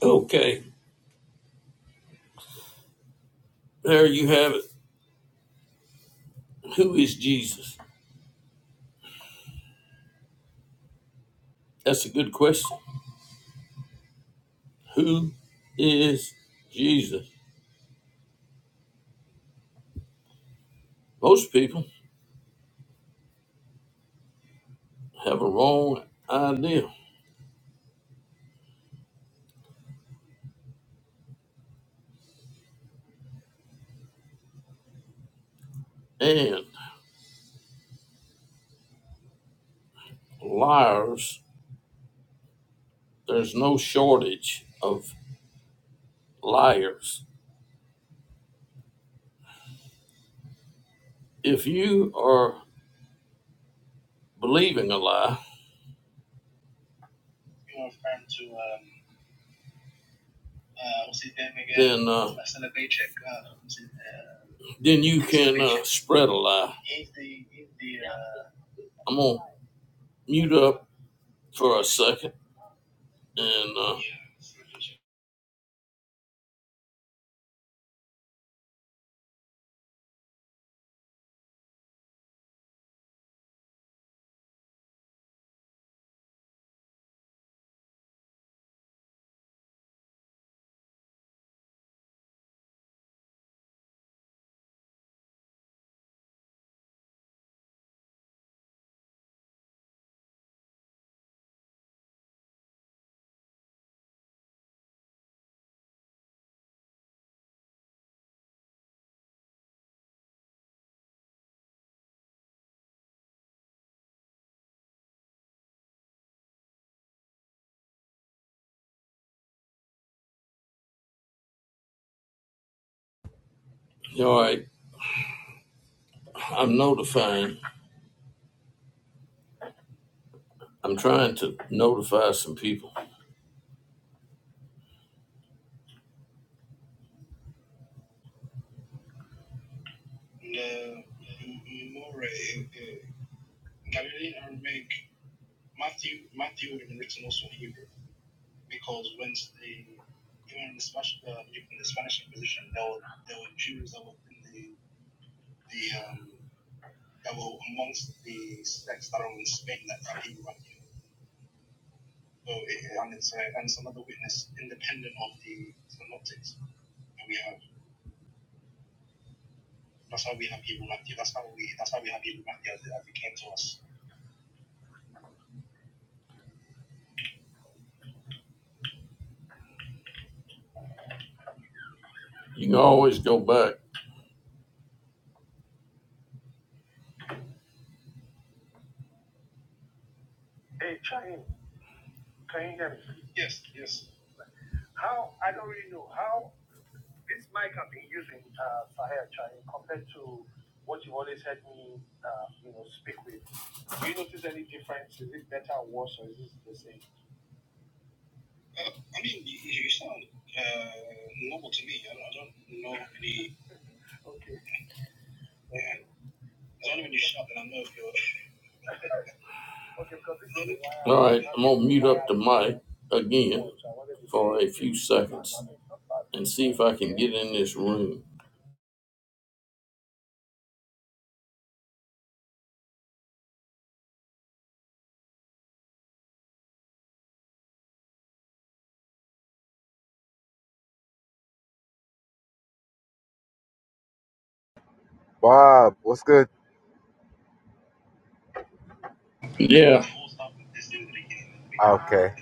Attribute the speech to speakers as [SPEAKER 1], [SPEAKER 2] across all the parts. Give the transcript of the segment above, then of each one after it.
[SPEAKER 1] Okay, there you have it. Who is Jesus? That's a good question. Who is Jesus? Most people have a wrong idea, and liars, there's no shortage of liars. If you are believing a lie, then uh, then you can uh, spread a lie. I'm gonna mute up for a second and uh, all right. I'm notifying. I'm trying to notify some people. You can always go back. All right, I'm gonna mute up the mic again for a few seconds and see if I can get in this room.
[SPEAKER 2] Bob, what's good?
[SPEAKER 1] Yeah.
[SPEAKER 2] Okay,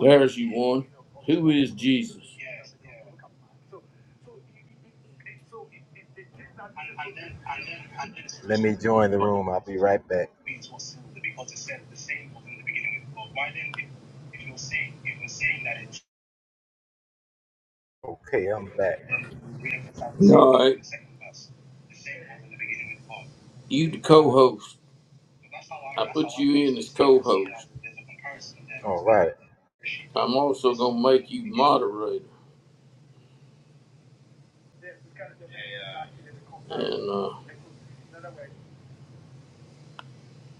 [SPEAKER 1] There's you one. Who is Jesus?
[SPEAKER 2] let me join the room. I'll be right back. Okay, I'm back.
[SPEAKER 1] All right, you the co-host. I put you in as co-host.
[SPEAKER 2] All right,
[SPEAKER 1] I'm also gonna make you moderator, and uh,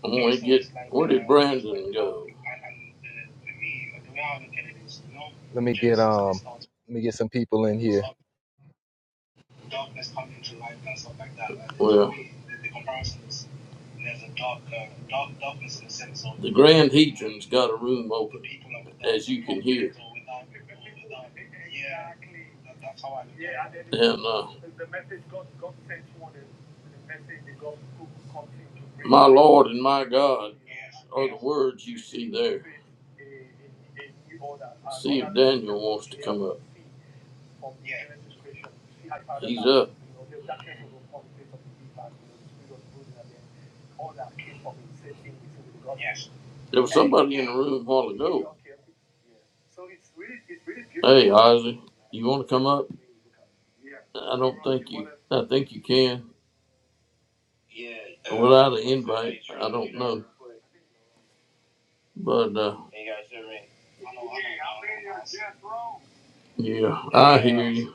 [SPEAKER 1] I'm gonna get where did Brandon go?
[SPEAKER 2] let me get um, let me get some people in here.
[SPEAKER 1] Well, the Grand Hedron's got a room open, as you can hear. And uh, my Lord and my God are the words you see there. See if Daniel wants to come up. He's up. There was somebody in the room a while ago. Hey, Isaac, you want to come up? I don't think you. I think you can. without an invite. I don't know, but uh, yeah, I hear you.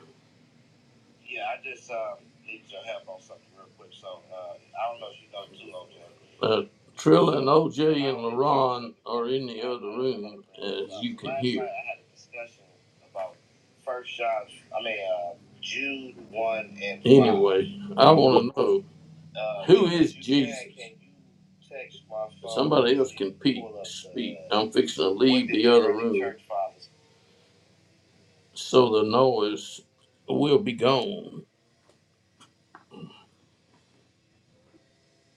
[SPEAKER 1] Uh, Trilla and OJ and LaRon are in the other room, as you can hear. Anyway, I
[SPEAKER 2] W-
[SPEAKER 1] want to know who is Jesus. Somebody else can pe- speak. I'm fixing to leave the other room, so the noise will be gone.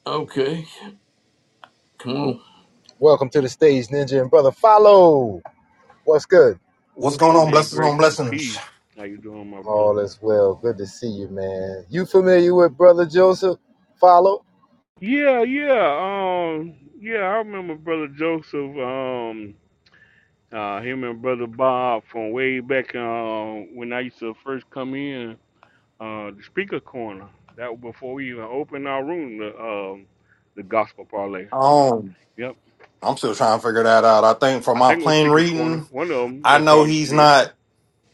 [SPEAKER 1] Okay, come on.
[SPEAKER 2] welcome to the stage, Ninja and brother. Follow. What's good?
[SPEAKER 3] What's
[SPEAKER 4] Hey
[SPEAKER 3] going on?
[SPEAKER 4] man,
[SPEAKER 3] Blessings on
[SPEAKER 4] grace and
[SPEAKER 3] blessings.
[SPEAKER 4] peace. How you doing, my
[SPEAKER 2] All is
[SPEAKER 4] brothers?
[SPEAKER 2] well. Good to see you, man. You familiar with brother Joseph? Follow.
[SPEAKER 4] Yeah, yeah, um, yeah. I remember brother Joseph, um, uh, him and brother Bob from way back um, when I used to first come in, uh, the speaker corner. That was before we even opened our room, the um, the gospel parlay.
[SPEAKER 3] Um,
[SPEAKER 4] Yep,
[SPEAKER 3] I'm still trying to figure that out. I think from
[SPEAKER 4] I
[SPEAKER 3] my
[SPEAKER 4] think it was
[SPEAKER 3] plain
[SPEAKER 4] speaker corner,
[SPEAKER 3] reading,
[SPEAKER 4] one of them
[SPEAKER 3] I
[SPEAKER 4] that
[SPEAKER 3] know
[SPEAKER 4] y'all used to
[SPEAKER 3] he's
[SPEAKER 4] be in.
[SPEAKER 3] not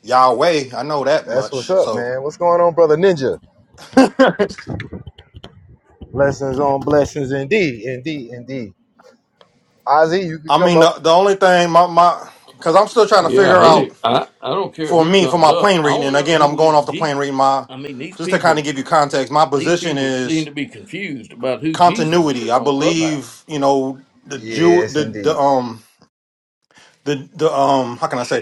[SPEAKER 3] Yahweh. I know that
[SPEAKER 2] That's what's
[SPEAKER 3] much.
[SPEAKER 2] up,
[SPEAKER 3] So
[SPEAKER 2] man. What's going on, brother Ninja? Blessings on blessings, indeed, indeed, indeed. Ozzy, you can
[SPEAKER 3] I
[SPEAKER 2] come
[SPEAKER 3] mean, the,
[SPEAKER 2] up.
[SPEAKER 3] the only thing my my because I'm still trying to figure
[SPEAKER 1] Yeah, any,
[SPEAKER 3] out
[SPEAKER 1] I I don't care
[SPEAKER 3] for
[SPEAKER 1] who
[SPEAKER 3] me for
[SPEAKER 1] comes
[SPEAKER 3] my
[SPEAKER 1] up.
[SPEAKER 3] plain
[SPEAKER 1] I
[SPEAKER 3] reading,
[SPEAKER 1] want
[SPEAKER 3] and
[SPEAKER 1] to know
[SPEAKER 3] again, I'm
[SPEAKER 1] who
[SPEAKER 3] going
[SPEAKER 1] is
[SPEAKER 3] off the plain
[SPEAKER 1] Jesus.
[SPEAKER 3] reading. My
[SPEAKER 1] I mean, these
[SPEAKER 3] just to kind
[SPEAKER 1] people.
[SPEAKER 3] of give you context, my
[SPEAKER 1] these
[SPEAKER 3] position
[SPEAKER 1] people seem
[SPEAKER 3] is
[SPEAKER 1] to be confused about who Jesus
[SPEAKER 3] continuity.
[SPEAKER 1] is
[SPEAKER 3] I
[SPEAKER 1] on Clubhouse.
[SPEAKER 3] believe you know the Jew
[SPEAKER 2] Yes,
[SPEAKER 3] the the
[SPEAKER 2] indeed.
[SPEAKER 3] um the the um how can I say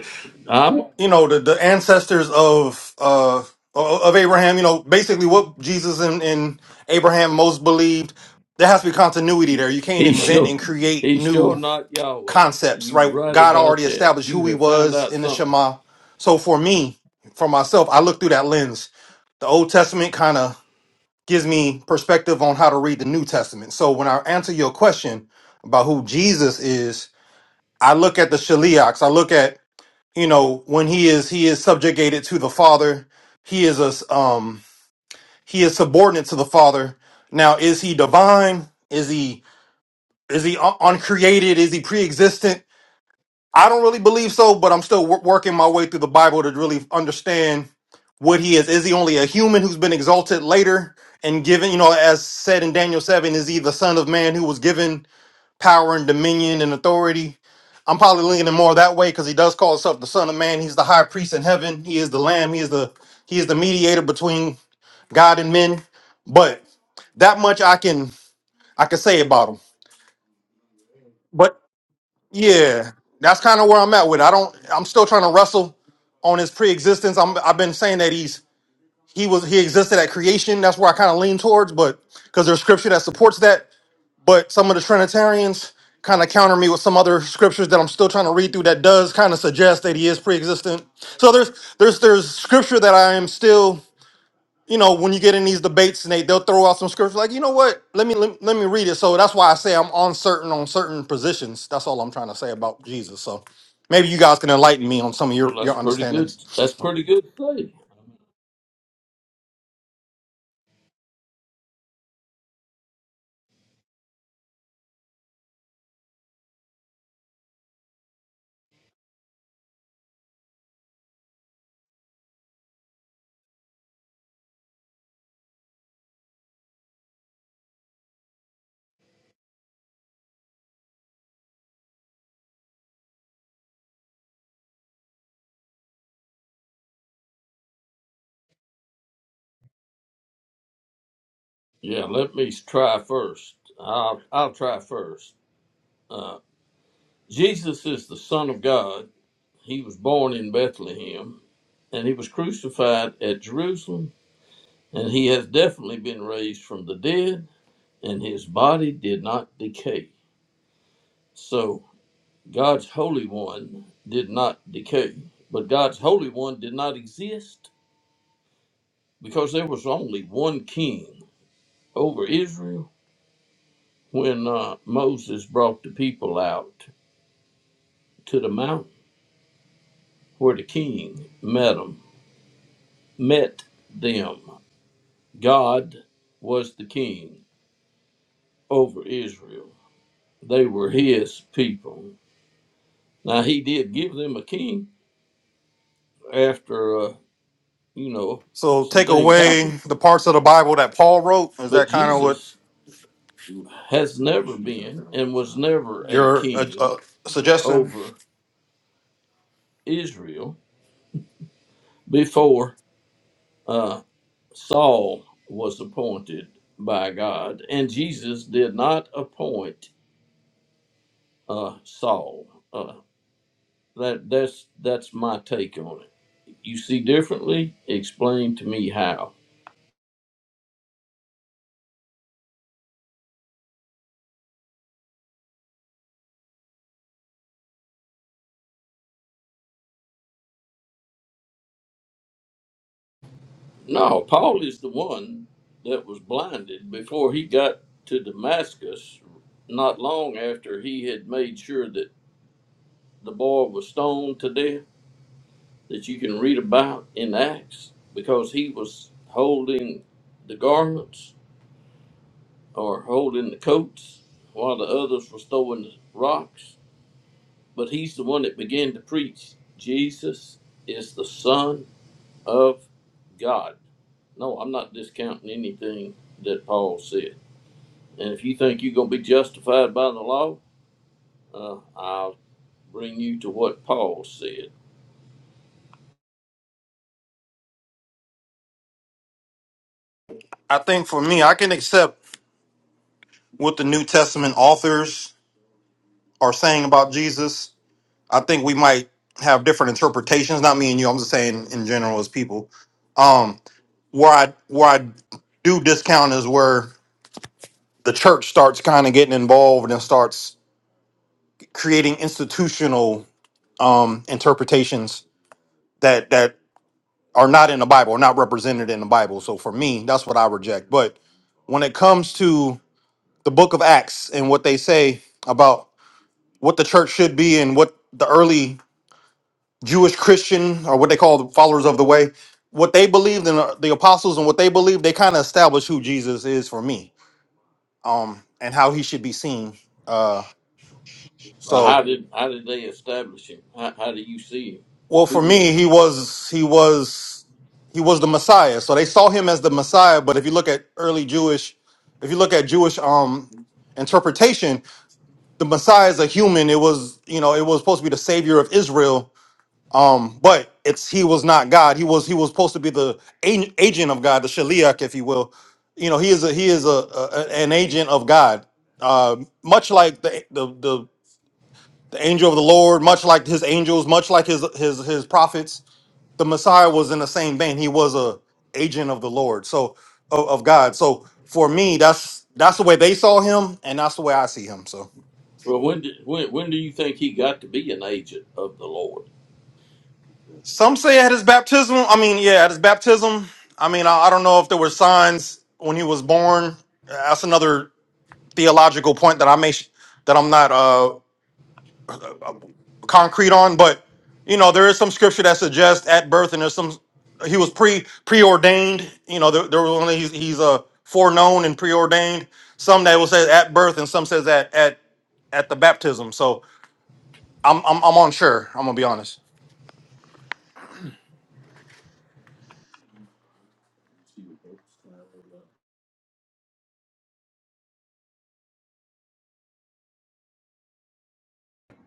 [SPEAKER 1] I'm
[SPEAKER 3] you know the, the ancestors of uh of Abraham, you know, basically what Jesus and, and Abraham most believed, there has to be continuity there. You can't
[SPEAKER 1] he
[SPEAKER 3] invent
[SPEAKER 1] sure
[SPEAKER 3] and create
[SPEAKER 1] he's sure
[SPEAKER 3] new
[SPEAKER 1] not Yahweh.
[SPEAKER 3] concepts,
[SPEAKER 1] You
[SPEAKER 3] right?
[SPEAKER 1] right
[SPEAKER 3] God
[SPEAKER 1] about
[SPEAKER 3] already
[SPEAKER 1] that.
[SPEAKER 3] established who
[SPEAKER 1] You
[SPEAKER 3] he
[SPEAKER 1] have found
[SPEAKER 3] was
[SPEAKER 1] out
[SPEAKER 3] in the
[SPEAKER 1] something.
[SPEAKER 3] Shema. So for me, for myself, I look through that lens. The Old Testament kind of gives me perspective on how to read the New Testament. So when I answer your question about who Jesus is, I look at the Shaliachs, I look at you know when he is he is subjugated to the father he is a um he is subordinate to the father now is he divine is he is he un- uncreated is he pre-existent i don't really believe so but i'm still wor- working my way through the bible to really understand what he is is he only a human who's been exalted later and given you know as said in daniel 7 is he the son of man who was given power and dominion and authority I'm probably leaning more that way because he does call himself the Son of Man. He's the high priest in heaven. He is the Lamb. He is the he is the mediator between God and men. But that much I can I can say about him. But yeah, that's kind of where I'm at with. It. I don't. I'm still trying to wrestle on his pre-existence. I'm, I've been saying that he's he was he existed at creation. That's where I kind of lean towards. But because there's scripture that supports that. but some of the Trinitarians kind of counter me with some other scriptures that I'm still trying to read through that does kind of suggest that he is pre-existent. So there's there's there's scripture that I am still, you know, when you get in these debates and they they'll throw out some scripture like, you know what, let me let, let me read it. So that's why I say I'm uncertain on certain positions. That's all I'm trying to say about Jesus. So maybe you guys can enlighten me on some of
[SPEAKER 1] Well,
[SPEAKER 3] your
[SPEAKER 1] that's
[SPEAKER 3] your
[SPEAKER 1] pretty
[SPEAKER 3] understandings.
[SPEAKER 1] good. That's pretty good to say. Yeah, let me try first. I'll I'll try first. Uh, Jesus is the Son of God. He was born in Bethlehem, and he was crucified at Jerusalem, and he has definitely been raised from the dead, and his body did not decay. So God's Holy One did not decay, but God's Holy One did not exist because there was only one king over Israel when uh, Moses brought the people out to the mountain where the king met them. Met them. God was the king over Israel. They were his people. Now he did give them a king after uh, you know
[SPEAKER 3] So
[SPEAKER 1] some
[SPEAKER 3] take
[SPEAKER 1] things
[SPEAKER 3] away
[SPEAKER 1] happened,
[SPEAKER 3] the parts of the Bible that Paul wrote. Is
[SPEAKER 1] but
[SPEAKER 3] that kind of what
[SPEAKER 1] Jesus has never been and was never a
[SPEAKER 3] you're uh,
[SPEAKER 1] king
[SPEAKER 3] uh, suggesting?
[SPEAKER 1] over Israel before uh, Saul was appointed by God, and Jesus did not appoint uh, Saul. Uh, that that's that's my take on it. You see differently? Explain to me how. No, Paul is the one that was blinded before he got to Damascus. Not long after he had made sure that the boy was stoned to death that you can read about in Acts because he was holding the garments or holding the coats while the others were throwing the rocks. But he's the one that began to preach Jesus is the Son of God. No, I'm not discounting anything that Paul said. And if you think you're going to be justified by the law, uh, I'll bring you to what Paul said.
[SPEAKER 3] I think for me, I can accept. what the New Testament authors are saying about Jesus. I think we might have different interpretations. Not me and you. I'm just saying in general as people. Um, where I where I do discount is where the church starts kind of getting involved and starts creating institutional um, interpretations that that are not in the Bible, are not represented in the Bible. So for me, that's what I reject. But when it comes to the Book of Acts and what they say about what the church should be and what the early Jewish Christian, or what they call the followers of the way, what they believed in uh, the apostles and what they believed, they kind of established who Jesus is for me, um, and how he should be seen. Uh,
[SPEAKER 1] Well,
[SPEAKER 3] so,
[SPEAKER 1] how did how did they establish him? How, how do you see
[SPEAKER 3] well,
[SPEAKER 1] him?
[SPEAKER 3] for
[SPEAKER 1] Who is?
[SPEAKER 3] me, he was he was he was the Messiah. So they saw him as the Messiah. But if you look at early Jewish, if you look at Jewish um, interpretation, the Messiah is a human. It was you know it was supposed to be the savior of Israel Um, but it's he was not God. He was he was supposed to be the a- agent of God, the shaliach, if you will. You know, he is a he is a, a an agent of God, uh, much like the, the the the angel of the Lord, much like his angels, much like his his his prophets. The Messiah was in the same vein. He was a agent of the Lord, so of, of God. So for me, that's that's the way they saw him, and that's the way I see him. So.
[SPEAKER 1] Well, when, did, when when do you think he got to be an agent of the Lord?
[SPEAKER 3] Some say at his baptism. I mean, yeah, at his baptism. I mean, I, I don't know if there were signs when he was born. That's another theological point that I may sh- that I'm not uh, concrete on, but you know, there is some scripture that suggests at birth, and there's some he was pre preordained. You know, there, there was only he's he's a uh, foreknown and preordained. Some that will say at birth, and some says at at at the baptism. So I'm I'm I'm unsure. I'm gonna be honest.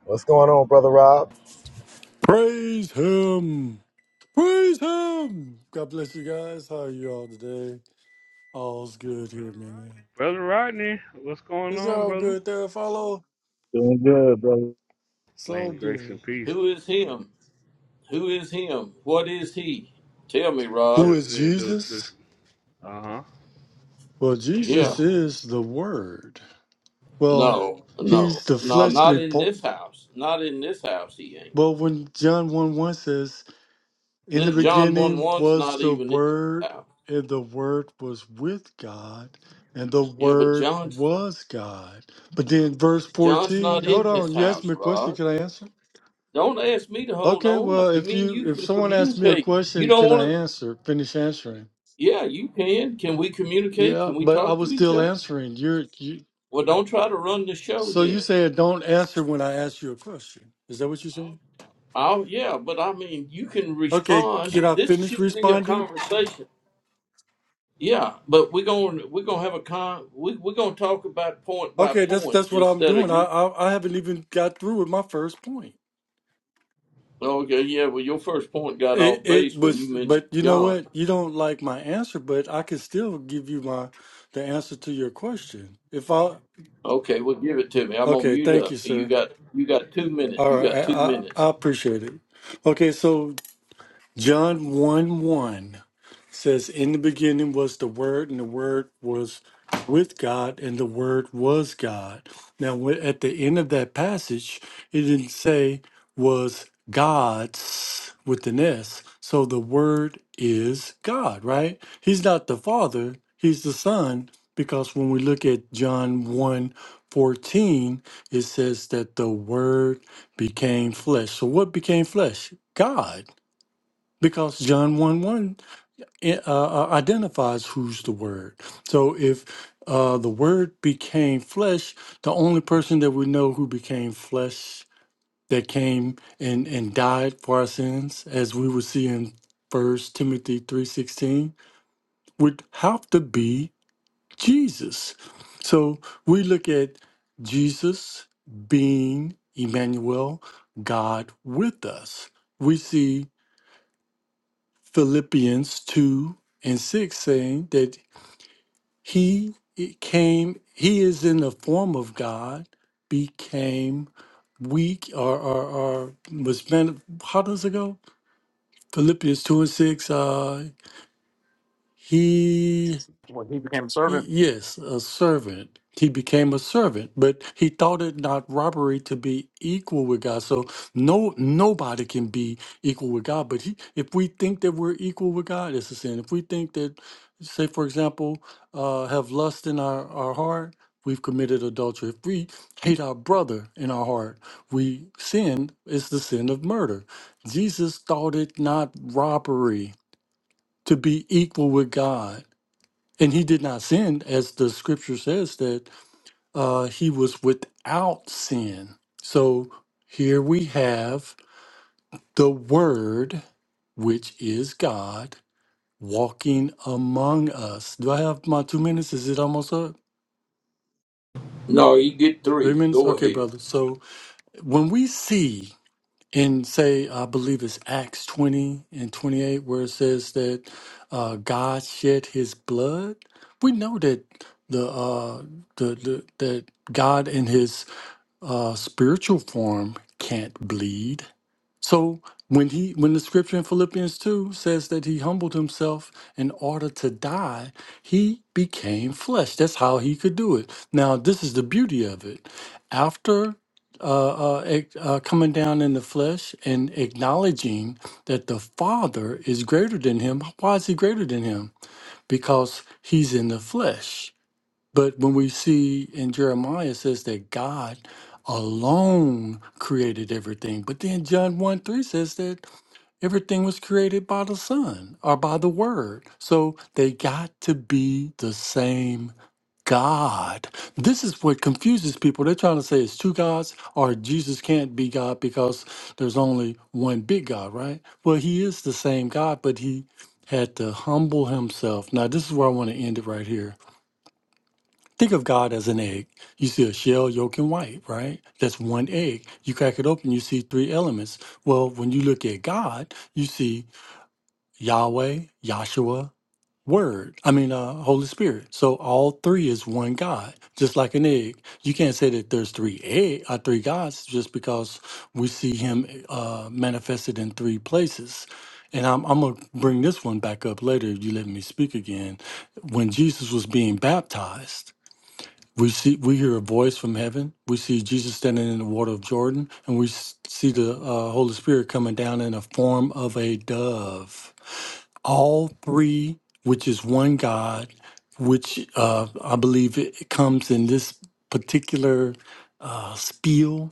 [SPEAKER 2] What's going on, brother Rob?
[SPEAKER 5] Praise him. Praise him. God bless you guys. How are you all today? All's good here, man.
[SPEAKER 4] Brother Rodney, what's going
[SPEAKER 5] It's
[SPEAKER 4] on,
[SPEAKER 5] all
[SPEAKER 4] brother?
[SPEAKER 5] good there, follow.
[SPEAKER 6] Doing good, brother.
[SPEAKER 5] It's all
[SPEAKER 4] Man, grace
[SPEAKER 5] good.
[SPEAKER 4] and peace.
[SPEAKER 1] Who is him? Who is him? What is he? Tell me,
[SPEAKER 4] The
[SPEAKER 1] Rod.
[SPEAKER 5] Who is
[SPEAKER 4] the the,
[SPEAKER 5] Jesus?
[SPEAKER 4] the uh
[SPEAKER 5] Well,
[SPEAKER 1] Yeah.
[SPEAKER 5] Jesus is the Word. Well,
[SPEAKER 1] No, no,
[SPEAKER 5] he's the
[SPEAKER 1] no, not
[SPEAKER 5] fleshly.
[SPEAKER 1] in
[SPEAKER 5] Po-
[SPEAKER 1] this house. Not in this house, he ain't.
[SPEAKER 5] well, when John 1 1 says, In the
[SPEAKER 1] This, John 1
[SPEAKER 5] beginning
[SPEAKER 1] 1's
[SPEAKER 5] was
[SPEAKER 1] not
[SPEAKER 5] the
[SPEAKER 1] even in this
[SPEAKER 5] Word,
[SPEAKER 1] house.
[SPEAKER 5] and the Word was with God, and the
[SPEAKER 1] Yeah, but
[SPEAKER 5] Word
[SPEAKER 1] John's,
[SPEAKER 5] was God. But then verse
[SPEAKER 1] John's
[SPEAKER 5] 14,
[SPEAKER 1] not
[SPEAKER 5] hold
[SPEAKER 1] in this
[SPEAKER 5] on, you asked
[SPEAKER 1] house,
[SPEAKER 5] me a question,
[SPEAKER 1] Rod.
[SPEAKER 5] can I answer?
[SPEAKER 1] Don't ask me to hold
[SPEAKER 5] Okay,
[SPEAKER 1] on.
[SPEAKER 5] well,
[SPEAKER 1] You
[SPEAKER 5] if
[SPEAKER 1] mean
[SPEAKER 5] you
[SPEAKER 1] you
[SPEAKER 5] if
[SPEAKER 1] can
[SPEAKER 5] someone asks me a
[SPEAKER 1] communicate? You
[SPEAKER 5] question,
[SPEAKER 1] don't
[SPEAKER 5] can I
[SPEAKER 1] want to.
[SPEAKER 5] answer? Finish answering.
[SPEAKER 1] Yeah, you can. Can we communicate?
[SPEAKER 5] Yeah,
[SPEAKER 1] Can we
[SPEAKER 5] but I
[SPEAKER 1] talk to
[SPEAKER 5] was
[SPEAKER 1] each
[SPEAKER 5] still
[SPEAKER 1] other?
[SPEAKER 5] answering. You're you
[SPEAKER 1] Well, don't try to run the show
[SPEAKER 5] so you
[SPEAKER 1] then.
[SPEAKER 5] said don't answer when I ask you a question. Is that what you're saying?
[SPEAKER 1] Oh yeah, but I mean, you can
[SPEAKER 5] Okay,
[SPEAKER 1] respond.
[SPEAKER 5] can I
[SPEAKER 1] This
[SPEAKER 5] finish
[SPEAKER 1] should be a
[SPEAKER 5] responding?
[SPEAKER 1] conversation. Yeah, but we're going to we're gonna have a con. We we're gonna talk about point by
[SPEAKER 5] Okay, that's
[SPEAKER 1] point
[SPEAKER 5] that's what I'm
[SPEAKER 1] instead
[SPEAKER 5] doing.
[SPEAKER 1] of
[SPEAKER 5] I
[SPEAKER 1] you.
[SPEAKER 5] I, I haven't even got through with my first point.
[SPEAKER 1] Okay, yeah. Well, your first point got
[SPEAKER 5] It
[SPEAKER 1] off
[SPEAKER 5] it
[SPEAKER 1] base when
[SPEAKER 5] was,
[SPEAKER 1] you mentioned
[SPEAKER 5] but you know
[SPEAKER 1] John.
[SPEAKER 5] what? You don't like my answer, but I can still give you my the answer to your question. If I
[SPEAKER 1] Okay, well, give it to me. I'm gonna
[SPEAKER 5] okay,
[SPEAKER 1] mute
[SPEAKER 5] thank
[SPEAKER 1] up.
[SPEAKER 5] you,
[SPEAKER 1] You
[SPEAKER 5] sir.
[SPEAKER 1] got you got two minutes.
[SPEAKER 5] All
[SPEAKER 1] You got
[SPEAKER 5] right, I
[SPEAKER 1] two
[SPEAKER 5] I,
[SPEAKER 1] minutes.
[SPEAKER 5] I appreciate it. Okay, so John one one. says, In the beginning was the Word, and the Word was with God, and the Word was God. Now, when- at the end of that passage, it didn't say was God's with an S. So the Word is God, right? He's not the Father, He's the Son, because when we look at John one 14, it says that the Word became flesh. So what became flesh? God. Because John 1 1 i- uh, uh, identifies who's the Word. So if uh, the Word became flesh, the only person that we know who became flesh that came and, and died for our sins, as we will see in First Timothy three sixteen, would have to be Jesus. So we look at Jesus being Emmanuel, God with us. We see Philippians two and six saying that He came, he is in the form of God, became weak or, or, or was, man, how does it go? Philippians 2 and 6. Uh, he Y- Yes, a servant. He became a servant, but he thought it not robbery to be equal with God. So no nobody can be equal with God. But he, if we think that we're equal with God, it's a sin. If we think that, say for example, uh, have lust in our, our heart, we've committed adultery. If we hate our brother in our heart, we sin It's the sin of murder. Jesus thought it not robbery to be equal with God and he did not sin, as the scripture says that uh, he was without sin. So here we have the Word, which is God, walking among us. Do I have my two minutes? Is it almost up?
[SPEAKER 1] No, you get
[SPEAKER 5] Three
[SPEAKER 1] three.
[SPEAKER 5] minutes?
[SPEAKER 1] Go
[SPEAKER 5] Okay,
[SPEAKER 1] ahead.
[SPEAKER 5] brother. So when we see in say i believe it's acts 20 and 28 where it says that uh, god shed his blood we know that the uh the, the that god and his uh, spiritual form can't bleed. So when he when the scripture in Philippians 2 says that he humbled himself in order to die, he became flesh. That's how he could do it. Now this is the beauty of it. After uh, uh, ac- uh, coming down in the flesh and acknowledging that the Father is greater than him. Why is he greater than him? Because he's in the flesh but when we see in Jeremiah, it says that God alone created everything. But then John 1 3 says that everything was created by the Son or by the Word. So they got to be the same God. This is what confuses people. They're trying to say it's two gods or Jesus can't be God because there's only one big God, right? Well, he is the same God, but he had to humble himself. Now, this is where I want to end it right here Think of God as an egg. You see a shell, yolk, and white, right? That's one egg. You crack it open, you see three elements. Well, when you look at God, you see Yahweh, Yahshua, Word. I mean, uh, Holy Spirit. So all three is one God, just like an egg. You can't say that there's three egg, uh, three gods, just because we see Him uh, manifested in three places. And I'm, I'm gonna bring this one back up later if you let me speak again. When Jesus was being baptized. We see, we hear a voice from heaven. We see Jesus standing in the water of Jordan, and we s- see the uh, Holy Spirit coming down in the form of a dove. All three, which is one God, which uh, I believe it it comes in this particular uh, spiel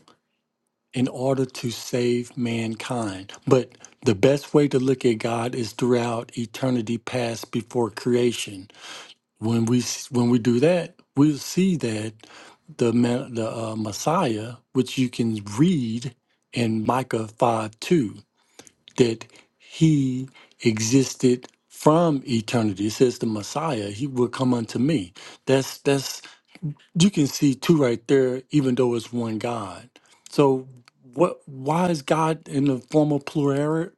[SPEAKER 5] in order to save mankind. But the best way to look at God is throughout eternity past before creation when we s- when we do that, we'll see that the ma- the uh, Messiah, which you can read in Micah five two, that he existed from eternity. It says the Messiah, he will come unto me. That's that's you can see two right there, even though it's one God. So what? Why is God in the form of plural,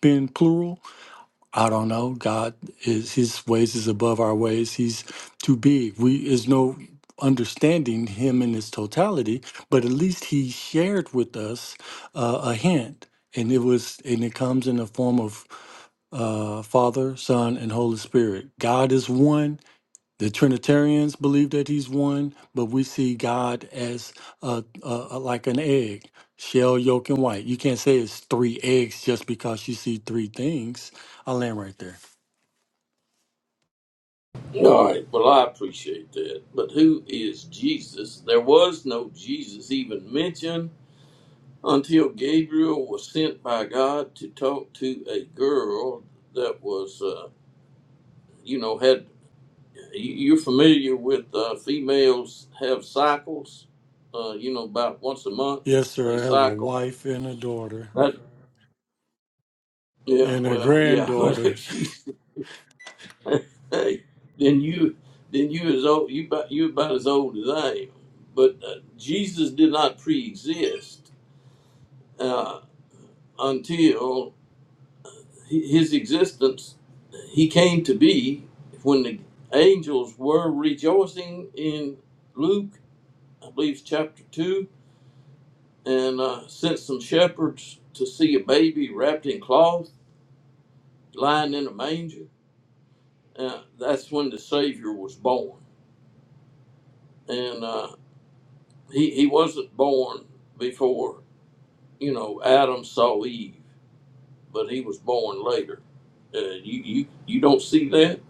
[SPEAKER 5] being plural? I don't know. God is His ways is above our ways. He's too big. We is no understanding Him in His totality, but at least He shared with us uh, a hint, and it was and it comes in the form of uh, Father, Son, and Holy Spirit. God is one. The Trinitarians believe that he's one, but we see God as uh uh like an egg, shell, yolk, and white. You can't say it's three eggs just because you see three things. I'll land right there.
[SPEAKER 1] All right. Well, I appreciate that. But who is Jesus? There was no Jesus even mentioned until Gabriel was sent by God to talk to a girl that was, uh, you know, had you- you're familiar with uh, females have cycles, uh, you know, about once a month
[SPEAKER 5] Yes,
[SPEAKER 1] they
[SPEAKER 5] sir. I have a
[SPEAKER 1] cycle.
[SPEAKER 5] wife and a daughter
[SPEAKER 1] That yeah,
[SPEAKER 5] and a
[SPEAKER 1] well, yeah, but
[SPEAKER 5] granddaughter.
[SPEAKER 1] if she, hey, then you, then you as old you about you about as old as I am. But uh, Jesus did not pre-exist uh, until his existence, he came to be when the angels were rejoicing in Luke, I believe it's chapter 2, and uh, sent some shepherds to see a baby wrapped in cloth, lying in a manger. Uh, that's when the Savior was born. And uh, he, he wasn't born before, you know, Adam saw Eve, but he was born later. Uh, you, you, you don't see that?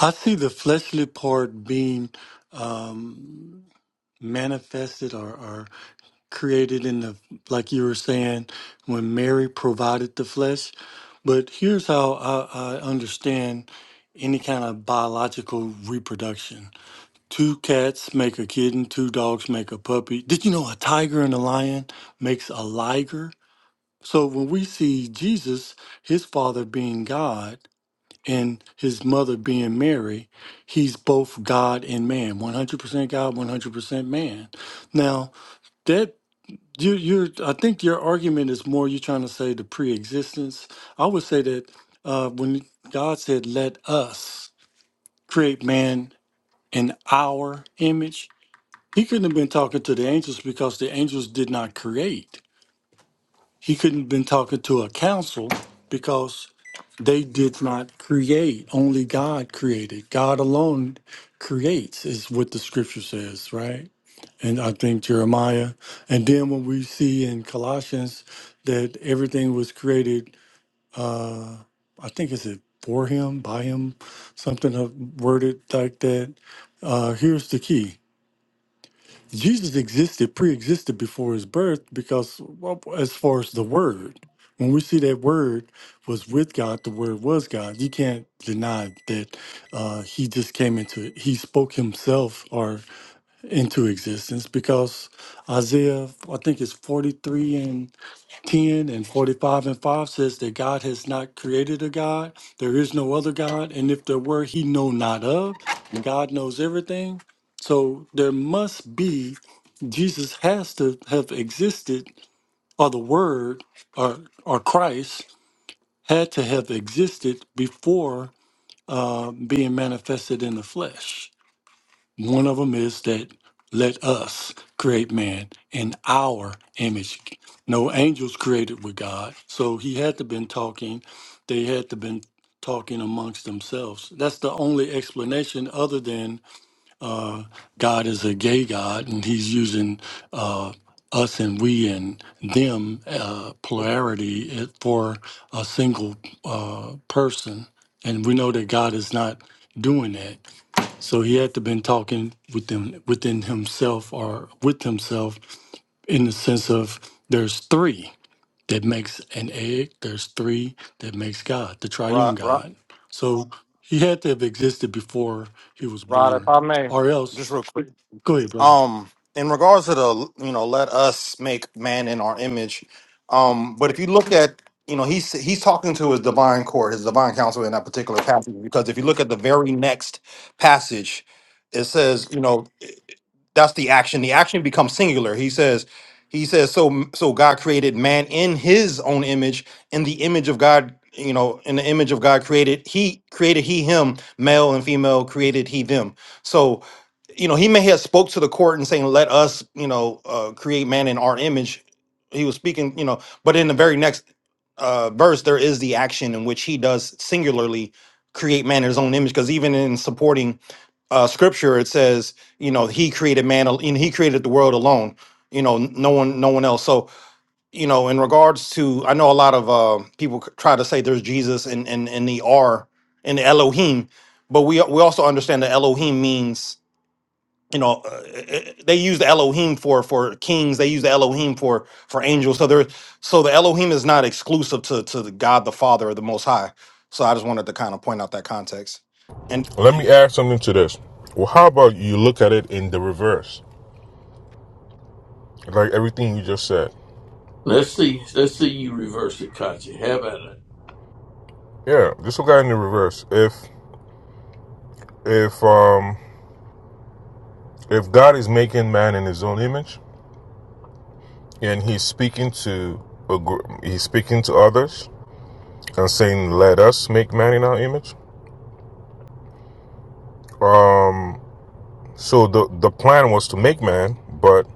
[SPEAKER 5] I see the fleshly part being um, manifested or, created in the like you were saying when mary provided the flesh but here's how i, I understand any kind of biological reproduction two cats make a kitten two dogs make a puppy did you know a tiger and a lion makes a liger so when we see jesus his father being god and his mother being mary he's both god and man 100% god 100% man now that you, you. I think your argument is more you're trying to say the pre-existence. I would say that uh, when God said, "Let us create man in our image," He couldn't have been talking to the angels because the angels did not create. He couldn't have been talking to a council because they did not create. Only God created. God alone creates, is what the Scripture says, right? and I think Jeremiah. And then when we see in Colossians that everything was created, uh, I think is it for him, by him, something of- worded like that. Uh, here's the key: Jesus existed, pre-existed before his birth, because well, as far as the Word, when we see that Word was with God, the Word was God. You can't deny that uh, he just came into it. He spoke himself, or into existence because Isaiah, I think it's 43 and 10 and 45 and 5 says that God has not created a God. There is no other God. And if there were, he know not of. And God knows everything. So there must be, Jesus has to have existed, or the Word, or, or Christ had to have existed before uh, being manifested in the flesh. One of them is that let us create man in our image. No angels created with God. So he had to been talking, they had to been talking amongst themselves. That's the only explanation other than God is a gay God and he's using uh, us and we and them uh, plurality it- for a single uh, person. And we know that God is not doing that. So he had to been talking within within himself or with himself in the sense of there's three that makes an egg, there's three that makes God, the
[SPEAKER 3] Rod,
[SPEAKER 5] triune
[SPEAKER 3] Rod,
[SPEAKER 5] God. So he had to have existed before he was
[SPEAKER 3] Rod, if
[SPEAKER 5] born.
[SPEAKER 3] I may,
[SPEAKER 5] Or
[SPEAKER 3] just real
[SPEAKER 5] else
[SPEAKER 3] quick.
[SPEAKER 5] go ahead, brother.
[SPEAKER 3] um in regards to the you know let us make man in our image um but if you look at you know he's he's talking to his divine court his divine counsel in that particular passage because if you look at the very next passage it says you know that's the action the action becomes singular he says he says so so god created man in his own image in the image of god you know in the image of god created he created he him male and female created he them so you know he may have spoke to the court and saying let us you know uh, create man in our image he was speaking you know but in the very next uh, verse there is the action in which he does singularly create man in his own image because even in supporting uh, scripture it says you know he created man al- and he created the world alone you know n- no one no one else so you know in regards to i know a lot of uh, people c- try to say there's jesus and and and the r and the elohim but we we also understand that elohim means you know uh, uh, uh, they use the elohim for for kings they use the elohim for for angels so there so the elohim is not exclusive to to the god the father or the most high so i just wanted to kind of point out that context and
[SPEAKER 7] Let me add something to this. Well, how about you look at it in the reverse, like everything you just said?
[SPEAKER 1] Let's see. Let's see you reverse it, Katya. How about it?
[SPEAKER 7] Yeah, just look at it in the reverse. If if um if God is making man in His own image, and He's speaking to a He's speaking to others and saying, "Let us make man in our image." Um, so the the plan was to make man, but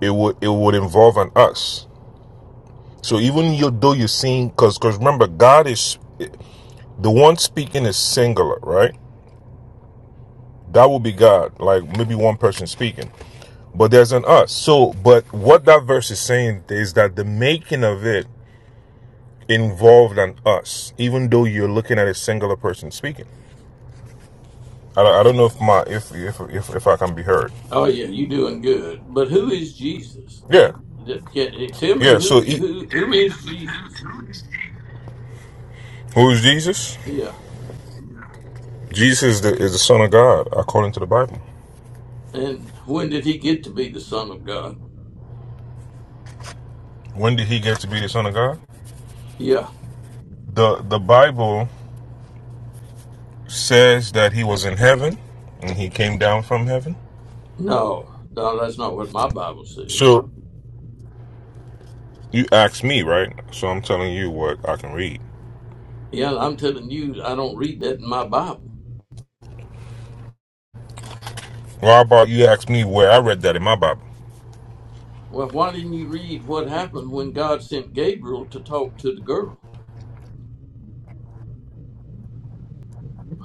[SPEAKER 7] it would it would involve an us. So even you, though you're seeing, because because remember, God is the one speaking is singular, right? That will be God, like maybe one person speaking. But there's an us. So, but what that verse is saying is that the making of it involved an us, even though you're looking at a singular person speaking. I don't, I don't know if my if if if, if I can be heard.
[SPEAKER 1] Oh yeah, you doing good. But who is Jesus?
[SPEAKER 7] Yeah,
[SPEAKER 1] That- Can, eh, tell me
[SPEAKER 7] yeah. So
[SPEAKER 1] who
[SPEAKER 7] e-
[SPEAKER 1] who who is Jesus?
[SPEAKER 7] who is Jesus?
[SPEAKER 1] Yeah.
[SPEAKER 7] Jesus is the, is the Son of God according to the Bible.
[SPEAKER 1] And when did he get to be the Son of God?
[SPEAKER 7] When did he get to be the Son of God?
[SPEAKER 1] Yeah.
[SPEAKER 7] The the Bible says that he was in heaven and he came down from heaven.
[SPEAKER 1] No, no, that's not what my Bible says.
[SPEAKER 7] So you asked me, right? So I'm telling you what I can read.
[SPEAKER 1] Yeah, I'm telling you, I don't read that in my Bible.
[SPEAKER 7] Well, how about you ask me where I read that in my Bible?
[SPEAKER 1] Well, why didn't you read what happened when God sent Gabriel to talk to the girl?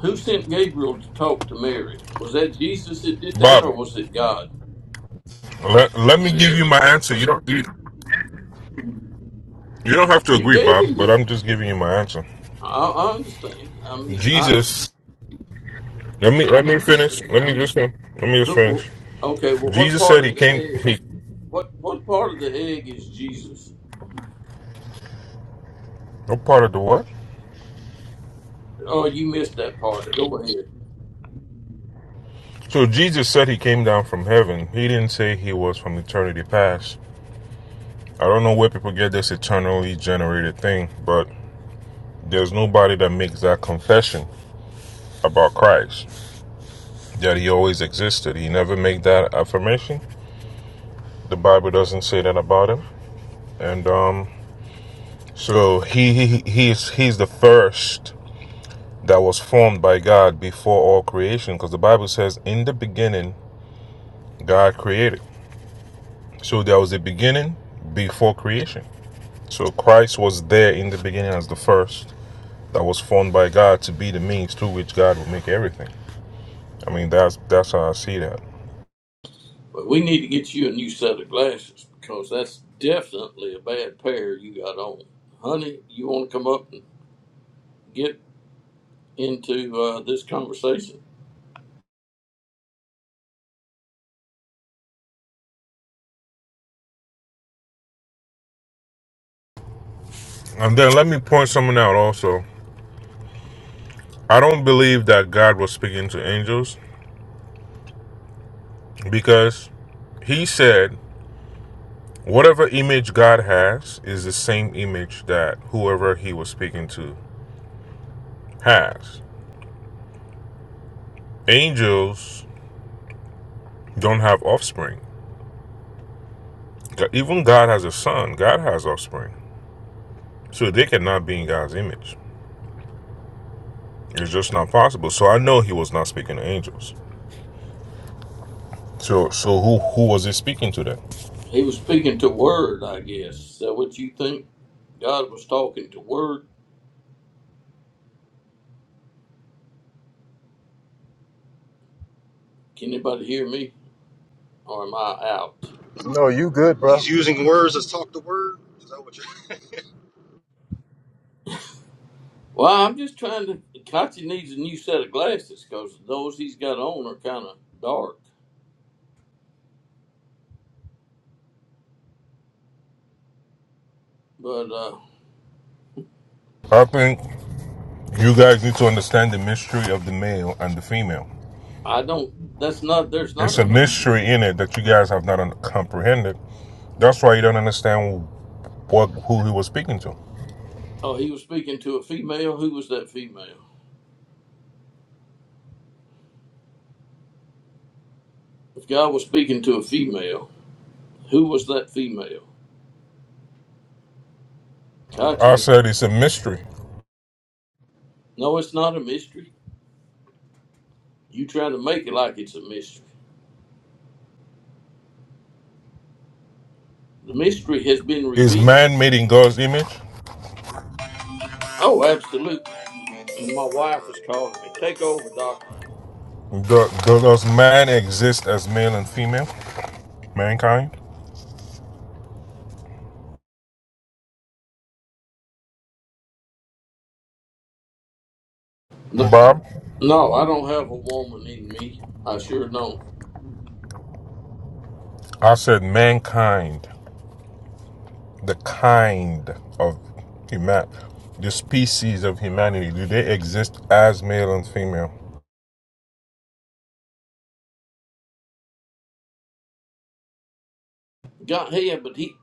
[SPEAKER 1] Who sent Gabriel to talk to Mary? Was that Jesus that did that,
[SPEAKER 7] Bob,
[SPEAKER 1] or was it God?
[SPEAKER 7] let, let me give you my answer. You don't you, you don't have to
[SPEAKER 1] You
[SPEAKER 7] agree,
[SPEAKER 1] gave
[SPEAKER 7] Bob,
[SPEAKER 1] him
[SPEAKER 7] but
[SPEAKER 1] your.
[SPEAKER 7] I'm just giving you my answer.
[SPEAKER 1] I, I understand. I mean, I,
[SPEAKER 7] Jesus, let me let me finish. Let me just let me just
[SPEAKER 1] Who,
[SPEAKER 7] finish.
[SPEAKER 1] okay, well, what
[SPEAKER 7] Jesus
[SPEAKER 1] part
[SPEAKER 7] said he
[SPEAKER 1] of the
[SPEAKER 7] came.
[SPEAKER 1] egg?
[SPEAKER 7] He
[SPEAKER 1] What what part of the egg is Jesus?
[SPEAKER 7] no part of the what?
[SPEAKER 1] Oh, you missed that part. Go ahead.
[SPEAKER 7] So Jesus said he came down from heaven. He didn't say he was from eternity past. I don't know where people get this eternally generated thing, but there's nobody that makes that confession. about Christ, that he always existed. He never made that affirmation. The Bible doesn't say that about him. And um, so he, he he's he's the first that was formed by God before all creation, because the Bible says, "In the beginning, God created." So there was a beginning before creation. So Christ was there in the beginning as the first that was formed by God to be the means through which God would make everything. I mean, that's that's how I see that.
[SPEAKER 1] But we need to get you a new set of glasses because that's definitely a bad pair you got on. Honey, you want to come up and get into uh, this conversation?
[SPEAKER 7] And then let me point someone out also I don't believe that God was speaking to angels because he said whatever image God has is the same image that whoever he was speaking to has. Angels don't have offspring. Even God has a son, God has offspring. So they cannot be in God's image. It's just not possible. So I know he was not speaking to angels. So so who who was he speaking to then?
[SPEAKER 1] He was speaking to Word, I guess. Is that what you think? God was talking to Word. Can anybody hear me, or am I out?
[SPEAKER 2] No, you good, bro.
[SPEAKER 3] He's using words. let talk the word. Is that what you?
[SPEAKER 1] Well, I'm just trying to. Kachi needs a new set of glasses because those he's got on are kind of dark. But uh,
[SPEAKER 7] I think you guys need to understand the mystery of the male and the female.
[SPEAKER 1] I don't. That's not. There's not
[SPEAKER 7] It's
[SPEAKER 1] a
[SPEAKER 7] a
[SPEAKER 1] mystery.
[SPEAKER 7] mystery in it that you guys have not un- comprehended. That's why you don't understand what who he was speaking to.
[SPEAKER 1] Oh, he was speaking to a female. Who was that female? If God was speaking to a female, who was that female?
[SPEAKER 7] I
[SPEAKER 1] Kachi.
[SPEAKER 7] said it's a mystery.
[SPEAKER 1] No, it's not a mystery. You try to make it like it's a mystery. The mystery has been
[SPEAKER 7] Is
[SPEAKER 1] revealed.
[SPEAKER 7] man made in God's image?
[SPEAKER 1] Oh, absolutely. And my wife was calling me. Take over, doctor.
[SPEAKER 7] Do- does man exist as male and female? Mankind?
[SPEAKER 1] No,
[SPEAKER 7] Bob,
[SPEAKER 1] no, I don't have a woman in me. I sure don't.
[SPEAKER 7] I said mankind, the kind of human, the species of humanity. Do they exist as male and female?
[SPEAKER 1] God, yeah, but he,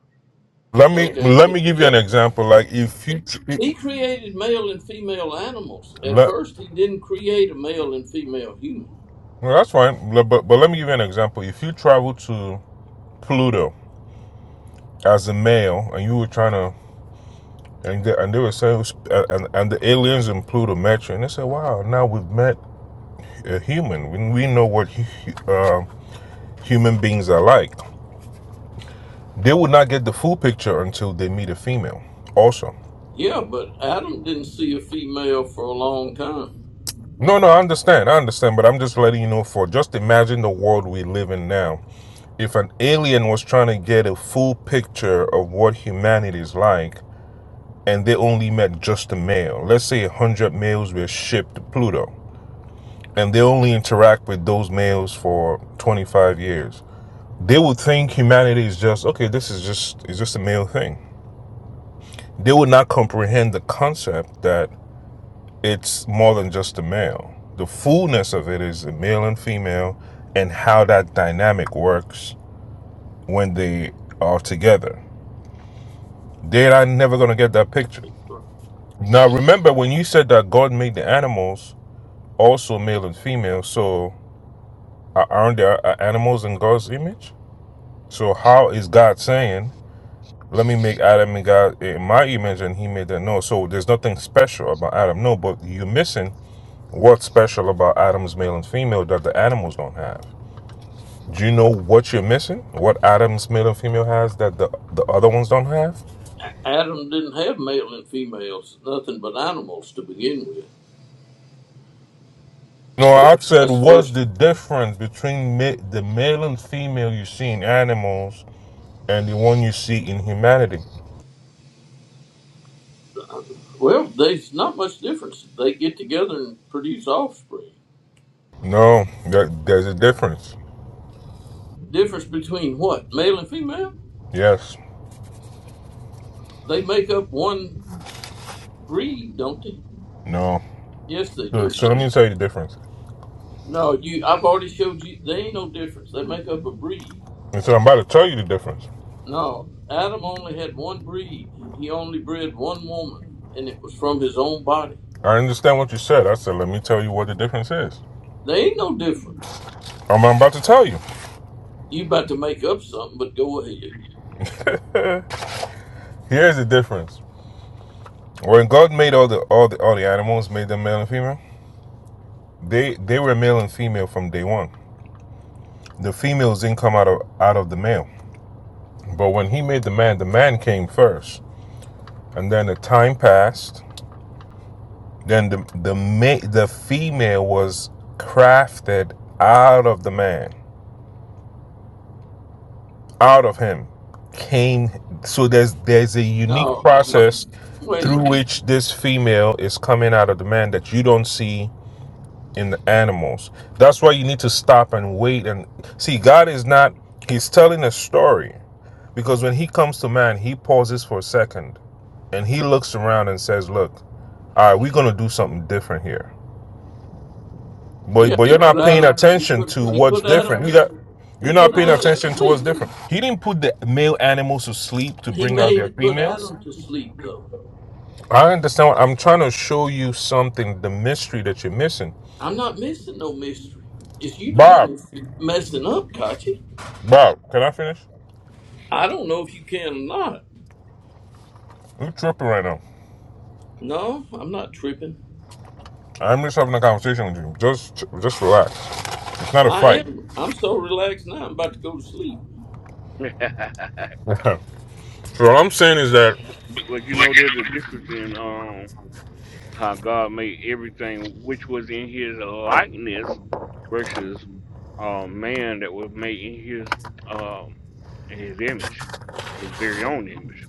[SPEAKER 7] Let me
[SPEAKER 1] okay,
[SPEAKER 7] let
[SPEAKER 1] but
[SPEAKER 7] me give you
[SPEAKER 1] yeah,
[SPEAKER 7] an
[SPEAKER 1] but
[SPEAKER 7] example. Like if you
[SPEAKER 1] he created male and female animals. At
[SPEAKER 7] let,
[SPEAKER 1] first, he didn't create a male and female human.
[SPEAKER 7] Well, that's fine. But, but let me give you an example. If you travel to Pluto as a male and you were trying to, and they, and they were saying, and, and the aliens in Pluto met you, and they said, wow, now we've met a human. We, we know what uh, human beings are like. They would not get the full picture until they meet a female, also.
[SPEAKER 1] Yeah, but Adam didn't see a female for a long time.
[SPEAKER 7] No, no, I understand. I understand. But I'm just letting you know for just imagine the world we live in now if an alien was trying to get a full picture of what humanity is like, and they only met just a male. Let's say 100 males were shipped to Pluto, and they only interact with those males for 25 years. They would think humanity is just okay. This is just is just a male thing. They would not comprehend the concept that it's more than just a male. The fullness of it is a male and female, and how that dynamic works when they are together. They're not- never gonna get that picture. Now remember when you said that God made the animals, also male and female. So are- not there uh, animals in God's image? So how is God saying, "Let me make Adam and God in my image," and He made that? No. So there's nothing special about Adam. No, but you're missing what's special about Adam's male and female that the animals don't have. Do you know what you're missing? What Adam's male and female has that the the other ones don't have?
[SPEAKER 1] Adam didn't have male and females, nothing but animals to begin with.
[SPEAKER 7] No, I said,
[SPEAKER 1] That's the
[SPEAKER 7] what's
[SPEAKER 1] first.
[SPEAKER 7] the difference between ma- the male and female you see in animals and the one you see in humanity?
[SPEAKER 1] Well, there's not much difference. They get together and produce offspring.
[SPEAKER 7] No, that, there's a difference.
[SPEAKER 1] Difference between what? Male and female?
[SPEAKER 7] Yes.
[SPEAKER 1] They make up one breed, don't they?
[SPEAKER 7] No.
[SPEAKER 1] Yes, they
[SPEAKER 7] Look,
[SPEAKER 1] do.
[SPEAKER 7] So let me tell you the difference.
[SPEAKER 1] No, you. I've already showed you. There ain't no difference. They make up a breed.
[SPEAKER 7] And so I'm about to tell you the difference.
[SPEAKER 1] No, Adam only had one breed. He only bred one woman, and it was from his own body.
[SPEAKER 7] I understand what you said. I said, let me tell you what the difference is.
[SPEAKER 1] There ain't no difference.
[SPEAKER 7] I'm I'm about to tell you.
[SPEAKER 1] You about to make up something, but go ahead.
[SPEAKER 7] Here's the difference. When God made all the all the all the animals, made them male and female, they they were male and female from day one. The females didn't come out of out of the male. But when he made the man, the man came first. And then the time passed Then the the ma- the female was crafted out of the man, out of him, came. So there's there's a unique
[SPEAKER 1] No, no.
[SPEAKER 7] process
[SPEAKER 1] Wait.
[SPEAKER 7] through which this female is coming out of the man that you don't see in the animals. That's why you need to stop and wait and see. God is not. He's telling a story because when he comes to man, he pauses for a second and he looks around and says, "Look, all right, we're gonna do something different here." But
[SPEAKER 1] Yeah,
[SPEAKER 7] but
[SPEAKER 1] he
[SPEAKER 7] you're
[SPEAKER 1] put
[SPEAKER 7] not paying
[SPEAKER 1] Adam. He
[SPEAKER 7] attention
[SPEAKER 1] put
[SPEAKER 7] to
[SPEAKER 1] he
[SPEAKER 7] what's
[SPEAKER 1] put Adam
[SPEAKER 7] different.
[SPEAKER 1] to
[SPEAKER 7] You
[SPEAKER 1] s-
[SPEAKER 7] got
[SPEAKER 1] he
[SPEAKER 7] you're not
[SPEAKER 1] put
[SPEAKER 7] paying
[SPEAKER 1] Adam to
[SPEAKER 7] attention to what's
[SPEAKER 1] sleep.
[SPEAKER 7] different. He didn't put the male animals to sleep to
[SPEAKER 1] He
[SPEAKER 7] bring out
[SPEAKER 1] made
[SPEAKER 7] their
[SPEAKER 1] it put
[SPEAKER 7] females.
[SPEAKER 1] Adam to sleep though.
[SPEAKER 7] I understand. What, I'm trying to show you something, the mystery that you're missing.
[SPEAKER 1] I'm not missing no mystery. It's you the one
[SPEAKER 7] Bob,
[SPEAKER 1] that's messing up, Kachi.
[SPEAKER 7] Bob, can I finish?
[SPEAKER 1] I don't know if you can or not.
[SPEAKER 7] You're tripping right now.
[SPEAKER 1] No, I'm not tripping.
[SPEAKER 7] I'm just having a conversation with you. Just just relax. It's not a
[SPEAKER 1] I
[SPEAKER 7] fight.
[SPEAKER 1] am. I'm so relaxed now. I'm about to go to sleep.
[SPEAKER 4] huh.
[SPEAKER 7] so what I'm saying is that
[SPEAKER 4] But, but you know, there's a difference in um how God made everything, which was in His likeness, versus um man that was made in His um in His image, His very own image.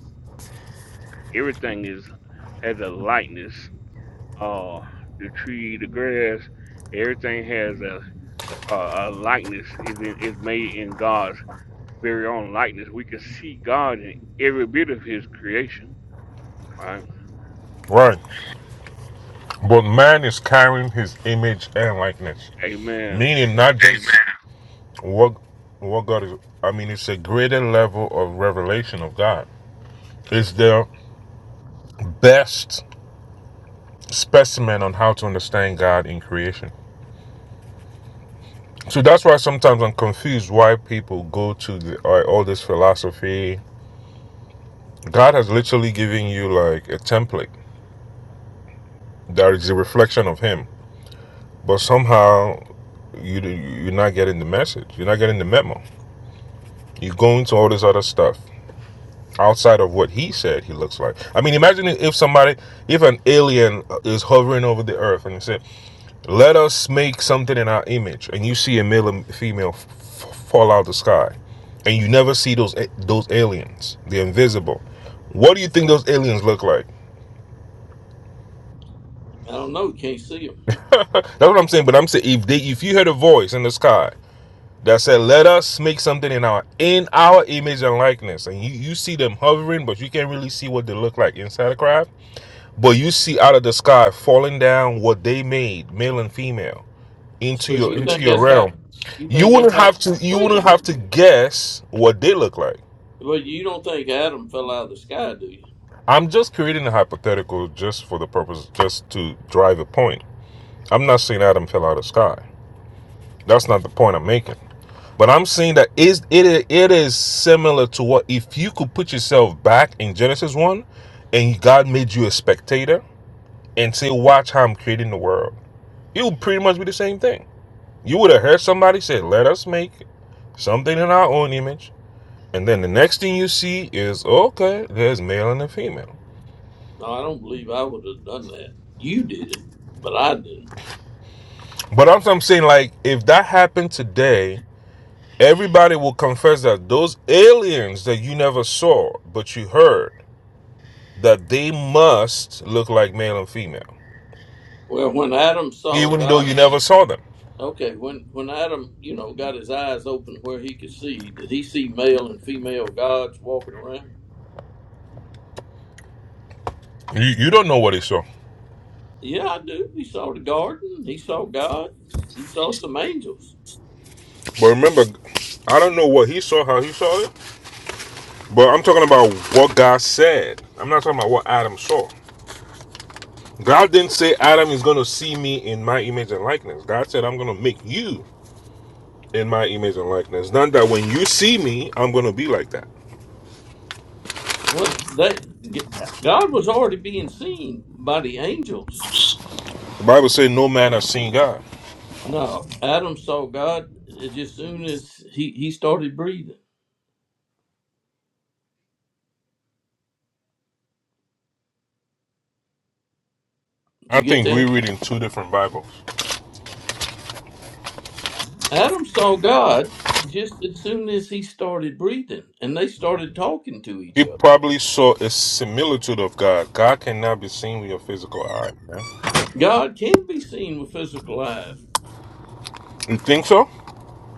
[SPEAKER 4] Everything is has a likeness. Uh, the tree, the grass, everything has a a, a likeness. is in, is made in God's very own likeness. We can see God in every bit of His creation. Right?
[SPEAKER 7] right, but man is carrying his image and likeness,
[SPEAKER 4] Amen.
[SPEAKER 7] meaning not just Amen. What what God is I mean it's a greater level of revelation of God. It's the best specimen on how to understand God in creation. So that's why sometimes I'm confused why people go to the, all all this philosophy. God has literally given you like a template that is a reflection of Him, but somehow you you're not getting the message. You're not getting the memo. You go into all this other stuff. outside of what he said he looks like. I mean, imagine if somebody, if an alien is hovering over the earth and he said, "Let us make something in our image," and you see a male and female f- f- fall out of the sky, and you never see those those aliens. They're invisible. What do you think those aliens look like?
[SPEAKER 1] I don't know. Can't see him.
[SPEAKER 7] That's what I'm saying. But I'm saying if they, if you heard a voice in the sky that said, "Let us make something in our in our image and likeness," and you you see them hovering, but you can't really see what they look like inside the craft But you see out of the sky falling down what they made, male and female, into
[SPEAKER 1] So
[SPEAKER 7] your
[SPEAKER 1] you
[SPEAKER 7] into
[SPEAKER 1] think
[SPEAKER 7] your
[SPEAKER 1] that's how?
[SPEAKER 7] realm.
[SPEAKER 1] You
[SPEAKER 7] You
[SPEAKER 1] think that's
[SPEAKER 7] wouldn't
[SPEAKER 1] how?
[SPEAKER 7] have to you
[SPEAKER 1] Wait a
[SPEAKER 7] wouldn't have
[SPEAKER 1] minute.
[SPEAKER 7] to guess what they look like.
[SPEAKER 1] Well, you don't think Adam fell out of the sky, do you?
[SPEAKER 7] I'm just creating a hypothetical just for the purpose just to drive a point. I'm not saying Adam fell out of the sky. That's not the point I'm making. But I'm saying that is it it is similar to what if you could put yourself back in Genesis 1 and God made you a spectator and say watch how I'm creating the world. It would pretty much be the same thing. You would have heard somebody say, "Let us make something in our own image," and then the next thing you see is, "Okay, there's male and a female."
[SPEAKER 1] No, I don't believe I would have done that. You did it, but I didn't.
[SPEAKER 7] But I'm, I'm saying, like, if that happened today, everybody will confess that those aliens that you never saw but you heard that they must look like male and female,
[SPEAKER 1] Well, when Adam saw
[SPEAKER 7] even though you
[SPEAKER 1] God,
[SPEAKER 7] never saw them.
[SPEAKER 1] okay, when when Adam, you know, got his eyes open where he could see, did he see male and female gods walking around?
[SPEAKER 7] You, you don't know what he saw.
[SPEAKER 1] Yeah, I do. He saw the garden. He saw God. He saw some angels.
[SPEAKER 7] But remember, I don't know what he saw, how he saw it. But I'm talking about what God said. I'm not talking about what Adam saw. God didn't say Adam is going to see me in my image and likeness. God said, I'm going to make you in my image and likeness. Not that when you see me, I'm going to be like that.
[SPEAKER 1] Well, they, God was already being seen by the angels.
[SPEAKER 7] The Bible says, No man has seen God.
[SPEAKER 1] No, Adam saw God as as soon as he, he started breathing. Did
[SPEAKER 7] I
[SPEAKER 1] you get
[SPEAKER 7] think we're
[SPEAKER 1] that?
[SPEAKER 7] reading two different Bibles.
[SPEAKER 1] Adam saw God just as soon as he started breathing, and they started talking to each
[SPEAKER 7] He
[SPEAKER 1] other.
[SPEAKER 7] probably saw a similitude of God. God cannot be seen with your physical eye, man.
[SPEAKER 1] God can be seen with physical eyes.
[SPEAKER 7] You think so?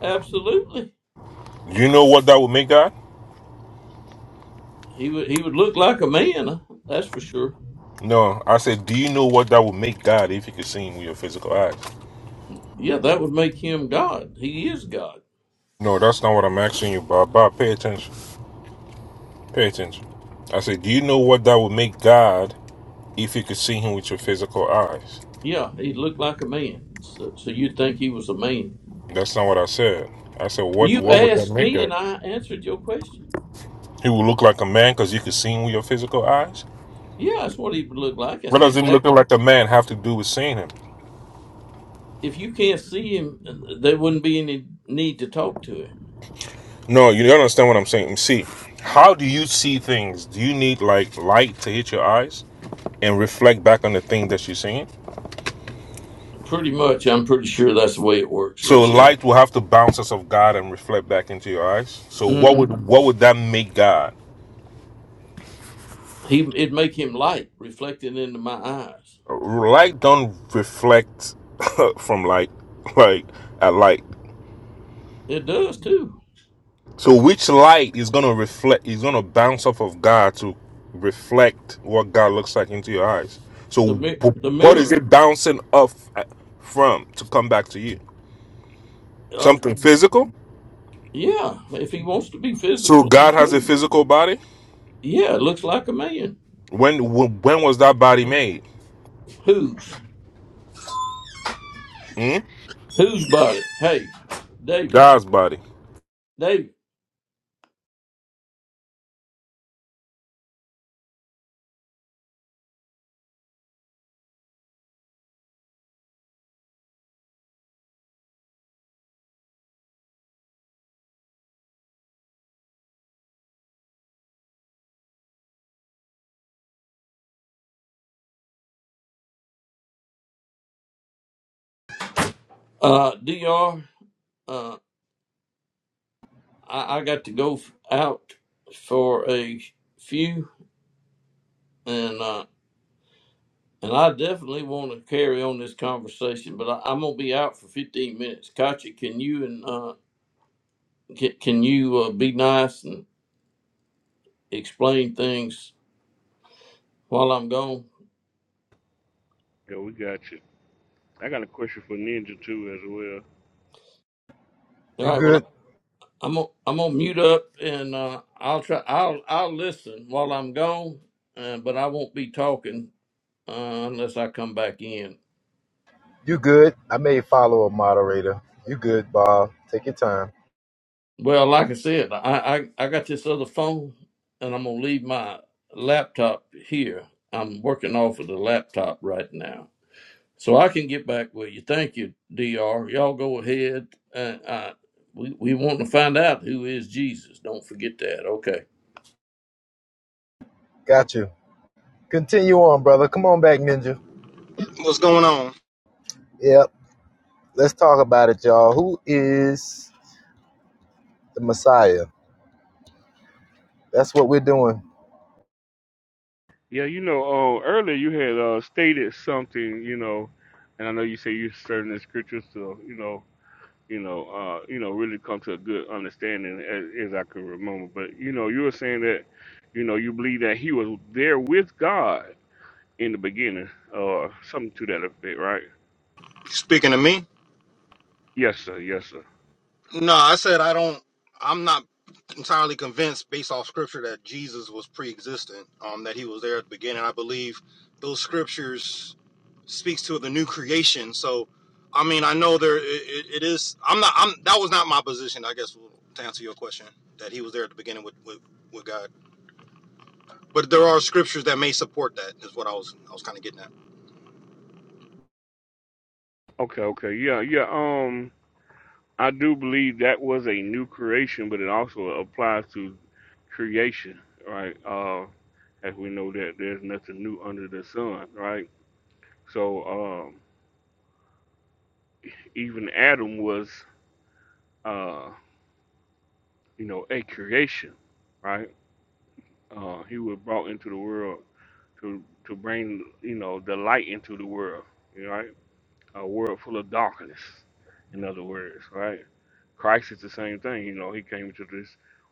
[SPEAKER 1] Absolutely.
[SPEAKER 7] You know what that would make God?
[SPEAKER 1] He would, he would look like a man, uh, that's for sure.
[SPEAKER 7] No, I said, do you know what that would make God if you could see him with your physical eyes?
[SPEAKER 1] Yeah, that would make him God. He is God.
[SPEAKER 7] No, that's not what I'm asking you, Bob. Bob, pay attention. Pay attention. I said, Do you know what that would make God if you could see him with your physical eyes?
[SPEAKER 1] Yeah, he looked like a man. So, so you'd think he was a man.
[SPEAKER 7] That's not what I said. I said, What
[SPEAKER 1] You
[SPEAKER 7] what would that
[SPEAKER 1] asked
[SPEAKER 7] make
[SPEAKER 1] me, and
[SPEAKER 7] God?
[SPEAKER 1] I answered your question.
[SPEAKER 7] He would look like a man because you could see him with your physical eyes?
[SPEAKER 1] Yeah, that's what he would look like.
[SPEAKER 7] What
[SPEAKER 1] That's
[SPEAKER 7] does him looking
[SPEAKER 1] exactly.
[SPEAKER 7] like a man have to do with seeing him?
[SPEAKER 1] If you can't see him, uh, there wouldn't be any need to talk to him.
[SPEAKER 7] No, you don't understand what I'm saying. See, how do you see things? Do you need like light to hit your eyes and reflect back on the thing that you're seeing?
[SPEAKER 1] Pretty much, I'm pretty sure that's the way it works.
[SPEAKER 7] So
[SPEAKER 1] Yeah,
[SPEAKER 7] light will have to bounce us of God and reflect back into your eyes. So what
[SPEAKER 1] hmm
[SPEAKER 7] would what would that make God?
[SPEAKER 1] he it'd make him light, reflected into my eyes.
[SPEAKER 7] Light don't reflect from light, like at light.
[SPEAKER 1] It does too.
[SPEAKER 7] So which light is gonna reflect? Is gonna bounce off of God to reflect what God looks like into your eyes.
[SPEAKER 1] The
[SPEAKER 7] So
[SPEAKER 1] mi- the
[SPEAKER 7] wh- what is
[SPEAKER 1] mirror.
[SPEAKER 7] it bouncing off at- from to come back to you?
[SPEAKER 1] Uh,
[SPEAKER 7] Something physical.
[SPEAKER 1] yeah, if he wants to be
[SPEAKER 7] So
[SPEAKER 1] physical, he
[SPEAKER 7] God has a
[SPEAKER 1] can.
[SPEAKER 7] physical body.
[SPEAKER 1] Yeah, it looks like a man.
[SPEAKER 7] When wh- when was that body made?
[SPEAKER 1] Whose
[SPEAKER 7] Hmm?
[SPEAKER 1] whose body? Hey, David,
[SPEAKER 7] God's body.
[SPEAKER 1] David, uh, Dr. I, I got to go f- out for a few, and uh, and I definitely want to carry on this conversation, but I, I'm gonna be out for 15 minutes. Katya, can you and uh, can, can you uh, be nice and explain things while I'm gone?
[SPEAKER 4] Yeah, we got you. I got a question for Ninja too as well.
[SPEAKER 1] All
[SPEAKER 2] You
[SPEAKER 1] right. Well,
[SPEAKER 2] good?
[SPEAKER 1] I, I'm gonna I'm gonna mute up, and uh, I'll try. I'll I'll listen while I'm gone, uh, but I won't be talking uh, unless I come back in.
[SPEAKER 2] You good? I made follow a moderator. You good, Bob? Take your time.
[SPEAKER 1] Well, like I said, I, I I got this other phone, and I'm gonna leave my laptop here. I'm working off of the laptop right now, so I can get back with you. Thank you, Dr. Y'all go ahead. Uh, I, we we want to find out who is Jesus. Don't forget that. Okay.
[SPEAKER 2] Got you. Continue on, brother. Come on back, Ninja.
[SPEAKER 3] What's going on?
[SPEAKER 2] Yep. Let's talk about it, y'all. Who is the Messiah? That's what we're doing.
[SPEAKER 4] Yeah, you know, uh, earlier you had uh, stated something, you know, and I know you say you're studying the scriptures to, you know, you know, uh, you know, really come to a good understanding as, as I can remember. But you know, you were saying that, you know, you believe that he was there with God in the beginning, or something to that effect, right?
[SPEAKER 3] You Speaking to me?
[SPEAKER 4] Yes, sir. Yes, sir.
[SPEAKER 3] No, I said I don't. I'm not entirely convinced, based off scripture, that Jesus was pre-existent. Um, that he was there at the beginning. I believe those scriptures speaks to the new creation. So, I mean, I know there. It, it, it is. I'm not. I'm. That was not my position. I guess to answer your question, that he was there at the beginning with with, with God. But there are scriptures that may support that. Is what I was. I was kind of getting at.
[SPEAKER 4] Okay, okay. Yeah, yeah. um, I do believe that was a new creation, but it also applies to creation, right? Uh, as we know that there's nothing new under the sun, right? So um, even Adam was, uh, you know, a creation, right? Uh, he was brought into the world to to bring, you know, the light into the world, right? A world full of darkness, in other words, right? Christ is the same thing, you know. He came into this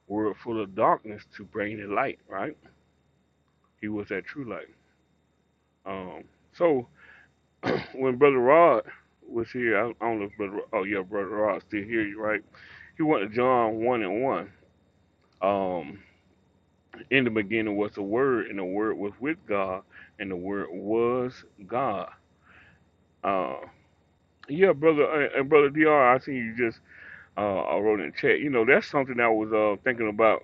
[SPEAKER 4] world full of darkness to bring the light, right? He was at True Light. Um, so when Brother Rod was here, I, I don't know if Brother, oh yeah, Brother Rod's still here, you right? He went to John 1 and 1. Um, in the beginning was the Word, and the Word was with God, and the Word was God. Uh, yeah, brother, uh, and brother Dr. I see you just uh, I wrote in the chat. You know, that's something I was uh, thinking about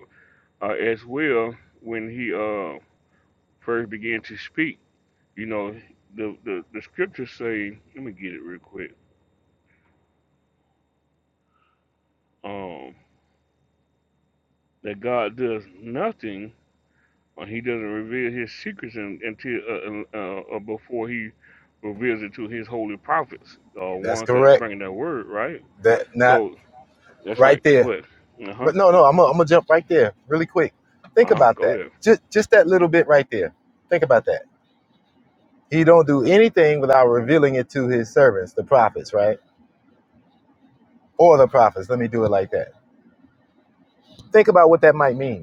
[SPEAKER 4] uh, as well when he uh, first began to speak You know, the, the, the scriptures say, let me get it real quick, um, that God does nothing or he doesn't reveal his secrets un until uh, uh, uh, before he reveals it to his holy prophets, uh,
[SPEAKER 2] That's
[SPEAKER 4] ones that
[SPEAKER 2] correct.
[SPEAKER 4] bring that word, right?
[SPEAKER 2] That not
[SPEAKER 4] So that's right.
[SPEAKER 2] right
[SPEAKER 4] Go
[SPEAKER 2] there.
[SPEAKER 4] ahead. Uh huh.
[SPEAKER 2] But no, no. I'm gonna I'm gonna jump right there, really quick.
[SPEAKER 4] Uh
[SPEAKER 2] Think
[SPEAKER 4] huh.
[SPEAKER 2] about
[SPEAKER 4] Go
[SPEAKER 2] that.
[SPEAKER 4] ahead.
[SPEAKER 2] Just just that little bit right there. Think about that. He don't do anything without revealing it to his servants, the prophets, right? Or the prophets. Let me do it like that. Think about what that might mean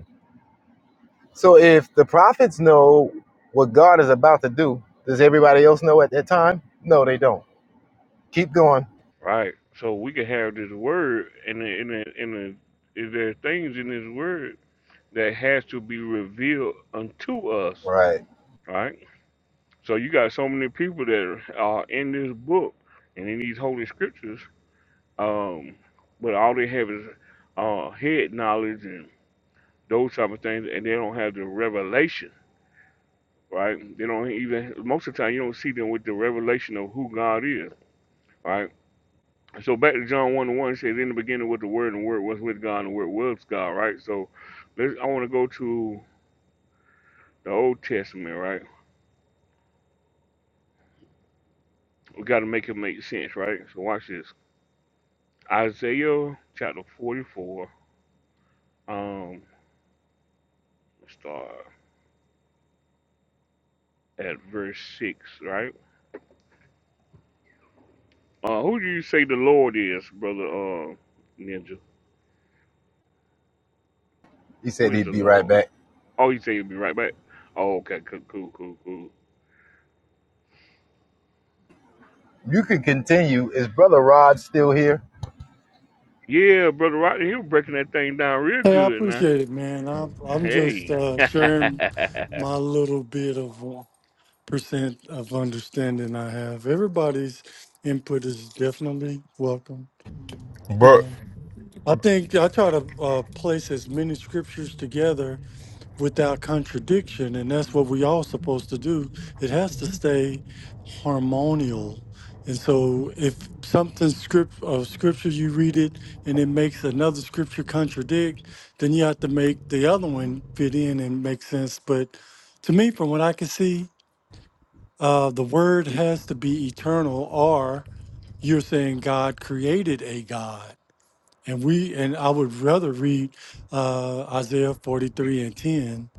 [SPEAKER 2] So if the prophets know what God is about to do, does everybody else know at that time? No, they don't. Keep going.
[SPEAKER 4] Right. So we can have this word, and the- and the- and the- if there things in this word that has to be revealed unto us,
[SPEAKER 2] Right.
[SPEAKER 4] right? So you got so many people that are in this book and in these holy scriptures, um, but all they have is uh, head knowledge and those type of things, and they don't have the revelation, right? They don't even most of the time you don't see them with the revelation of who God is, right? So back to John one and one it says, "In the beginning was the Word, and the Word was with God, and the Word was God." Right. So let's, I want to go to the Old Testament, right? We got to make it make sense, right? So watch this. Isaiah chapter 44 Um, let's start at verse six, right? Uh, who do you say the Lord is, brother? Uh, Ninja.
[SPEAKER 2] He
[SPEAKER 4] Who
[SPEAKER 2] said
[SPEAKER 4] is the
[SPEAKER 2] he'd be right
[SPEAKER 4] Lord?
[SPEAKER 2] back.
[SPEAKER 4] Oh, you say you'll be right back. Oh, okay, cool, cool, cool, cool.
[SPEAKER 2] You can continue. Is brother Rod still here?
[SPEAKER 4] Yeah, brother Rodney, he was breaking that thing down real
[SPEAKER 5] Hey, I
[SPEAKER 4] good, now.
[SPEAKER 5] appreciate it, man. I'm I'm just
[SPEAKER 4] Hey.
[SPEAKER 5] uh,
[SPEAKER 4] mhm.
[SPEAKER 5] sharing my little bit of uh, percent of understanding I have. Everybody's input is definitely welcome, you
[SPEAKER 7] But
[SPEAKER 5] know. I think I try to uh, place as many scriptures together without contradiction, and that's what we all supposed to do. It has to stay harmonial, and so if something script of scripture you read it and it makes another scripture contradict, then you have to make the other one fit in and make sense. But to me, from what I can see, uh, the word has to be eternal, or you're saying God created a God. And we and I would rather read uh, Isaiah 43 and 10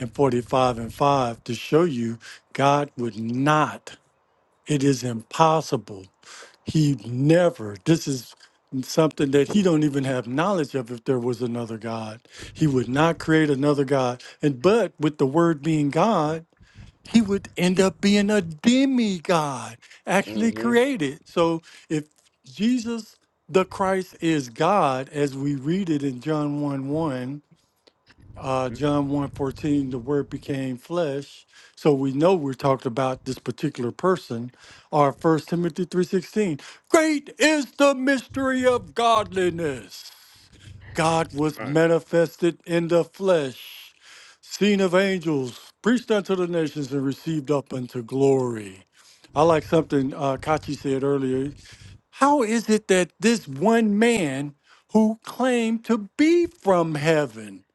[SPEAKER 5] and 45 and 5 to show you God would not. It is impossible. He never. This is something that he don't even have knowledge of if there was another God. He would not create another God. And but with the word being God, he would end up being a demigod, actually
[SPEAKER 4] Mhm. Mhm.
[SPEAKER 5] created. So if Jesus the Christ is God, as we read it in John 1 1, uh,
[SPEAKER 4] That's
[SPEAKER 5] John one fourteen, the word became flesh. So we know we're talking about this particular person, or First Timothy three sixteen. Great is the mystery of godliness. God was
[SPEAKER 4] right.
[SPEAKER 5] manifested in the flesh, seen of angels, preached unto the nations, and received up unto glory. I like something uh, Kachi said earlier. How is it that this one man who claimed to be from heaven?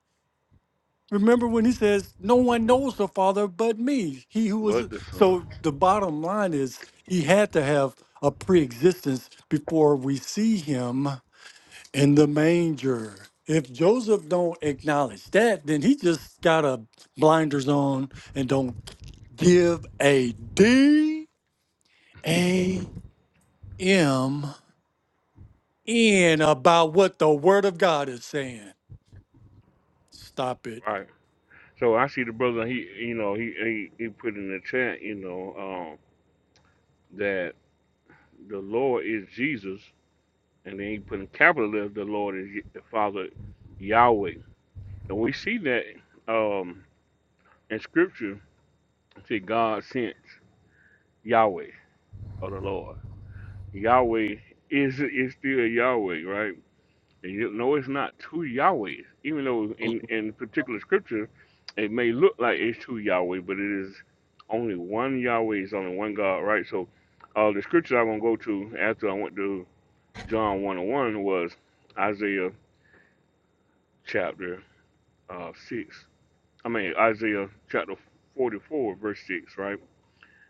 [SPEAKER 5] Remember when he says, No one
[SPEAKER 4] Mhm.
[SPEAKER 5] knows the Father but me? He who was.
[SPEAKER 4] But the son,
[SPEAKER 5] So the bottom line is, he had to have a pre existence before we see him in the manger. If Joseph don't acknowledge that, then he just got a blinders on and don't give a D A M in about what the word of God is saying. Stop it.
[SPEAKER 4] right? So I see the brother. He, you know, he he, he put in the chat, you know, um, that the Lord is Jesus, and then he put in capital letters, the Lord is Ye- the Father Yahweh. And we see that um, in Scripture, it say God sent Yahweh or the Lord. Yahweh is is still Yahweh, right? And you know it's not two Yahwehs, even though in in particular Scripture, it may look like it's two Yahweh, but it is only one Yahweh. It's only one God, right? So, uh, the Scripture I'm gonna go to after I went to John one and one was Isaiah chapter uh, 6. I mean, Isaiah chapter 44, verse 6, right?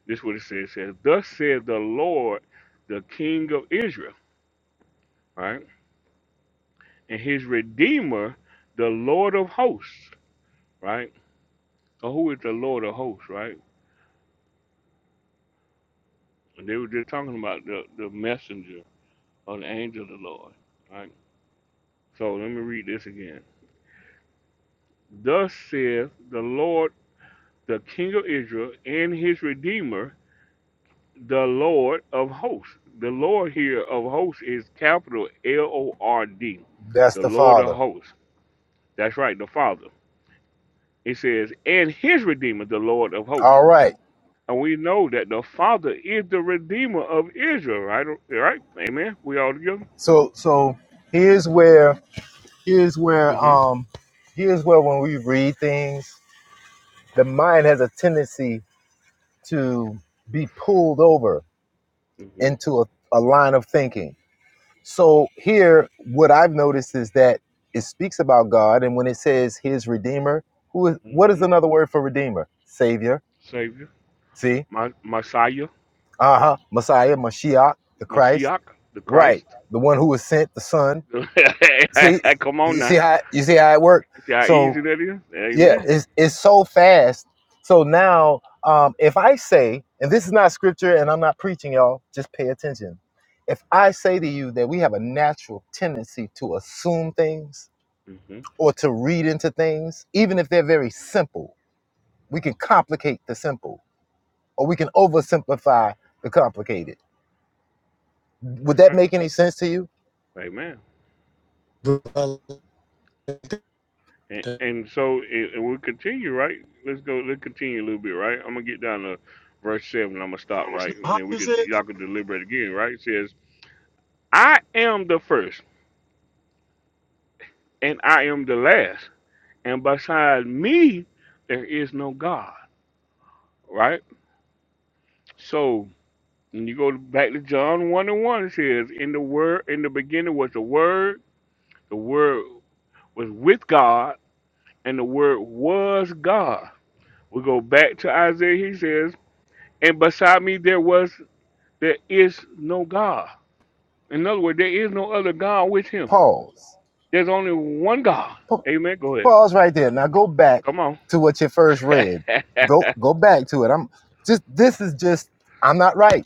[SPEAKER 4] This is what it says. It says, Thus said the Lord, the King of Israel, right? And his Redeemer, the Lord of hosts, right? So who is the Lord of hosts, right? And they were just talking about the, the messenger or the angel of the Lord, right? So let me read this again. Thus saith the Lord, the King of Israel, and his Redeemer, the Lord of hosts. The Lord here of hosts is capital L O R D,
[SPEAKER 2] That's
[SPEAKER 4] the
[SPEAKER 2] the
[SPEAKER 4] Lord of
[SPEAKER 2] Father.
[SPEAKER 4] hosts. That's right, the Father. It says, and his Redeemer, the Lord of hosts.
[SPEAKER 2] All right.
[SPEAKER 4] And we know that the Father is the Redeemer of Israel, right? Right? Amen. We all together?
[SPEAKER 2] So so here's where here's
[SPEAKER 4] Mm
[SPEAKER 2] where
[SPEAKER 4] hmm.
[SPEAKER 2] um here's where when we read things, the mind has a tendency to be pulled over
[SPEAKER 4] Mm hmm.
[SPEAKER 2] into a, a line of thinking. So here, what I've noticed is that it speaks about God, and when it says His Redeemer, who is
[SPEAKER 4] Mm
[SPEAKER 2] what is
[SPEAKER 4] hmm.
[SPEAKER 2] another word for Redeemer? Savior.
[SPEAKER 4] Savior,
[SPEAKER 2] See,
[SPEAKER 4] my, Messiah,
[SPEAKER 2] uh huh, Messiah, Mashiach, the Christ,
[SPEAKER 4] Mashiach, the Christ.
[SPEAKER 2] right? The one who was sent, the Son. See,
[SPEAKER 4] Come on
[SPEAKER 2] you
[SPEAKER 4] now.
[SPEAKER 2] see how you see how it worked.
[SPEAKER 4] You see how
[SPEAKER 2] So
[SPEAKER 4] easy that is?
[SPEAKER 2] yeah,
[SPEAKER 4] Amen.
[SPEAKER 2] it's it's so fast. So now, um, if I say, and this is not scripture, and I'm not preaching, y'all, just pay attention. If I say to you that we have a natural tendency to assume things,
[SPEAKER 4] Mm hmm.
[SPEAKER 2] or to read into things, even if they're very simple. We can complicate the simple, or we can oversimplify the complicated.
[SPEAKER 4] That's
[SPEAKER 2] Would that
[SPEAKER 4] right.
[SPEAKER 2] make any sense to you?
[SPEAKER 4] Amen. And, and so, and and we'll continue, right? Let's go. Let's continue a little bit, right? I'm gonna get down to verse seven. I'm gonna stop, right? And
[SPEAKER 5] How
[SPEAKER 4] then we
[SPEAKER 5] is
[SPEAKER 4] could
[SPEAKER 5] it?
[SPEAKER 4] y'all could deliberate again, right? It says, "I am the first, and I am the last, and beside me there is no God." Right? So when you go back to John one and one, it says, "In the word, in the beginning was the Word. The Word was with God, and the Word was God." We go back to Isaiah. He says, and beside me there was There is no God. In other words, there is no other God with him.
[SPEAKER 2] Pause.
[SPEAKER 4] There's only one God.
[SPEAKER 2] Pa-
[SPEAKER 4] Amen. Go ahead.
[SPEAKER 2] Pause right there. Now go back
[SPEAKER 4] Come on.
[SPEAKER 2] to what you first read. Go go back to it. I'm just this is just I'm not right.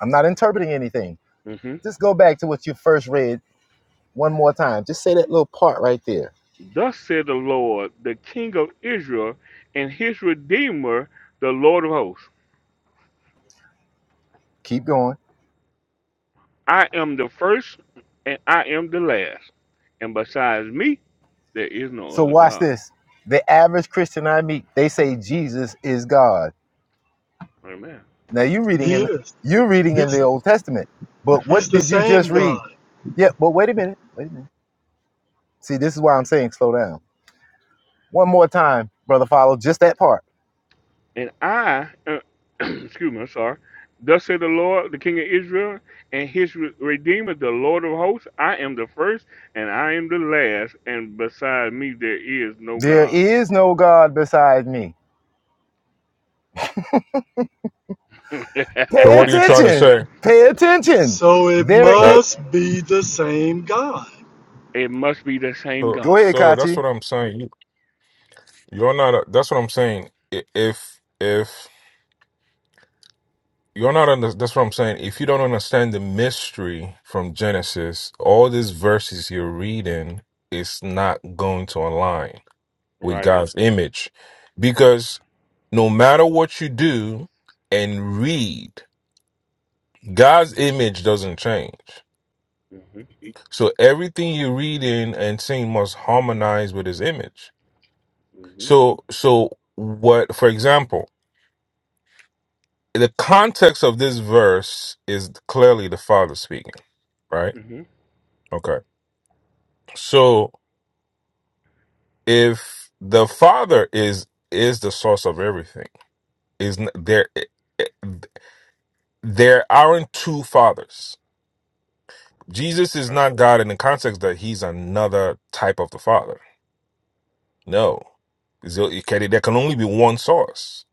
[SPEAKER 2] I'm not interpreting anything.
[SPEAKER 4] hmm
[SPEAKER 2] Just go back to what you first read one more time. Just say that little part right there.
[SPEAKER 4] Thus said the Lord, the King of Israel, and his Redeemer, the Lord of hosts.
[SPEAKER 2] Keep going.
[SPEAKER 4] I am the first and I am the last. And besides me, there is no
[SPEAKER 2] So
[SPEAKER 4] other
[SPEAKER 2] watch
[SPEAKER 4] God.
[SPEAKER 2] this. The average Christian I meet, they say Jesus is God.
[SPEAKER 4] Amen.
[SPEAKER 2] Now you are reading
[SPEAKER 5] He
[SPEAKER 2] in
[SPEAKER 5] is.
[SPEAKER 2] you're reading in the
[SPEAKER 5] He's,
[SPEAKER 2] Old Testament. But
[SPEAKER 4] That's right.
[SPEAKER 2] what
[SPEAKER 5] he's the
[SPEAKER 2] did you
[SPEAKER 5] same
[SPEAKER 2] just read?
[SPEAKER 5] God.
[SPEAKER 2] Yeah, but wait a minute. Wait a minute. See, this is why I'm saying slow down. One more time, brother follow, just that part.
[SPEAKER 4] And I, uh, excuse me, I'm sorry. Thus said the Lord, the King of Israel, and his re- Redeemer, the Lord of hosts. I am the first and I am the last, and beside me there is no
[SPEAKER 2] There
[SPEAKER 4] God.
[SPEAKER 2] is no God beside me.
[SPEAKER 7] so
[SPEAKER 2] Pay
[SPEAKER 7] what are you trying to
[SPEAKER 2] attention.
[SPEAKER 7] say?
[SPEAKER 2] Pay attention.
[SPEAKER 5] So it
[SPEAKER 2] There
[SPEAKER 7] Uh,
[SPEAKER 2] it
[SPEAKER 5] must be the same God.
[SPEAKER 4] it must be the same
[SPEAKER 7] so
[SPEAKER 2] go
[SPEAKER 4] God.
[SPEAKER 2] ahead,
[SPEAKER 7] so that's what
[SPEAKER 2] Kachi.
[SPEAKER 7] I'm saying. You're not. a- That's what I'm saying. I- If if you're not under, that's what I'm saying. If you don't understand the mystery from Genesis, all these verses you're reading is not going to align with
[SPEAKER 4] Right.
[SPEAKER 7] God's image, because no matter what you do and read, God's image doesn't change.
[SPEAKER 4] Mm-hmm.
[SPEAKER 7] So everything you're reading and seeing must harmonize with His image.
[SPEAKER 4] Mm-hmm.
[SPEAKER 7] So so what? For example. the context of this verse is clearly the father speaking right
[SPEAKER 4] Mm-hmm.
[SPEAKER 7] okay so if the father is is the source of everything is n- there eh, eh, there aren't two fathers jesus is
[SPEAKER 4] Right.
[SPEAKER 7] not god in the context that he's another type of the father no So it can- there can only be one source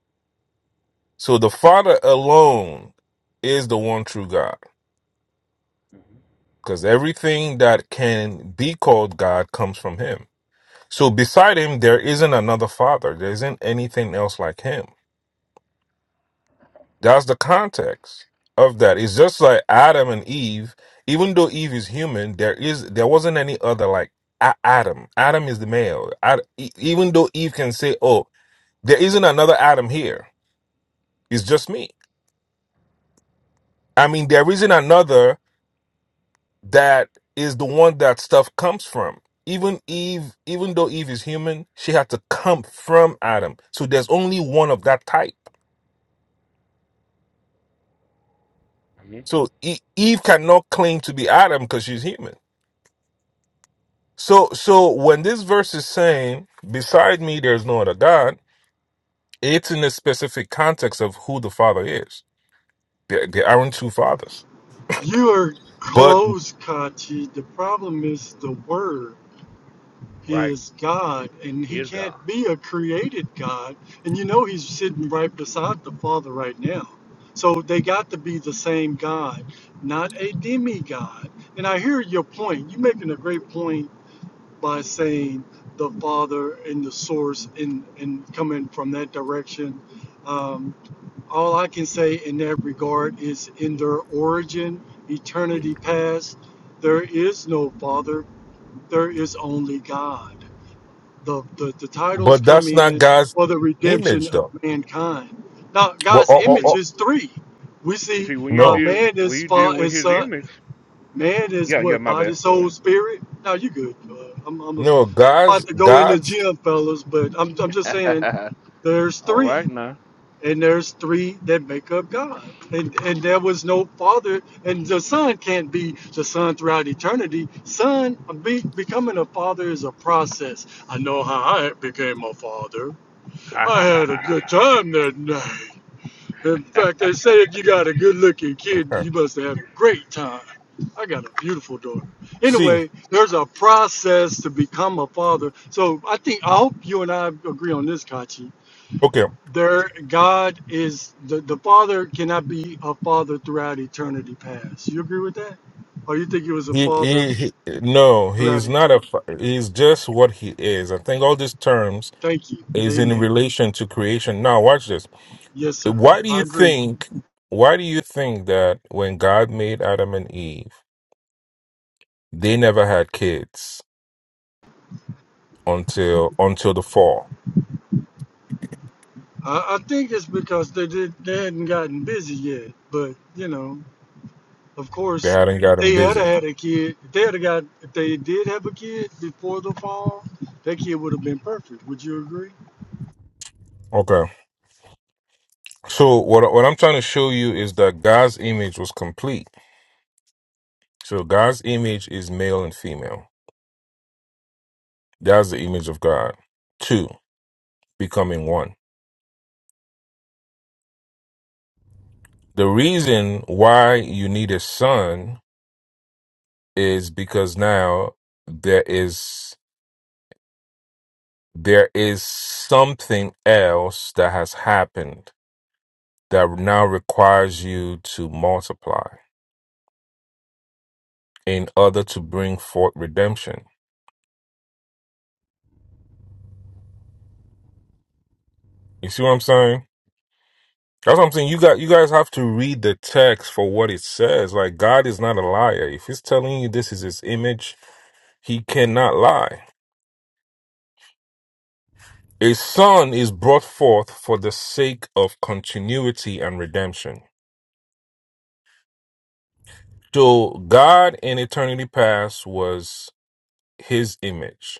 [SPEAKER 7] so the father alone is the one true god because everything that can be called god comes from him So beside him, there isn't another father. There isn't anything else like him. That's the context of that. It's just like Adam and Eve. Even though Eve is human, there is there wasn't any other like A- Adam. Adam is the male. Ad, e- even though Eve can say, "Oh, there isn't another Adam here. It's just me." I mean, there isn't another that is the one that stuff comes from. Even Eve, even though Eve is human, she had to come from Adam. So there's only one of that type.
[SPEAKER 4] hmm
[SPEAKER 7] So E- Eve cannot claim to be Adam because she's human. So so when this verse is saying, "Beside me, there's no other God," it's in the specific context of who the Father is. There, there aren't two fathers,
[SPEAKER 5] You are
[SPEAKER 7] but
[SPEAKER 5] close, Kachi. The problem is the word.
[SPEAKER 4] Right.
[SPEAKER 5] is God, and
[SPEAKER 4] He
[SPEAKER 5] He
[SPEAKER 4] is
[SPEAKER 5] can't
[SPEAKER 4] God.
[SPEAKER 5] be a created God. And you know He's sitting right beside the Father right now. So they got to be the same God, not a demigod. And I hear your point. You're making a great point by saying the Father and the Source and, and coming from that direction. Um, all I can say in that regard is in their origin, eternity past, there is no Father, there is only God the, the, the titles
[SPEAKER 7] but
[SPEAKER 5] come
[SPEAKER 7] that's not
[SPEAKER 5] in
[SPEAKER 7] God's
[SPEAKER 5] for the redemption
[SPEAKER 7] image,
[SPEAKER 5] of
[SPEAKER 7] though.
[SPEAKER 5] mankind. Now,
[SPEAKER 7] Well,
[SPEAKER 5] God's
[SPEAKER 7] oh,
[SPEAKER 4] Well,
[SPEAKER 7] oh,
[SPEAKER 5] image
[SPEAKER 7] oh,
[SPEAKER 4] See,
[SPEAKER 5] is three. We see
[SPEAKER 4] see, when you
[SPEAKER 5] uh,
[SPEAKER 7] no,
[SPEAKER 4] deal
[SPEAKER 5] man
[SPEAKER 4] when
[SPEAKER 5] is
[SPEAKER 4] you deal
[SPEAKER 5] far
[SPEAKER 4] with
[SPEAKER 5] is
[SPEAKER 4] His
[SPEAKER 5] uh,
[SPEAKER 4] image,
[SPEAKER 5] man is
[SPEAKER 4] yeah, yeah,
[SPEAKER 5] what
[SPEAKER 4] my
[SPEAKER 5] body,
[SPEAKER 4] bad. Go
[SPEAKER 5] soul, spirit. Now you good. Uh, I'm I'm, a, I'm
[SPEAKER 7] no, God's
[SPEAKER 5] about to go in the
[SPEAKER 7] God's.
[SPEAKER 5] gym, fellas, but I'm I'm just saying
[SPEAKER 4] ahead.
[SPEAKER 5] there's
[SPEAKER 4] All
[SPEAKER 5] three,
[SPEAKER 4] right now.
[SPEAKER 5] and there's three that make up God. And and there was no father, and the son can't be the son throughout eternity. Son be, becoming a father is a process. I know how I became a father. I had a good time that night. In fact, they say if you got a good-looking kid, you must have had a great time. I got a beautiful daughter.
[SPEAKER 7] See,
[SPEAKER 5] Anyway, there's a process to become a father. So I think I hope you and I agree on this, Kachi
[SPEAKER 7] okay.
[SPEAKER 5] their God is the, the Father cannot be a father throughout eternity past. You agree with that? Or you think he was a
[SPEAKER 7] He,
[SPEAKER 5] father
[SPEAKER 7] he, he, no,
[SPEAKER 5] throughout
[SPEAKER 7] he's not a,
[SPEAKER 5] eternity?
[SPEAKER 7] fa- he's just what he is. I think all these terms
[SPEAKER 5] Thank you.
[SPEAKER 7] is in
[SPEAKER 5] Amen, bro.
[SPEAKER 7] relation to creation. Now, watch this.
[SPEAKER 5] Yes, sir.
[SPEAKER 7] Why do
[SPEAKER 5] I
[SPEAKER 7] you
[SPEAKER 5] agree.
[SPEAKER 7] think? Why do you think that when God made Adam and Eve, they never had kids until until the fall?
[SPEAKER 5] I, I think it's because they did they hadn't gotten busy yet. But, you know, of
[SPEAKER 7] They
[SPEAKER 5] course
[SPEAKER 7] hadn't gotten
[SPEAKER 5] they had
[SPEAKER 7] busy.
[SPEAKER 5] had a kid. If they had got if they did have a kid before the fall, that kid would have been perfect. Would you agree?
[SPEAKER 7] Okay. So what what I'm trying to show you is that God's image was complete. So God's image is male and female. That's the image of God. Two, becoming one. The reason why you need a son is because now there is there is something else that has happened that now requires you to multiply in order to bring forth redemption. You see what I'm saying? That's what I'm saying. You got you guys have to read the text for what it says. Like God is not a liar. If he's telling you this is his image, he cannot lie. A son is brought forth for the sake of continuity and redemption. So God in eternity past was his image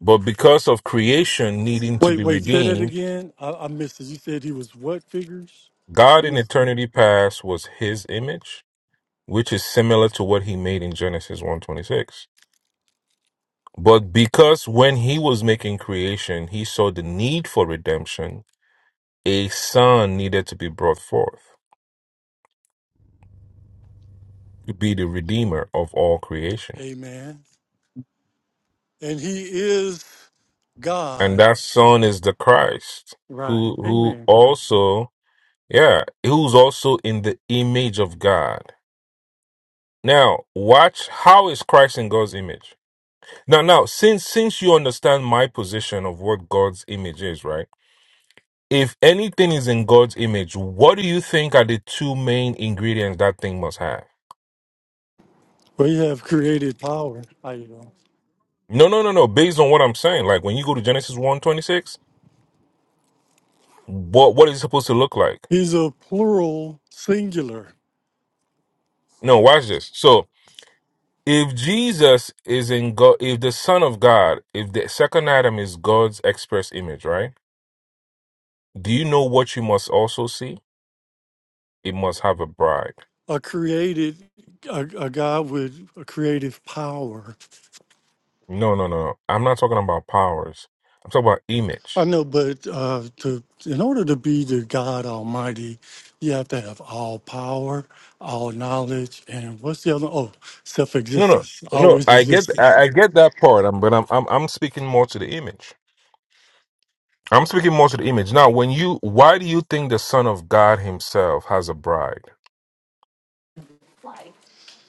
[SPEAKER 7] But because of creation needing to
[SPEAKER 5] Wait,
[SPEAKER 7] be
[SPEAKER 5] wait, say that
[SPEAKER 7] redeemed,
[SPEAKER 5] again. I, I missed it. You said he was what figures? I
[SPEAKER 7] God in
[SPEAKER 5] missed it.
[SPEAKER 7] eternity past was his image, which is similar to what he made in Genesis one twenty-six. But because when he was making creation, he saw the need for redemption, a son needed to be brought forth to be the redeemer of all creation.
[SPEAKER 5] Amen. And he is
[SPEAKER 7] And
[SPEAKER 5] God.
[SPEAKER 7] that son is the Christ,
[SPEAKER 5] Right.
[SPEAKER 7] who who
[SPEAKER 5] Amen, bro.
[SPEAKER 7] also, yeah, who's also in the image of God. Now, watch how is Christ in God's image? Now, now, since since you understand my position of what God's image is, right? If anything is in God's image, what do you think are the two main ingredients that thing must have?
[SPEAKER 5] We have created power. How you doing?
[SPEAKER 7] No, no, no, no. Based on what I'm saying, like when you go to Genesis one twenty six, what what is it supposed to look like?
[SPEAKER 5] He's a plural singular,
[SPEAKER 7] No, watch this. So if Jesus is in God, if the Son of God, if the second Adam is God's express image, right? Do you know what you must also see? It must have a bride.
[SPEAKER 5] a created, a, a God with a creative power.
[SPEAKER 7] No, no, no. no. I'm not talking about powers. I'm talking about image.
[SPEAKER 5] I know, but uh, to in order to be the God Almighty, you have to have all power, all knowledge, and what's the other? Oh,
[SPEAKER 7] No, no,
[SPEAKER 5] self-existence,
[SPEAKER 7] no.
[SPEAKER 5] always
[SPEAKER 7] I get,
[SPEAKER 5] existed.
[SPEAKER 7] I, I get that part. I'm, but I'm, I'm, I'm speaking more to the image. I'm speaking more to the image. Now, when you, why do you think the Son of God Himself has a bride?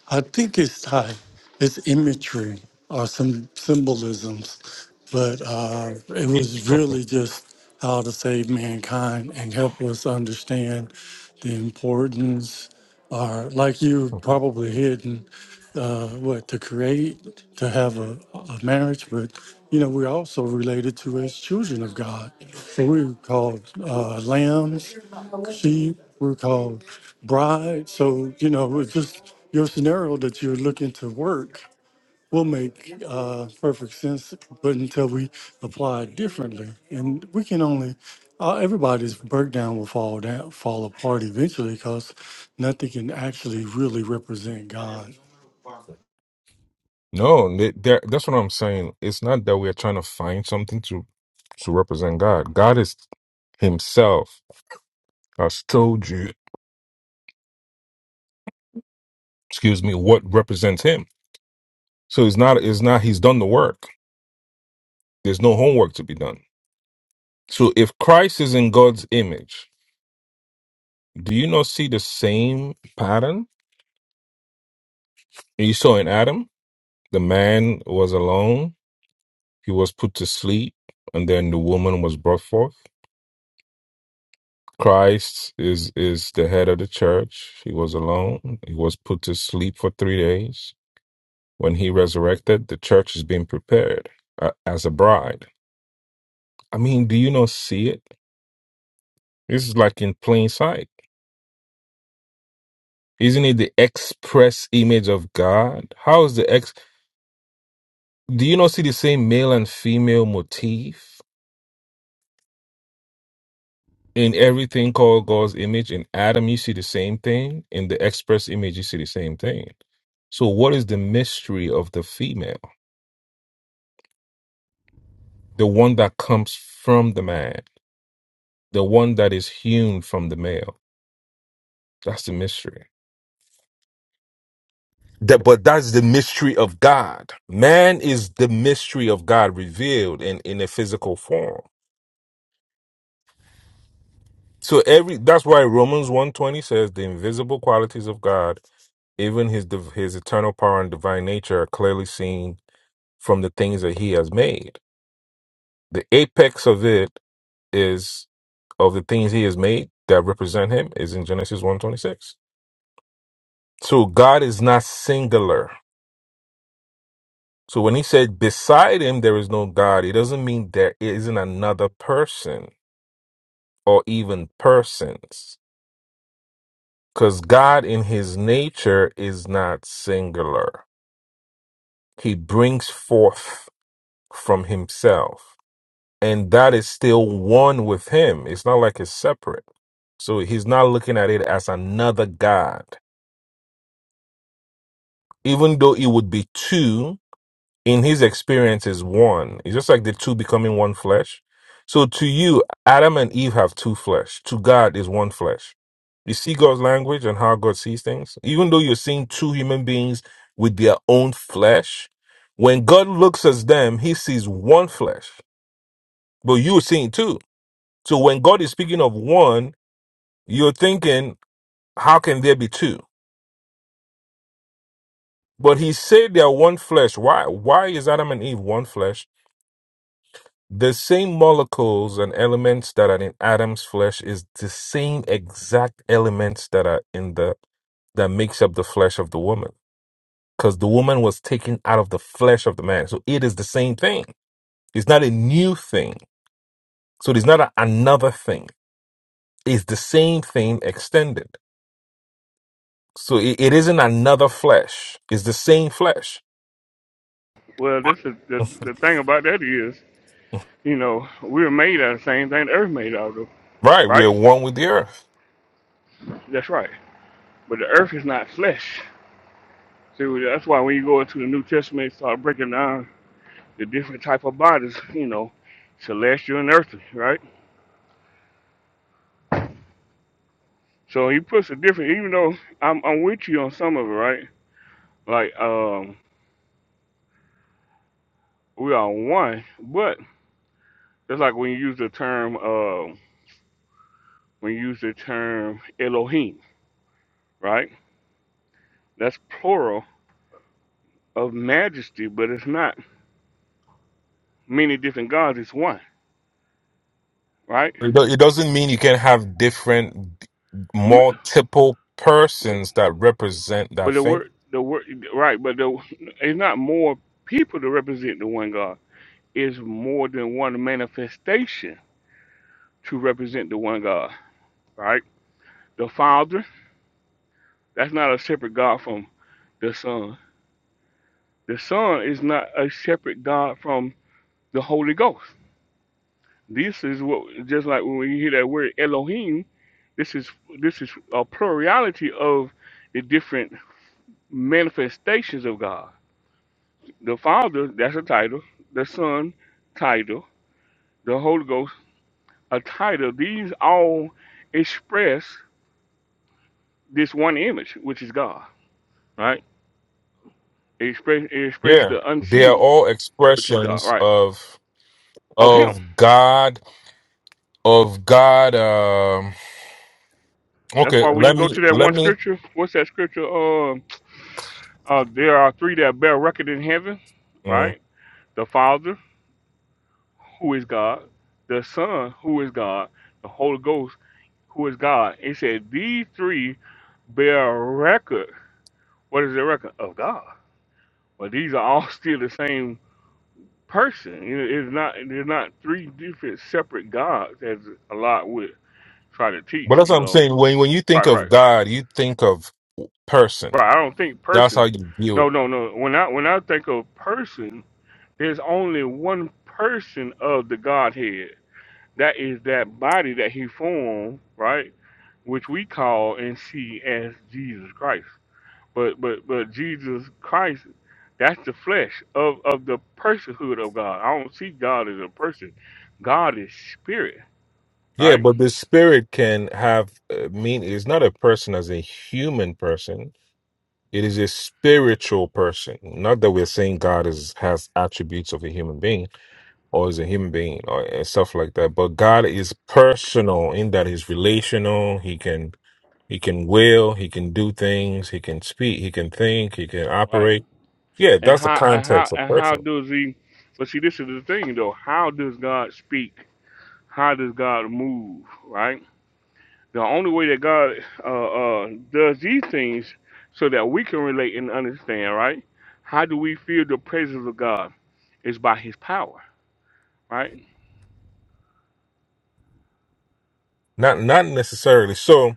[SPEAKER 5] I think it's tied. It's imagery or some symbolisms, but uh, it was really just how to save mankind and help us understand the importance, or like you probably hidden uh, what to create to have a, a marriage but you know we're also related to as children of god So we're called uh, lambs sheep we're called bride so you know it's just your scenario that you're looking to work will make uh, perfect sense but until we apply it differently and we can only uh, everybody's breakdown will fall down fall apart eventually because nothing can actually really represent god
[SPEAKER 7] no, they, they that's what I'm saying. It's not that we are trying to find something to, to represent God. God is Himself has told you, excuse me, what represents Him. So it's not, it's not. He's done the work. There's no homework to be done. So if Christ is in God's image, do you not see the same pattern you saw in Adam? The man was alone, he was put to sleep, and then the woman was brought forth. Christ is is the head of the church. He was alone. He was put to sleep for 3 days. When he resurrected, the church is being prepared uh, as a bride. I mean, do you not see it? This is like in plain sight. Isn't it the express image of God? How is the Do you not see the same male and female motif in everything called God's image? In Adam, you see the same thing. In the express image, you see the same thing. So, what is the mystery of the female? The one that comes from the man, the one that is hewn from the male. That's the mystery. That, but that's the mystery of God. Man is the mystery of God revealed in, in a physical form. So every that's why Romans one twenty says the invisible qualities of God, even his div- his eternal power and divine nature are clearly seen from the things that he has made. The apex of it is of the things he has made that represent him is in Genesis one twenty six. So God is not singular. So when he said beside him there is no God, it doesn't mean there isn't another person or even persons. Because God in his nature is not singular. he brings forth from himself. And that is still one with him. It's not like it's separate. So he's not looking at it as another God. Even though it would be two in his experience is one. It's just like the two becoming one flesh. So to you, Adam and Eve have two flesh. To God is one flesh. You see God's language and how God sees things. Even though you're seeing two human beings with their own flesh, when God looks at them, he sees one flesh, but you're seeing two. So when God is speaking of one, you're thinking, how can there be two? But he said they are one flesh. Why? Why is Adam and Eve one flesh? The same molecules and elements that are in Adam's flesh is the same exact elements that are in the that makes up the flesh of the woman because the woman was taken out of the flesh of the man. So it is the same thing. It's not a new thing. So it's not a, another thing. It's the same thing extended. So it, it isn't another flesh. It's the same flesh.
[SPEAKER 4] Well, this is the the thing about that is, you know, we were made out of the same thing the earth made out of,
[SPEAKER 7] Right. We're
[SPEAKER 4] right?
[SPEAKER 7] one with the earth.
[SPEAKER 4] That's right. But the earth is not flesh. So that's why when you go into the New Testament, start breaking down the different type of bodies, you know, celestial and earthly, right? So he puts a different. Even though I'm I'm with you on some of it, right? Like um, we are one, but it's like when you use the term um, when you use the term Elohim, right? That's plural of majesty, but it's not. many different gods. It's one, right?
[SPEAKER 7] It do- it doesn't mean you can have different,
[SPEAKER 4] M-
[SPEAKER 7] multiple persons that represent that
[SPEAKER 4] Well, the
[SPEAKER 7] thing.
[SPEAKER 4] word, the word, right? But the, it's not more people to represent the one God. It's more than one manifestation to represent the one God, right? The Father, that's not a separate God from the Son. The Son is not a separate God from the Holy Ghost. This is what just like when you hear that word Elohim, this is this is a plurality of the different manifestations of God The Father, that's a title. The Son, title. The Holy Ghost, a title. These all express this one image, which is God, right? It express, it express
[SPEAKER 7] Yeah,
[SPEAKER 4] the
[SPEAKER 7] they are
[SPEAKER 4] unseen,
[SPEAKER 7] all
[SPEAKER 4] which is God,
[SPEAKER 7] expressions
[SPEAKER 4] right?
[SPEAKER 7] of
[SPEAKER 4] Of Him.
[SPEAKER 7] of God, of God. Um,
[SPEAKER 4] That's
[SPEAKER 7] okay,
[SPEAKER 4] why when
[SPEAKER 7] let
[SPEAKER 4] you go
[SPEAKER 7] me
[SPEAKER 4] to that
[SPEAKER 7] let
[SPEAKER 4] one
[SPEAKER 7] me.
[SPEAKER 4] scripture, what's that scripture? Uh, uh, there are three that bear record in heaven,
[SPEAKER 7] mm.
[SPEAKER 4] right? The Father, who is God, the Son, who is God, the Holy Ghost, who is God. It said these three bear record What is the record of God? But these are all still the same person. You know, It's not they're not three different separate gods as a lot would try to
[SPEAKER 7] But
[SPEAKER 4] teach,
[SPEAKER 7] that's
[SPEAKER 4] you
[SPEAKER 7] what I'm
[SPEAKER 4] know.
[SPEAKER 7] saying. When when you think
[SPEAKER 4] Right,
[SPEAKER 7] of
[SPEAKER 4] right.
[SPEAKER 7] God, you think of person.
[SPEAKER 4] Right. I don't think
[SPEAKER 7] That's how
[SPEAKER 4] person
[SPEAKER 7] you view it.
[SPEAKER 4] no no no. When I when I think of person, there's only one person of the Godhead. That is that body that he formed, right? Which we call and see as Jesus Christ. But but but Jesus Christ, that's the flesh of of the personhood of God. I don't see God as a person. God is spirit,
[SPEAKER 7] Yeah,
[SPEAKER 4] right?
[SPEAKER 7] but the spirit can have uh, mean. It's not a person as a human person It is a spiritual person. Not that we're saying God is has attributes of a human being or is a human being or and stuff like that. But God is personal in that he's relational. He can he can will, he can do things, he can speak, he can think, he can
[SPEAKER 4] Right.
[SPEAKER 7] operate. Yeah,
[SPEAKER 4] And
[SPEAKER 7] that's the
[SPEAKER 4] how and
[SPEAKER 7] context
[SPEAKER 4] how
[SPEAKER 7] of
[SPEAKER 4] and how
[SPEAKER 7] person.
[SPEAKER 4] does he? But see, this is the thing though. How does God speak? How does God move? Right. The only way that God uh, uh, does these things so that we can relate and understand, right? How do we feel the presence of God? Is by His power, right?
[SPEAKER 7] Not not necessarily. So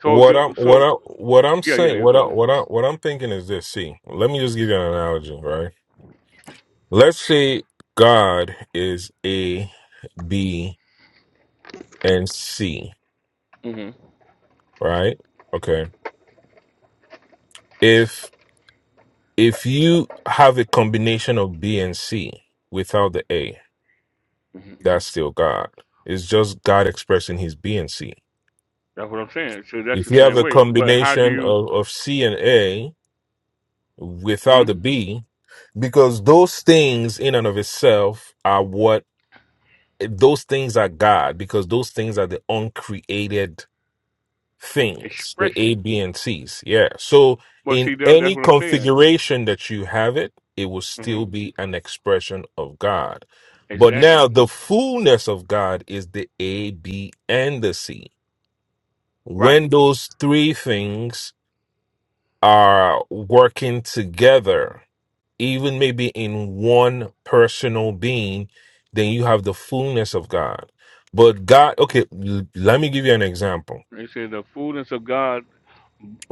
[SPEAKER 4] So,
[SPEAKER 7] what I'm
[SPEAKER 4] the,
[SPEAKER 7] what
[SPEAKER 4] so
[SPEAKER 7] I what I'm
[SPEAKER 4] yeah, yeah,
[SPEAKER 7] saying
[SPEAKER 4] yeah.
[SPEAKER 7] what I
[SPEAKER 4] Go
[SPEAKER 7] what I what I'm thinking is this. See, let me just give you an analogy, right? Let's say God is a being and C,
[SPEAKER 4] ahead.
[SPEAKER 7] right? Okay. If if you have a combination of B and C without the A,
[SPEAKER 4] hmm
[SPEAKER 7] that's still God. It's just God expressing his B and C.
[SPEAKER 4] That's what I'm saying. So that's
[SPEAKER 7] If
[SPEAKER 4] the
[SPEAKER 7] you have
[SPEAKER 4] same
[SPEAKER 7] a
[SPEAKER 4] way. But how do
[SPEAKER 7] combination
[SPEAKER 4] you
[SPEAKER 7] of, of C and A
[SPEAKER 4] hmm
[SPEAKER 7] without the B, because those things in and of itself are what those things are God, because those things are the uncreated things, the A,
[SPEAKER 4] expression?
[SPEAKER 7] B, and C's. Yeah. So
[SPEAKER 4] Well,
[SPEAKER 7] in
[SPEAKER 4] see, that, that's
[SPEAKER 7] any
[SPEAKER 4] what I'm saying.
[SPEAKER 7] configuration that you have it, it will
[SPEAKER 4] hmm
[SPEAKER 7] still be an expression of God. But
[SPEAKER 4] Exactly.
[SPEAKER 7] now the fullness of God is the A, B, and the C.
[SPEAKER 4] Right.
[SPEAKER 7] When those three things are working together, even maybe in one personal being, then you have the fullness of God. But God, okay, l- let me give you an example.
[SPEAKER 4] They said the fullness of God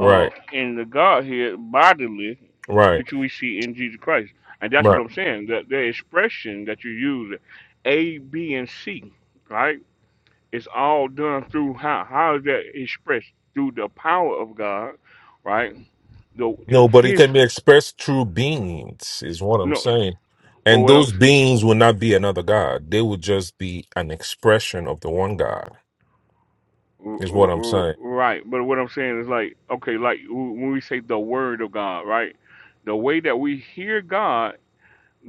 [SPEAKER 4] uh, in the Godhead bodily,
[SPEAKER 7] right.
[SPEAKER 4] which we see in Jesus Christ, and that's
[SPEAKER 7] right.
[SPEAKER 4] what I'm saying. That the expression that you use, A, B, and C, right? It's all done through how how is that expressed through the power of God, right? The,
[SPEAKER 7] you
[SPEAKER 4] the
[SPEAKER 7] know, but it
[SPEAKER 4] his
[SPEAKER 7] can be expressed through beings, is what I'm
[SPEAKER 4] no.
[SPEAKER 7] saying.
[SPEAKER 4] Well,
[SPEAKER 7] And
[SPEAKER 4] what I'm
[SPEAKER 7] those beings will not be another God. They will just be an expression of the one God,
[SPEAKER 4] R-
[SPEAKER 7] is what
[SPEAKER 4] r-
[SPEAKER 7] I'm
[SPEAKER 4] r-
[SPEAKER 7] saying.
[SPEAKER 4] Right, but what I'm saying is like, okay, like w- when we say the word of God, right? The way that we hear God,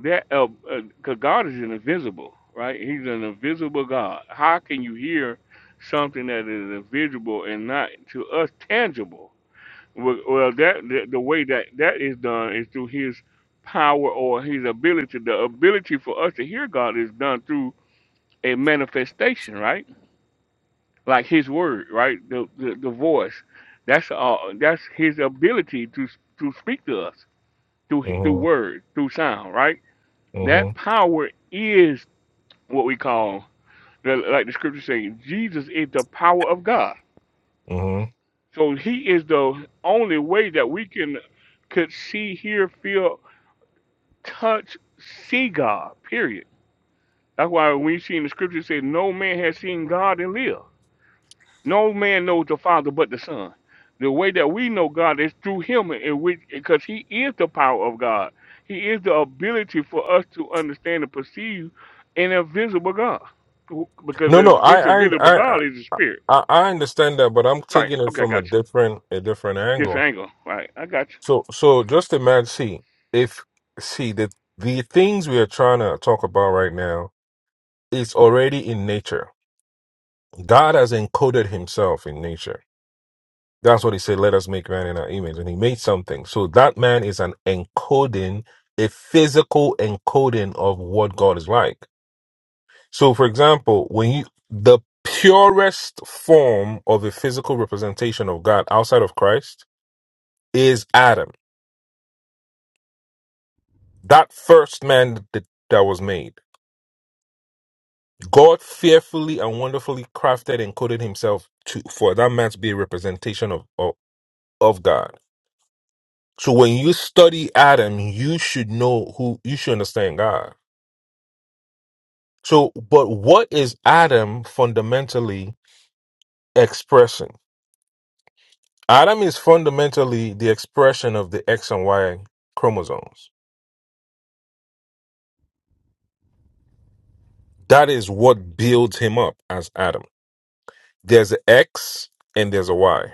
[SPEAKER 4] that uh, uh, 'cause God is an invisible, right? He's an invisible God. How can you hear something that is invisible and not to us tangible? Well, well, that the, the way that that is done is through His power or His ability. The ability for us to hear God is done through a manifestation, right? like His word, right? The the, the voice. That's uh, that's His ability to to speak to us through through
[SPEAKER 7] hmm
[SPEAKER 4] word, through sound, right?
[SPEAKER 7] hmm
[SPEAKER 4] That power is what we call the, like the scripture saying, Jesus is the power of God.
[SPEAKER 7] hmm
[SPEAKER 4] So He is the only way that we can could see, hear, feel, touch, see God. Period. That's why we see in the scripture it says, "No man has seen God and live." No man knows the Father but the Son. The way that we know God is through Him, in which because He is the power of God. He is the ability for us to understand and perceive an invisible God, because
[SPEAKER 7] No, no,
[SPEAKER 4] the- this
[SPEAKER 7] I, I,
[SPEAKER 4] invisible
[SPEAKER 7] I,
[SPEAKER 4] God is the Spirit.
[SPEAKER 7] I, I understand that, but I'm
[SPEAKER 4] Right?
[SPEAKER 7] taking it
[SPEAKER 4] Okay, I
[SPEAKER 7] from a
[SPEAKER 4] got you.
[SPEAKER 7] different, a different angle.
[SPEAKER 4] Different angle. Right? I got you.
[SPEAKER 7] So, so just imagine, see, if, see, the, the things we are trying to talk about right now is already in nature. God has encoded himself in nature That's what he said. Let us make man in our image. And he made something. So that man is an encoding, a physical encoding of what God is like. So, for example, when you, the purest form of a physical representation of God outside of Christ is Adam, that first man that, that was made. God fearfully and wonderfully crafted and coded himself to, for that man to be a representation of, of, of God So when you study Adam, you should know who you should understand God. So, but what is Adam fundamentally expressing? Adam is fundamentally the expression of the X and Y chromosomes. That is what builds him up as Adam. There's an X and there's a Y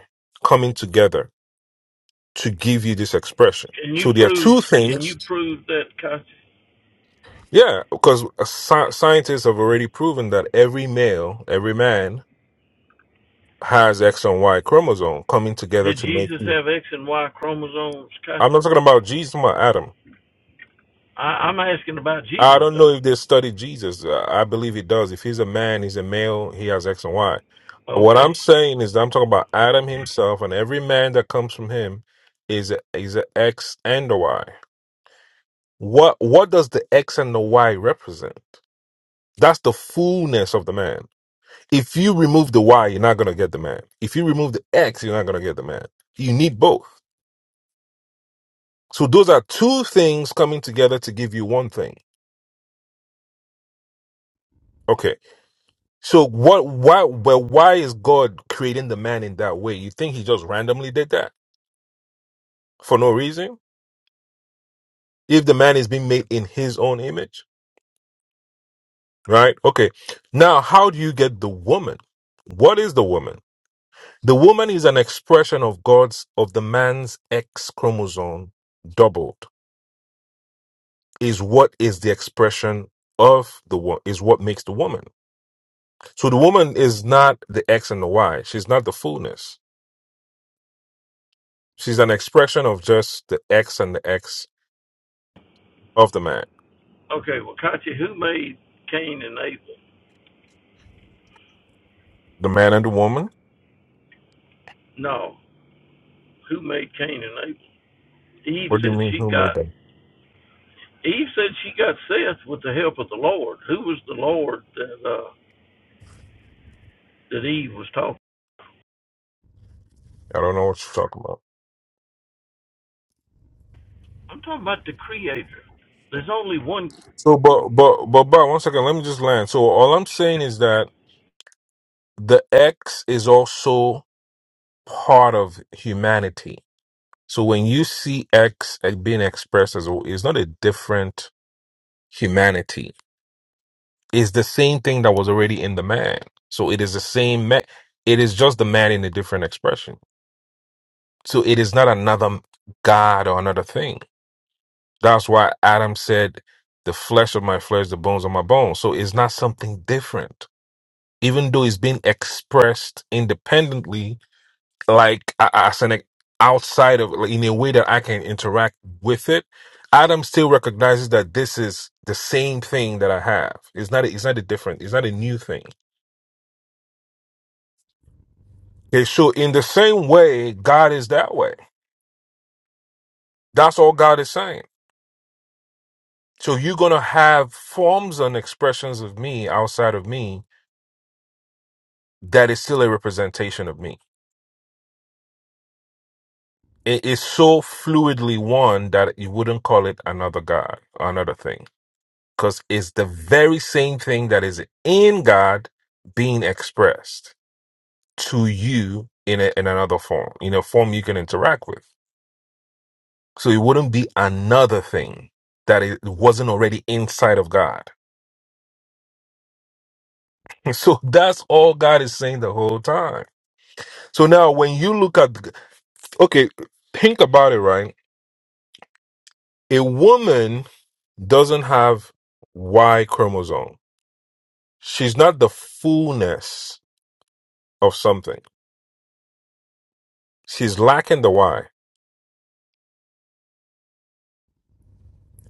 [SPEAKER 7] coming together to give you this expression.
[SPEAKER 8] Can you
[SPEAKER 7] So there are
[SPEAKER 8] prove?
[SPEAKER 7] two
[SPEAKER 8] Can
[SPEAKER 7] things.
[SPEAKER 8] you prove that? Costi?
[SPEAKER 7] Yeah, because sci- scientists have already proven that every male, every man has X and Y chromosome coming together
[SPEAKER 8] Did
[SPEAKER 7] to make
[SPEAKER 8] Jesus
[SPEAKER 7] you.
[SPEAKER 8] have X and Y chromosomes? Costi?
[SPEAKER 7] I'm not talking about Jesus, I'm about Adam.
[SPEAKER 8] I, I'm asking about
[SPEAKER 7] I
[SPEAKER 8] Jesus
[SPEAKER 7] don't know if
[SPEAKER 8] though.
[SPEAKER 7] they study Jesus. Uh, I believe he does. If he's a man, he's a male, he has X and Y. What
[SPEAKER 8] Okay.
[SPEAKER 7] I'm saying is that I'm talking about Adam himself and every man that comes from him is a, is a X and a Y. What what does the X and the Y represent? That's the fullness of the man. If you remove the Y, you're not gonna get the man. If you remove the X, you're not gonna get the man. You need both. So those are two things coming together to give you one thing. Okay. So what why well why is God creating the man in that way? You think he just randomly did that for no reason? If the man is being made in his own image, right? Okay. Now, how do you get the woman? What is the woman? The woman is an expression of God's of the man's X chromosome doubled. Is what is the expression of the wo- is what makes the woman. So the woman is not the X and the Y. She's not the fullness. She's an expression of just the X and the X of the man.
[SPEAKER 8] Okay. Well, Katya, who made Cain and Abel?
[SPEAKER 7] The man and the woman.
[SPEAKER 8] No. Who made Cain and Abel? Eve
[SPEAKER 7] What do
[SPEAKER 8] said
[SPEAKER 7] you mean?
[SPEAKER 8] she
[SPEAKER 7] Who made
[SPEAKER 8] got.
[SPEAKER 7] them?
[SPEAKER 8] Eve said she got Seth with the help of the Lord. Who was the Lord that uh, that Eve was talking?
[SPEAKER 7] I don't know what you're talking about.
[SPEAKER 8] I'm talking about the Creator. There's only one
[SPEAKER 7] So, but, but, but, but, one second. Let me just land. So all I'm saying is that the X is also part of humanity. So when you see X as being expressed as, a- it's not a different humanity. is the same thing that was already in the man. So it is the same man. It is just the man in a different expression. So it is not another God or another thing. That's why Adam said, the flesh of my flesh, the bones of my bones. So it's not something different, even though it's being expressed independently, like a- as an outside of, like, in a way that I can interact with it. Adam still recognizes that this is the same thing that I have. It's not. A, it's not a different. It's not a new thing Okay, so in the same way, God is that way. That's all God is saying. So you're gonna have forms and expressions of me outside of me that is still a representation of me. It is so fluidly one that you wouldn't call it another God, another thing, because it's the very same thing that is in God being expressed to you in a, in another form, in a form you can interact with. So it wouldn't be another thing that it wasn't already inside of God. So that's all God is saying the whole time. So now when you look at, okay, think about it, right? A woman doesn't have Y chromosome. She's not the fullness of something. She's lacking the Y.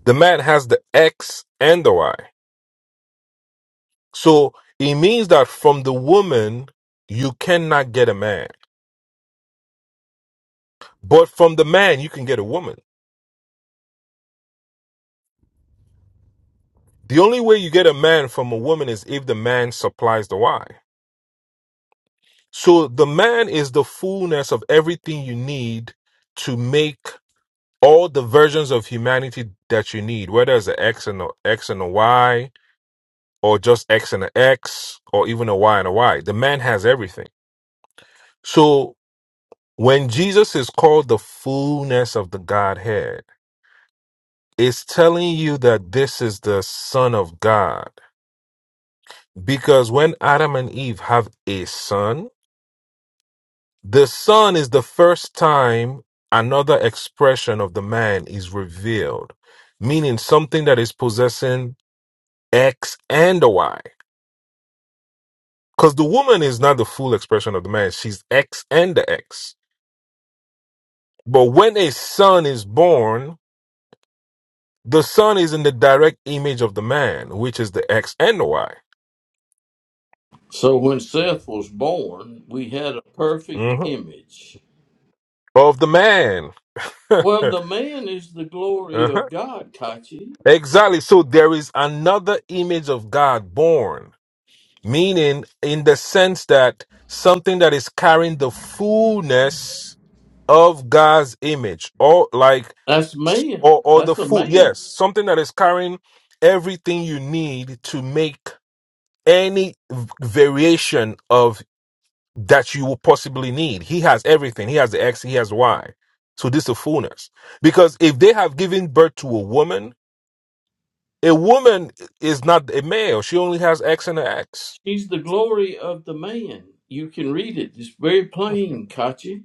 [SPEAKER 7] The man has the X and the Y. So it means that from the woman, you cannot get a man. But from the man, you can get a woman. The only way you get a man from a woman is if the man supplies the Y. So the man is the fullness of everything you need to make all the versions of humanity that you need, whether it's an X and a X and a Y, or just X and an X, or even a Y and a Y. The man has everything. So when Jesus is called the fullness of the Godhead, it's telling you that this is the Son of God. Because when Adam and Eve have a son, The Son is the first time another expression of the man is revealed, meaning something that is possessing X and the Y. Because the woman is not the full expression of the man, she's X and the X. But when a son is born, the son is in the direct image of the man, which is the X and the Y
[SPEAKER 1] So when Seth was born, we had a perfect
[SPEAKER 7] Mhm.
[SPEAKER 1] image.
[SPEAKER 7] of the man.
[SPEAKER 1] Well, the man is the glory
[SPEAKER 7] Uh-huh.
[SPEAKER 1] of God, Kachi.
[SPEAKER 7] Exactly. So there is another image of God born meaning in the sense that something that is carrying the fullness of God's image, or like,
[SPEAKER 1] That's man.
[SPEAKER 7] or, or the
[SPEAKER 1] That's a
[SPEAKER 7] full,
[SPEAKER 1] man.
[SPEAKER 7] yes, something that is carrying everything you need to make any v- variation of that you will possibly need. He has everything. He has the X, he has Y. So this is the fullness. Because if they have given birth to a woman, a woman is not a male. She only has X and an X.
[SPEAKER 1] He's the glory of the man. You can read it. It's very plain, Kachi.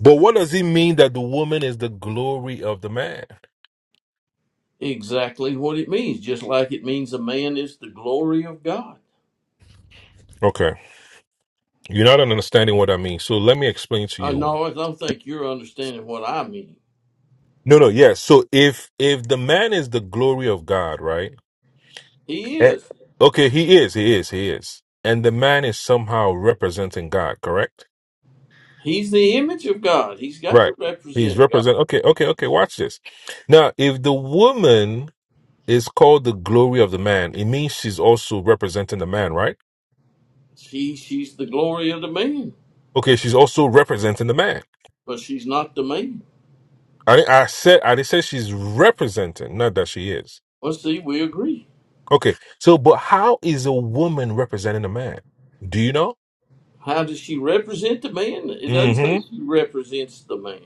[SPEAKER 7] But what does it mean that the woman is the glory of the man?
[SPEAKER 1] Exactly what it means, just like it means a man is the glory of God.
[SPEAKER 7] Okay. You're not understanding what I mean. So let me explain to
[SPEAKER 1] Uh,
[SPEAKER 7] you.
[SPEAKER 1] no, I don't think you're understanding what I mean.
[SPEAKER 7] No, no, yes. So if if the man is the glory of God, right?
[SPEAKER 1] He
[SPEAKER 7] Eh.
[SPEAKER 1] is.
[SPEAKER 7] Okay, he is, he is, he is. And the man is somehow representing God, correct?
[SPEAKER 1] He's the image of God. He's got
[SPEAKER 7] Right.
[SPEAKER 1] to
[SPEAKER 7] He's
[SPEAKER 1] represent
[SPEAKER 7] represent
[SPEAKER 1] God.
[SPEAKER 7] okay, okay, okay, watch this. Now, if the woman is called the glory of the man, it means she's also representing the man, right?
[SPEAKER 1] She, she's the glory of the man,
[SPEAKER 7] Okay, she's also representing the man.
[SPEAKER 1] but she's not the man.
[SPEAKER 7] I, di- I said I di- said she's representing, not that she is.
[SPEAKER 1] Well, see, we agree.
[SPEAKER 7] Okay, so but how is a woman representing a man? Do you know?
[SPEAKER 1] How does she represent the man? It doesn't say
[SPEAKER 7] Mm-hmm.
[SPEAKER 1] she represents the man.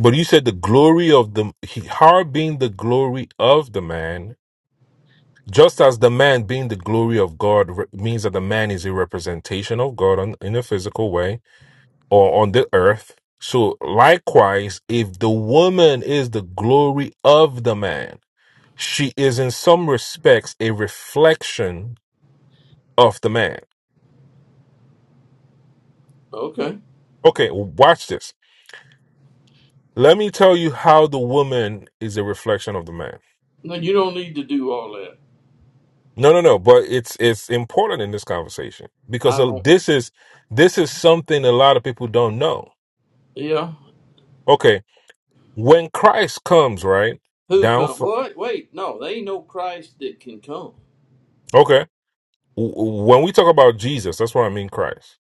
[SPEAKER 7] But you said the glory of the he, her being the glory of the man, just as the man being the glory of God re- means that the man is a representation of God on, in a physical way or on the earth. So likewise, if the woman is the glory of the man, she is in some respects a reflection of the man.
[SPEAKER 1] Okay.
[SPEAKER 7] Okay, watch this. Let me tell you how the woman is a reflection of the man.
[SPEAKER 1] No, you don't need to do all that.
[SPEAKER 7] No, no, no, but it's it's important in this conversation because
[SPEAKER 1] I
[SPEAKER 7] uh,
[SPEAKER 1] don't.
[SPEAKER 7] this is this is something a lot of people don't know.
[SPEAKER 1] Yeah.
[SPEAKER 7] Okay, when Christ comes, right?
[SPEAKER 1] Who
[SPEAKER 7] Down
[SPEAKER 1] come?
[SPEAKER 7] from
[SPEAKER 1] What? Wait, no, they ain't no Christ that can come.
[SPEAKER 7] Okay. w- w- When we talk about Jesus, that's what I mean Christ.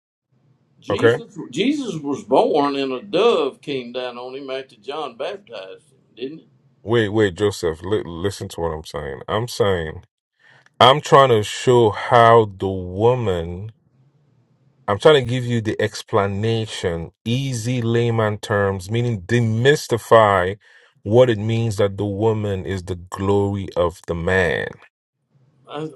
[SPEAKER 7] Okay?
[SPEAKER 1] Jesus, Jesus was born, and a dove came down on him after John baptized him, didn't it?
[SPEAKER 7] Wait, wait, Joseph, li- listen to what I'm saying. I'm saying I'm trying to show how the woman I'm trying to give you the explanation, easy layman terms, meaning demystify what it means that the woman is the glory of the man.
[SPEAKER 1] I,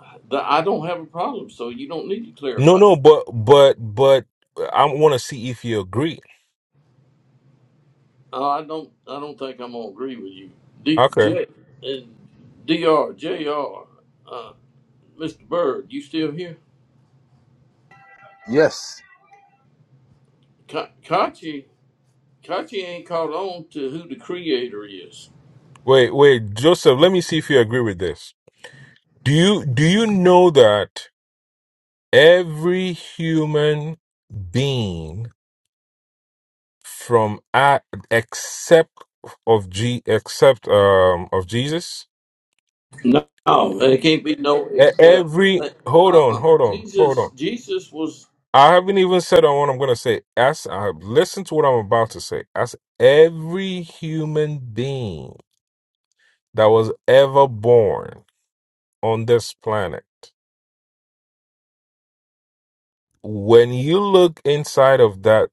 [SPEAKER 1] I don't have a problem, so you don't need to
[SPEAKER 7] No,
[SPEAKER 1] clarify.
[SPEAKER 7] no, but but but I want to see if you agree.
[SPEAKER 1] Uh, I don't. I don't think I'm gonna agree with you, D,
[SPEAKER 7] Okay.
[SPEAKER 1] J, and Dr. Jr. Uh, Mr. Bird, you still here?
[SPEAKER 2] Yes,
[SPEAKER 1] Ka- Kachi, Kachi ain't caught on to who the Creator is.
[SPEAKER 7] Wait, wait, Joseph, let me see if you agree with this. Do you do you know that every human being from A- except of G except um of Jesus
[SPEAKER 1] No, it can't be no
[SPEAKER 7] E-
[SPEAKER 1] except.
[SPEAKER 7] Every
[SPEAKER 1] But,
[SPEAKER 7] hold on,
[SPEAKER 1] uh-uh.
[SPEAKER 7] hold on, hold
[SPEAKER 1] Jesus,
[SPEAKER 7] on.
[SPEAKER 1] Jesus was.
[SPEAKER 7] I haven't even said on what I'm gonna say. As I listen to what I'm about to say. As every human being that was ever born on this planet, when you look inside of that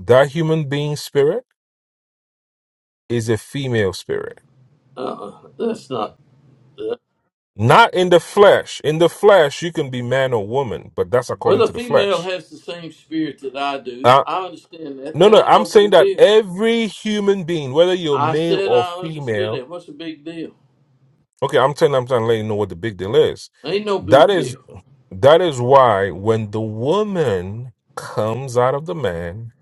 [SPEAKER 7] that human being spirit is a female spirit.
[SPEAKER 1] Uh-uh. That's not.
[SPEAKER 7] Not in the flesh. In the flesh, you can be man or woman, but that's
[SPEAKER 1] well,
[SPEAKER 7] according
[SPEAKER 1] the
[SPEAKER 7] to the
[SPEAKER 1] female
[SPEAKER 7] flesh.
[SPEAKER 1] has the same spirit that I do.
[SPEAKER 7] Uh,
[SPEAKER 1] I understand that.
[SPEAKER 7] no,
[SPEAKER 1] That
[SPEAKER 7] no,
[SPEAKER 1] ain't
[SPEAKER 7] I'm
[SPEAKER 1] no
[SPEAKER 7] saying
[SPEAKER 1] big
[SPEAKER 7] that
[SPEAKER 1] deal.
[SPEAKER 7] every human being, whether you're
[SPEAKER 1] I
[SPEAKER 7] male
[SPEAKER 1] said
[SPEAKER 7] or
[SPEAKER 1] I understood
[SPEAKER 7] female,
[SPEAKER 1] that. What's the big deal?
[SPEAKER 7] Okay, I'm telling I'm trying to let you know what the big deal is.
[SPEAKER 1] Ain't no
[SPEAKER 7] That
[SPEAKER 1] big
[SPEAKER 7] is
[SPEAKER 1] deal.
[SPEAKER 7] that is why when the woman comes out of the man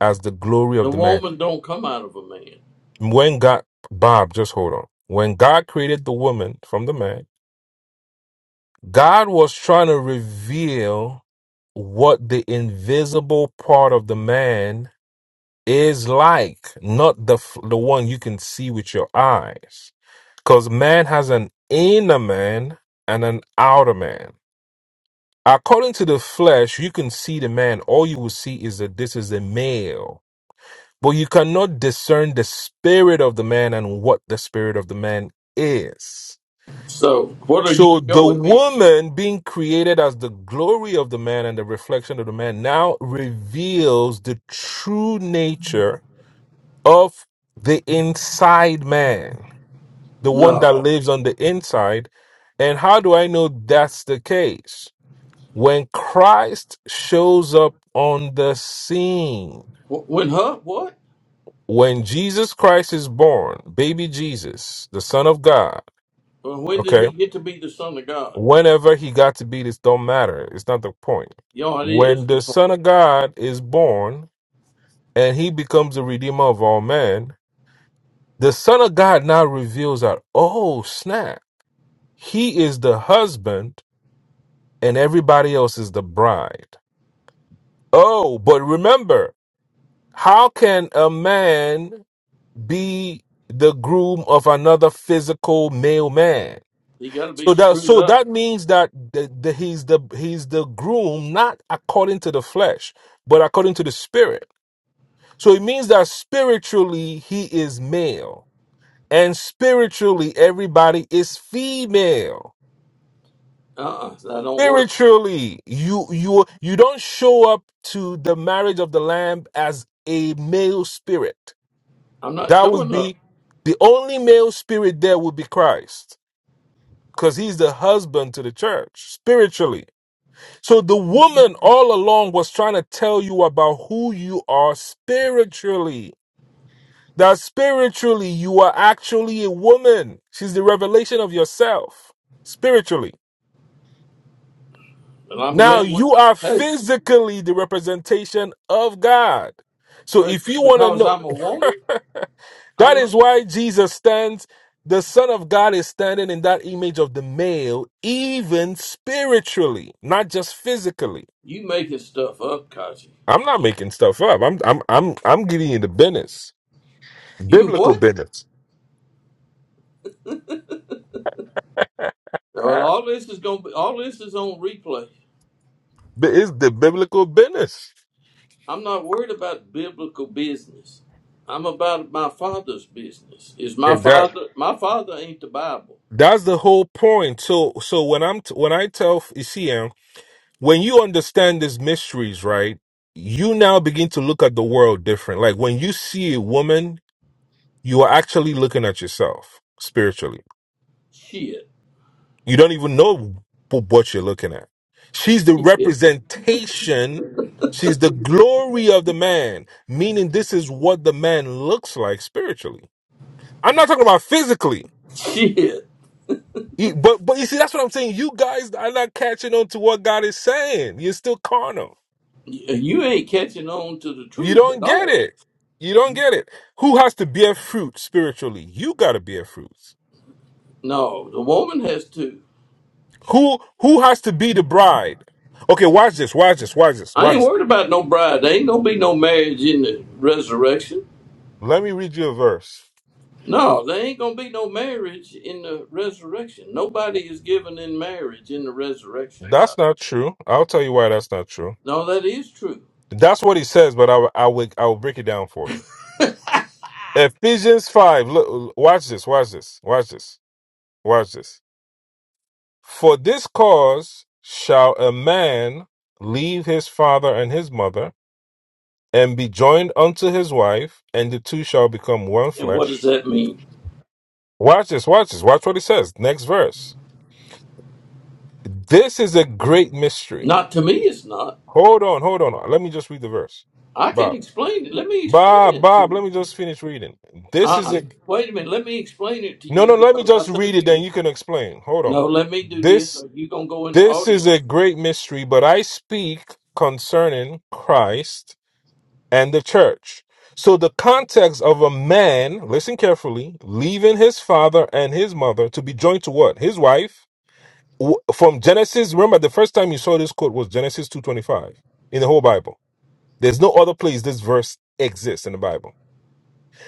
[SPEAKER 7] as the glory of
[SPEAKER 1] The
[SPEAKER 7] the man,
[SPEAKER 1] woman don't come out of a man.
[SPEAKER 7] when God Bob, just hold on. When God created the woman from the man, God was trying to reveal what the invisible part of the man is like, not the f- the one you can see with your eyes. Because man has an inner man and an outer man According to the flesh, you can see the man. All you will see is that this is a male. But you cannot discern the spirit of the man and what the spirit of the man is.
[SPEAKER 1] So what are
[SPEAKER 7] So
[SPEAKER 1] you
[SPEAKER 7] the
[SPEAKER 1] showing me?
[SPEAKER 7] woman being created as the glory of the man and the reflection of the man now reveals the true nature of the inside man, the one that
[SPEAKER 1] No.
[SPEAKER 7] lives on the inside. And how do I know that's the case? When Christ shows up on the scene,
[SPEAKER 1] Wh- When her what?
[SPEAKER 7] when Jesus Christ is born, baby Jesus, the Son of God,
[SPEAKER 1] Well, when did
[SPEAKER 7] okay,
[SPEAKER 1] he get to be the son of God?
[SPEAKER 7] whenever he got to be, this don't matter. It's not the point.
[SPEAKER 1] You know, it is
[SPEAKER 7] When
[SPEAKER 1] the
[SPEAKER 7] the
[SPEAKER 1] point.
[SPEAKER 7] Son of God is born and he becomes the Redeemer of all men, the Son of God now reveals that, oh, snap, he is the husband and everybody else is the bride. Oh, but remember, how can a man be the groom of another physical male man.
[SPEAKER 1] He got to be
[SPEAKER 7] So that
[SPEAKER 1] screwed
[SPEAKER 7] so
[SPEAKER 1] up.
[SPEAKER 7] that means that the, the, he's the he's the groom not according to the flesh, but according to the spirit. So it means that spiritually he is male, and spiritually everybody is female.
[SPEAKER 1] Uh-uh. That don't work.
[SPEAKER 7] Spiritually, you you you don't show up to the marriage of the lamb as a male spirit.
[SPEAKER 1] I'm not
[SPEAKER 7] That would
[SPEAKER 1] showing up,
[SPEAKER 7] be the only male spirit there would be Christ. because he's the husband to the church spiritually. So the woman all along was trying to tell you about who you are spiritually. That spiritually you are actually a woman. She's the revelation of yourself spiritually.
[SPEAKER 1] and I'm
[SPEAKER 7] Now
[SPEAKER 1] glad. What,
[SPEAKER 7] you are
[SPEAKER 1] hey,
[SPEAKER 7] physically the representation of God. So
[SPEAKER 1] but
[SPEAKER 7] if you want to
[SPEAKER 1] because I'm a
[SPEAKER 7] know
[SPEAKER 1] woman,
[SPEAKER 7] That
[SPEAKER 1] I'm a,
[SPEAKER 7] is why Jesus stands, the Son of God is standing in that image of the male, even spiritually, not just physically.
[SPEAKER 1] you making stuff up, Kaji.
[SPEAKER 7] I'm not making stuff up. I'm I'm I'm I'm getting in the business.
[SPEAKER 1] You
[SPEAKER 7] Biblical
[SPEAKER 1] what?
[SPEAKER 7] business.
[SPEAKER 1] Well,
[SPEAKER 7] Uh,
[SPEAKER 1] all this is gonna be all this is on replay.
[SPEAKER 7] but it's the biblical business.
[SPEAKER 1] I'm not worried about biblical business. I'm about my father's business. Is my
[SPEAKER 7] And that
[SPEAKER 1] father? My father ain't the Bible.
[SPEAKER 7] that's the whole point. So so when I'm t- when I tell ECM, when you understand these mysteries, right? You now begin to look at the world different. Like when you see a woman you are actually looking at yourself spiritually.
[SPEAKER 1] Shit,
[SPEAKER 7] You don't even know wh- what you're looking at. She's the
[SPEAKER 1] shit,
[SPEAKER 7] representation. She's the glory of the man, meaning this is what the man looks like spiritually. I'm not talking about physically.
[SPEAKER 1] shit.
[SPEAKER 7] You- But but you see, that's what I'm saying. You guys are not catching on to what God is saying. You're still carnal.
[SPEAKER 1] You ain't catching on to the
[SPEAKER 7] You
[SPEAKER 1] truth at
[SPEAKER 7] don't get
[SPEAKER 1] all.
[SPEAKER 7] it. You don't get it. Who has to bear fruit spiritually? You gotta bear fruit.
[SPEAKER 1] No, the woman has to.
[SPEAKER 7] Who who has to be the bride? Okay, watch this, watch this, watch this,
[SPEAKER 1] I
[SPEAKER 7] watch
[SPEAKER 1] ain't
[SPEAKER 7] this.
[SPEAKER 1] worried about no bride. There ain't gonna be no marriage in the resurrection.
[SPEAKER 7] Let me read you a verse.
[SPEAKER 1] No, there ain't gonna be no marriage in the resurrection. Nobody is given in marriage in the resurrection. God.
[SPEAKER 7] That's not true. I'll tell you why that's not true.
[SPEAKER 1] No, that is true.
[SPEAKER 7] That's what he says, but I will- I will I will break it down for you. Ephesians five. Look, watch this, watch this, watch this, watch this. For this cause shall a man leave his father and his mother, and be joined unto his wife, and the two shall become one
[SPEAKER 1] And what does
[SPEAKER 7] flesh.
[SPEAKER 1] that mean?
[SPEAKER 7] Watch this, watch this, watch what he says. Next verse. This is a great mystery.
[SPEAKER 1] Not to me, it's not.
[SPEAKER 7] Hold on, hold on. Let me just read the verse.
[SPEAKER 1] I can
[SPEAKER 7] Bob,
[SPEAKER 1] explain it. Let me explain
[SPEAKER 7] Bob,
[SPEAKER 1] it to
[SPEAKER 7] Bob, let
[SPEAKER 1] you.
[SPEAKER 7] me just finish reading. This is
[SPEAKER 1] Uh,
[SPEAKER 7] a
[SPEAKER 1] wait a minute. Let me explain it to
[SPEAKER 7] no, no,
[SPEAKER 1] you
[SPEAKER 7] let me
[SPEAKER 1] because I
[SPEAKER 7] just read
[SPEAKER 1] think
[SPEAKER 7] it, then
[SPEAKER 1] you.
[SPEAKER 7] you can explain. Hold on.
[SPEAKER 1] No, let me do this.
[SPEAKER 7] This
[SPEAKER 1] Or you gonna go in the
[SPEAKER 7] this is
[SPEAKER 1] audience?
[SPEAKER 7] a great mystery, but I speak concerning Christ and the church. So the context of a man, listen carefully, leaving his father and his mother to be joined to what? His wife w- from Genesis. Remember, the first time you saw this quote was Genesis two twenty five in the whole Bible. There's no other place this verse exists in the Bible.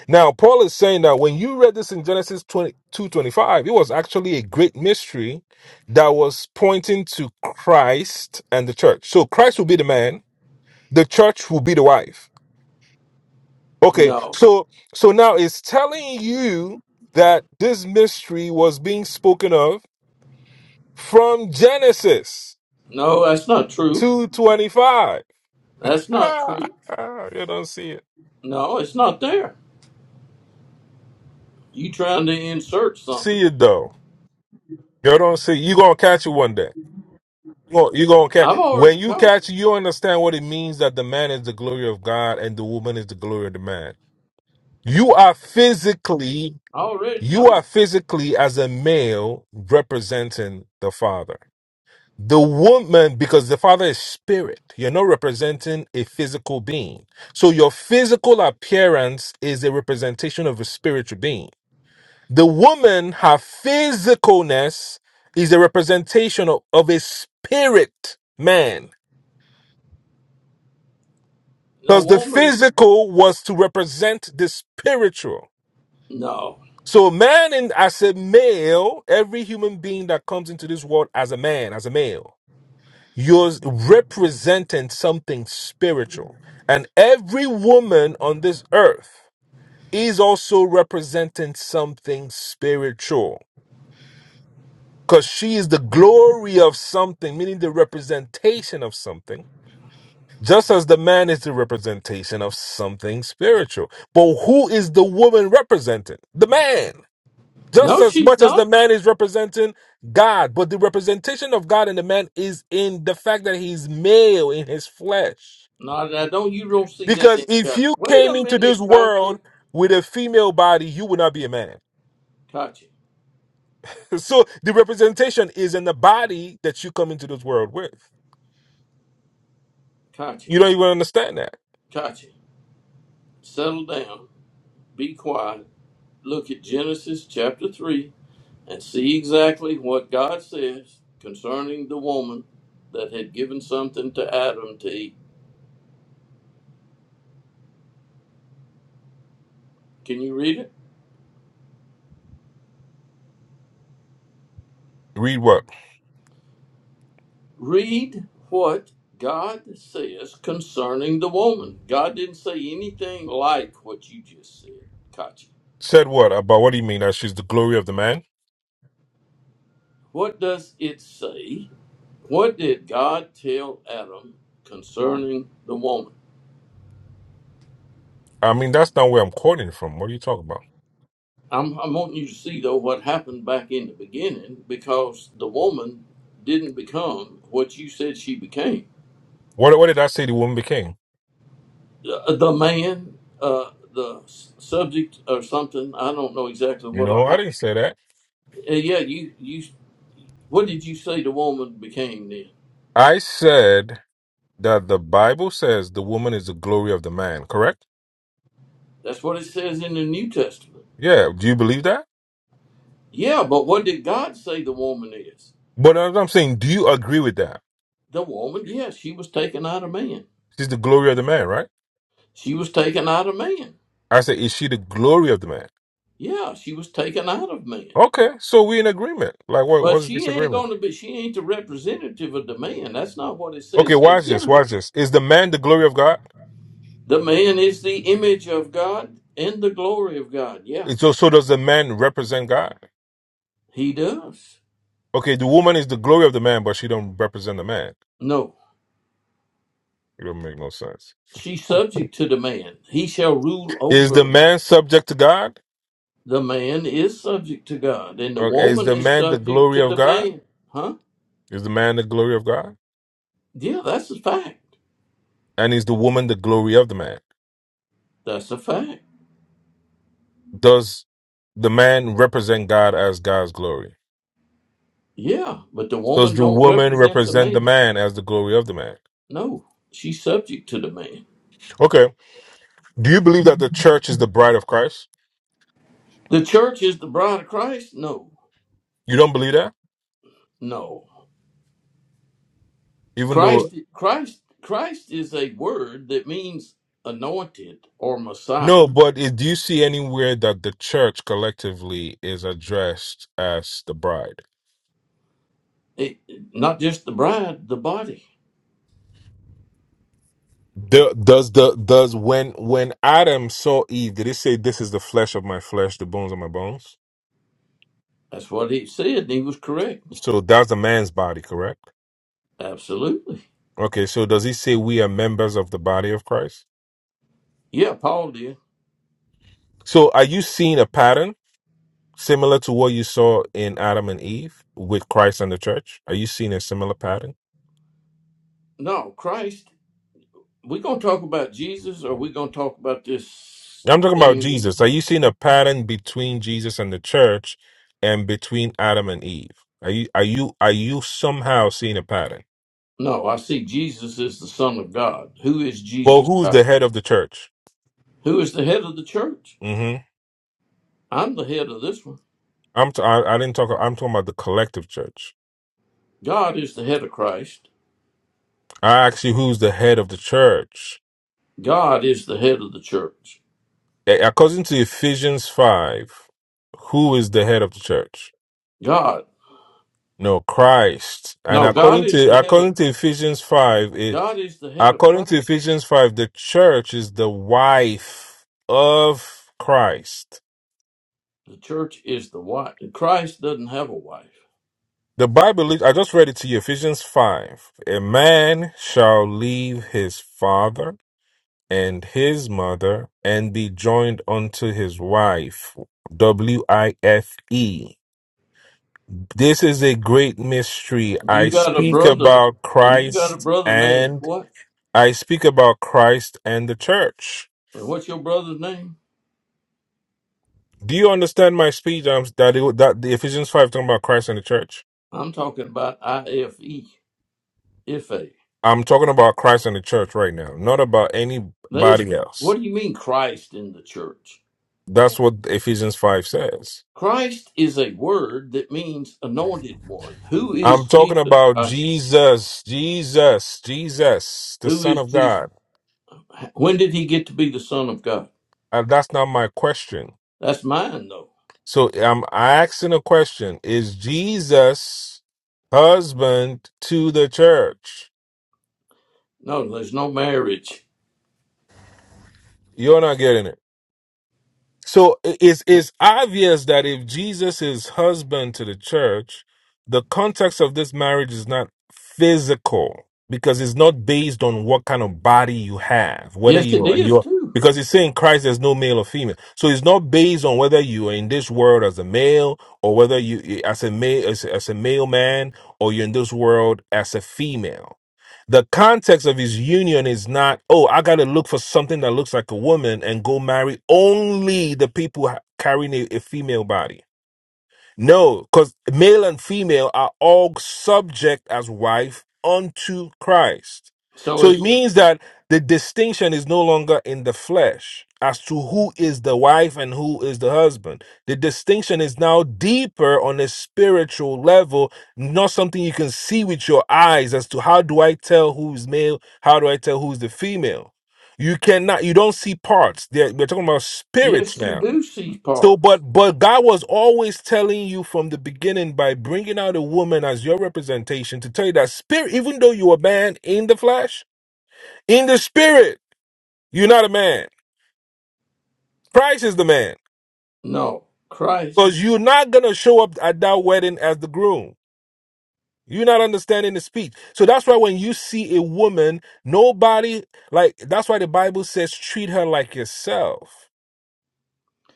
[SPEAKER 7] Now, Paul is saying that when you read this in Genesis 20, 2.25, it was actually a great mystery that was pointing to Christ and the church. So Christ will be the man, the church will be the wife. Okay,
[SPEAKER 1] No,
[SPEAKER 7] so so now it's telling you that this mystery was being spoken of from Genesis
[SPEAKER 1] no, that's not true.
[SPEAKER 7] 225
[SPEAKER 1] That's not
[SPEAKER 7] Ah,
[SPEAKER 1] true.
[SPEAKER 7] ah, you don't see it.
[SPEAKER 1] No, it's not there. You trying to insert
[SPEAKER 7] See
[SPEAKER 1] something?
[SPEAKER 7] it though. You don't see. You gonna catch it one day. You gonna, you gonna catch.
[SPEAKER 1] I've already
[SPEAKER 7] When you
[SPEAKER 1] caught
[SPEAKER 7] catch,
[SPEAKER 1] it.
[SPEAKER 7] it, you understand what it means that the man is the glory of God and the woman is the glory of the man. You are physically,
[SPEAKER 1] I already
[SPEAKER 7] you are
[SPEAKER 1] know.
[SPEAKER 7] physically as a male representing the father. The woman, because the father is spirit, you're not representing a physical being. So your physical appearance is a representation of a spiritual being. The woman, her physicalness is a representation of, of a spirit man.
[SPEAKER 1] The
[SPEAKER 7] Because the
[SPEAKER 1] woman,
[SPEAKER 7] physical was to represent the spiritual.
[SPEAKER 1] no,
[SPEAKER 7] So man in, as a male, every human being that comes into this world as a man, as a male, you're representing something spiritual. And every woman on this earth is also representing something spiritual because she is the glory of something, meaning the representation of something, just as the man is the representation of something spiritual. But who is the woman representing? The man. Just
[SPEAKER 1] no,
[SPEAKER 7] as
[SPEAKER 1] she's
[SPEAKER 7] much as the
[SPEAKER 1] not.
[SPEAKER 7] man is representing God, but the representation of God in the man is in the fact that he's male in his flesh.
[SPEAKER 1] No, I don't. You don't see that
[SPEAKER 7] Because
[SPEAKER 1] in
[SPEAKER 7] if
[SPEAKER 1] chapter.
[SPEAKER 7] you
[SPEAKER 1] Wait
[SPEAKER 7] came
[SPEAKER 1] a
[SPEAKER 7] into this
[SPEAKER 1] minute, Kachi,
[SPEAKER 7] world with a female body, you would not be a man.
[SPEAKER 1] Kachi,
[SPEAKER 7] So the representation is in the body that you come into this world with.
[SPEAKER 1] Kachi,
[SPEAKER 7] You don't even understand that.
[SPEAKER 1] Kachi. Settle down. Be quiet. Look at Genesis chapter three and see exactly what God says concerning the woman that had given something to Adam to eat. Can you read it?
[SPEAKER 7] Read what?
[SPEAKER 1] Read what God says concerning the woman. God didn't say anything like what you just said, Kachi.
[SPEAKER 7] Said what? About what do you mean that she's the glory of the man?
[SPEAKER 1] What does it say? What did God tell Adam concerning the woman?
[SPEAKER 7] I mean, that's not where I'm quoting from. What are you talking about?
[SPEAKER 1] I'm, I'm wanting you to see, though, what happened back in the beginning because the woman didn't become what you said she became.
[SPEAKER 7] What, what did I say the woman became?
[SPEAKER 1] The, the man, uh, the s- subject or something, I don't know exactly what, or
[SPEAKER 7] No, I
[SPEAKER 1] how,
[SPEAKER 7] didn't say that.
[SPEAKER 1] Uh, yeah, you, you What did you say the woman became then?
[SPEAKER 7] I said that the Bible says the woman is the glory of the man, correct?
[SPEAKER 1] That's what it says in the New Testament.
[SPEAKER 7] Yeah. Do you believe that?
[SPEAKER 1] Yeah, but what did God say the woman is?
[SPEAKER 7] But as I'm saying, do you agree with that?
[SPEAKER 1] The woman, yes, she was taken out of man.
[SPEAKER 7] She's the glory of the man, right?
[SPEAKER 1] She was taken out of man.
[SPEAKER 7] I said, is she the glory of the man?
[SPEAKER 1] Yeah, she was taken out of man.
[SPEAKER 7] Okay, so we in agreement. Like, what?
[SPEAKER 1] But
[SPEAKER 7] What's the
[SPEAKER 1] she ain't
[SPEAKER 7] disagreement?
[SPEAKER 1] gonna be she ain't the representative of the man. That's not what it
[SPEAKER 7] Okay,
[SPEAKER 1] says in
[SPEAKER 7] watch this.
[SPEAKER 1] Genesis.
[SPEAKER 7] Watch this. Is the man the glory of God?
[SPEAKER 1] The man is the image of God and the glory of God. Yeah,
[SPEAKER 7] It's so, so does the man represent God?
[SPEAKER 1] he does.
[SPEAKER 7] Okay, the woman is the glory of the man, but she don't represent the man.
[SPEAKER 1] No.
[SPEAKER 7] It don't make no sense.
[SPEAKER 1] She's subject to the man. He shall rule
[SPEAKER 7] Is
[SPEAKER 1] over.
[SPEAKER 7] the man subject to God?
[SPEAKER 1] The man is subject to God, and the
[SPEAKER 7] Or is
[SPEAKER 1] woman
[SPEAKER 7] the
[SPEAKER 1] is
[SPEAKER 7] man the
[SPEAKER 1] subject to
[SPEAKER 7] glory of
[SPEAKER 1] the
[SPEAKER 7] God?
[SPEAKER 1] man. Huh?
[SPEAKER 7] Is the man the glory of God?
[SPEAKER 1] Yeah, that's a fact.
[SPEAKER 7] And is the woman the glory of the man?
[SPEAKER 1] That's a fact.
[SPEAKER 7] Does the man represent God as God's glory?
[SPEAKER 1] Yeah, but the
[SPEAKER 7] So does
[SPEAKER 1] woman
[SPEAKER 7] the
[SPEAKER 1] don't
[SPEAKER 7] woman
[SPEAKER 1] represent the
[SPEAKER 7] represent the
[SPEAKER 1] man.
[SPEAKER 7] man as the glory of the man?
[SPEAKER 1] No, she's subject to the man.
[SPEAKER 7] Okay. Do you believe that the church is the bride of Christ?
[SPEAKER 1] The church is the bride of Christ. No,
[SPEAKER 7] You don't believe that?
[SPEAKER 1] no.
[SPEAKER 7] Even though
[SPEAKER 1] Christ, Christ, Christ is a word that means anointed or Messiah.
[SPEAKER 7] no, but it, do you see anywhere that the church collectively is addressed as the bride?
[SPEAKER 1] It, not just the bride, the body.
[SPEAKER 7] Do- Does the does when when Adam saw Eve, did it say this is the flesh of my flesh, the bones of my bones?
[SPEAKER 1] That's what he said. And he was correct.
[SPEAKER 7] So that's the man's body, correct?
[SPEAKER 1] Absolutely.
[SPEAKER 7] Okay, so does he say we are members of the body of Christ?
[SPEAKER 1] Yeah, Paul did.
[SPEAKER 7] So are you seeing a pattern? Similar to what you saw in Adam and Eve with Christ and the church? Are you seeing a similar pattern?
[SPEAKER 1] No, Christ. we gonna talk about Jesus or we gonna talk about this
[SPEAKER 7] I'm talking about
[SPEAKER 1] thing?
[SPEAKER 7] Jesus. Are you seeing a pattern between Jesus and the church and between Adam and Eve? Are you are you are you somehow seeing a pattern?
[SPEAKER 1] No, I see Jesus is the Son of God. Who is
[SPEAKER 7] Well,
[SPEAKER 1] Jesus?
[SPEAKER 7] who's the
[SPEAKER 1] Rocky?
[SPEAKER 7] head of the church?
[SPEAKER 1] Who is the head of the church?
[SPEAKER 7] Mm-hmm.
[SPEAKER 1] I'm the head of this one.
[SPEAKER 7] I'm t- I, am ti I didn't talk. I'm talking about the collective church.
[SPEAKER 1] God is the head of Christ.
[SPEAKER 7] I asked you who's the head of the church.
[SPEAKER 1] God is the head of the church.
[SPEAKER 7] A- According to Ephesians five, who is the head of the church?
[SPEAKER 1] God.
[SPEAKER 7] No, Christ. And
[SPEAKER 1] No, God
[SPEAKER 7] according
[SPEAKER 1] is the
[SPEAKER 7] to
[SPEAKER 1] head of
[SPEAKER 7] according to Ephesians 5, it,
[SPEAKER 1] God is the head of
[SPEAKER 7] according to
[SPEAKER 1] Christ.
[SPEAKER 7] Ephesians 5, the church is the wife of Christ.
[SPEAKER 1] The church is the wife. Christ doesn't have a wife.
[SPEAKER 7] The Bible I just read it to you Ephesians 5. A man shall leave his father and his mother and be joined unto his wife. W I F E. This is a great mystery.
[SPEAKER 1] And
[SPEAKER 7] I
[SPEAKER 1] you got a
[SPEAKER 7] speak
[SPEAKER 1] brother
[SPEAKER 7] about
[SPEAKER 1] and you got a
[SPEAKER 7] Christ
[SPEAKER 1] brother named
[SPEAKER 7] and
[SPEAKER 1] what?
[SPEAKER 7] I speak about Christ and the church.
[SPEAKER 1] And what's your brother's name?
[SPEAKER 7] Do you understand my speech? I'm, that, it, that the Ephesians five talking about Christ and the church.
[SPEAKER 1] I'm talking about IFE. If a.
[SPEAKER 7] I'm talking about Christ and the church right now, not about
[SPEAKER 1] That is,
[SPEAKER 7] anybody else.
[SPEAKER 1] what do you mean Christ in the church?
[SPEAKER 7] That's what Ephesians five says.
[SPEAKER 1] Christ is a word that means anointed one. Who is
[SPEAKER 7] I'm talking
[SPEAKER 1] Jesus?
[SPEAKER 7] about
[SPEAKER 1] Gotcha.
[SPEAKER 7] Jesus, Jesus, Jesus, the
[SPEAKER 1] Who
[SPEAKER 7] Son
[SPEAKER 1] is
[SPEAKER 7] of
[SPEAKER 1] Jesus?
[SPEAKER 7] God.
[SPEAKER 1] When did he get to be the Son of God?
[SPEAKER 7] Uh, that's not my question.
[SPEAKER 1] That's mine, though.
[SPEAKER 7] So I'm asking a question: Is Jesus husband to the church?
[SPEAKER 1] No, there's no marriage.
[SPEAKER 7] You're not getting it. So it's it's obvious that if Jesus is husband to the church, the context of this marriage is not physical because it's not based on what kind of body you have, whether
[SPEAKER 1] Yes, it
[SPEAKER 7] you're
[SPEAKER 1] is,
[SPEAKER 7] you're
[SPEAKER 1] too.
[SPEAKER 7] because it's saying Christ there's no male or female. So it's not based on whether you are in this world as a male or whether you as a male as, as a male man or you're in this world as a female the context of his union is not, oh, I got to look for something that looks like a woman and go marry only the people ha- carrying a, a female body. No, because male and female are all subject as wife unto Christ.
[SPEAKER 1] So
[SPEAKER 7] So
[SPEAKER 1] if,
[SPEAKER 7] it means that the distinction is no longer in the flesh as to who is the wife and who is the husband. The distinction is now deeper on a spiritual level, not something you can see with your eyes as to how do I tell who's male, how do I tell who's the female. You cannot, you don't see parts. They're, we're talking about spirits
[SPEAKER 1] yes, you
[SPEAKER 7] now.
[SPEAKER 1] do see
[SPEAKER 7] So,
[SPEAKER 1] parts.
[SPEAKER 7] but but God was always telling you from the beginning by bringing out a woman as your representation to tell you that spirit, even though you are a man in the flesh, in the spirit, you're not a man. Christ is the man
[SPEAKER 1] No, Christ.
[SPEAKER 7] because you're not gonna show up at that wedding as the groom. You're not understanding the speech. So that's why when you see a woman, nobody like that's why the Bible says treat her like yourself.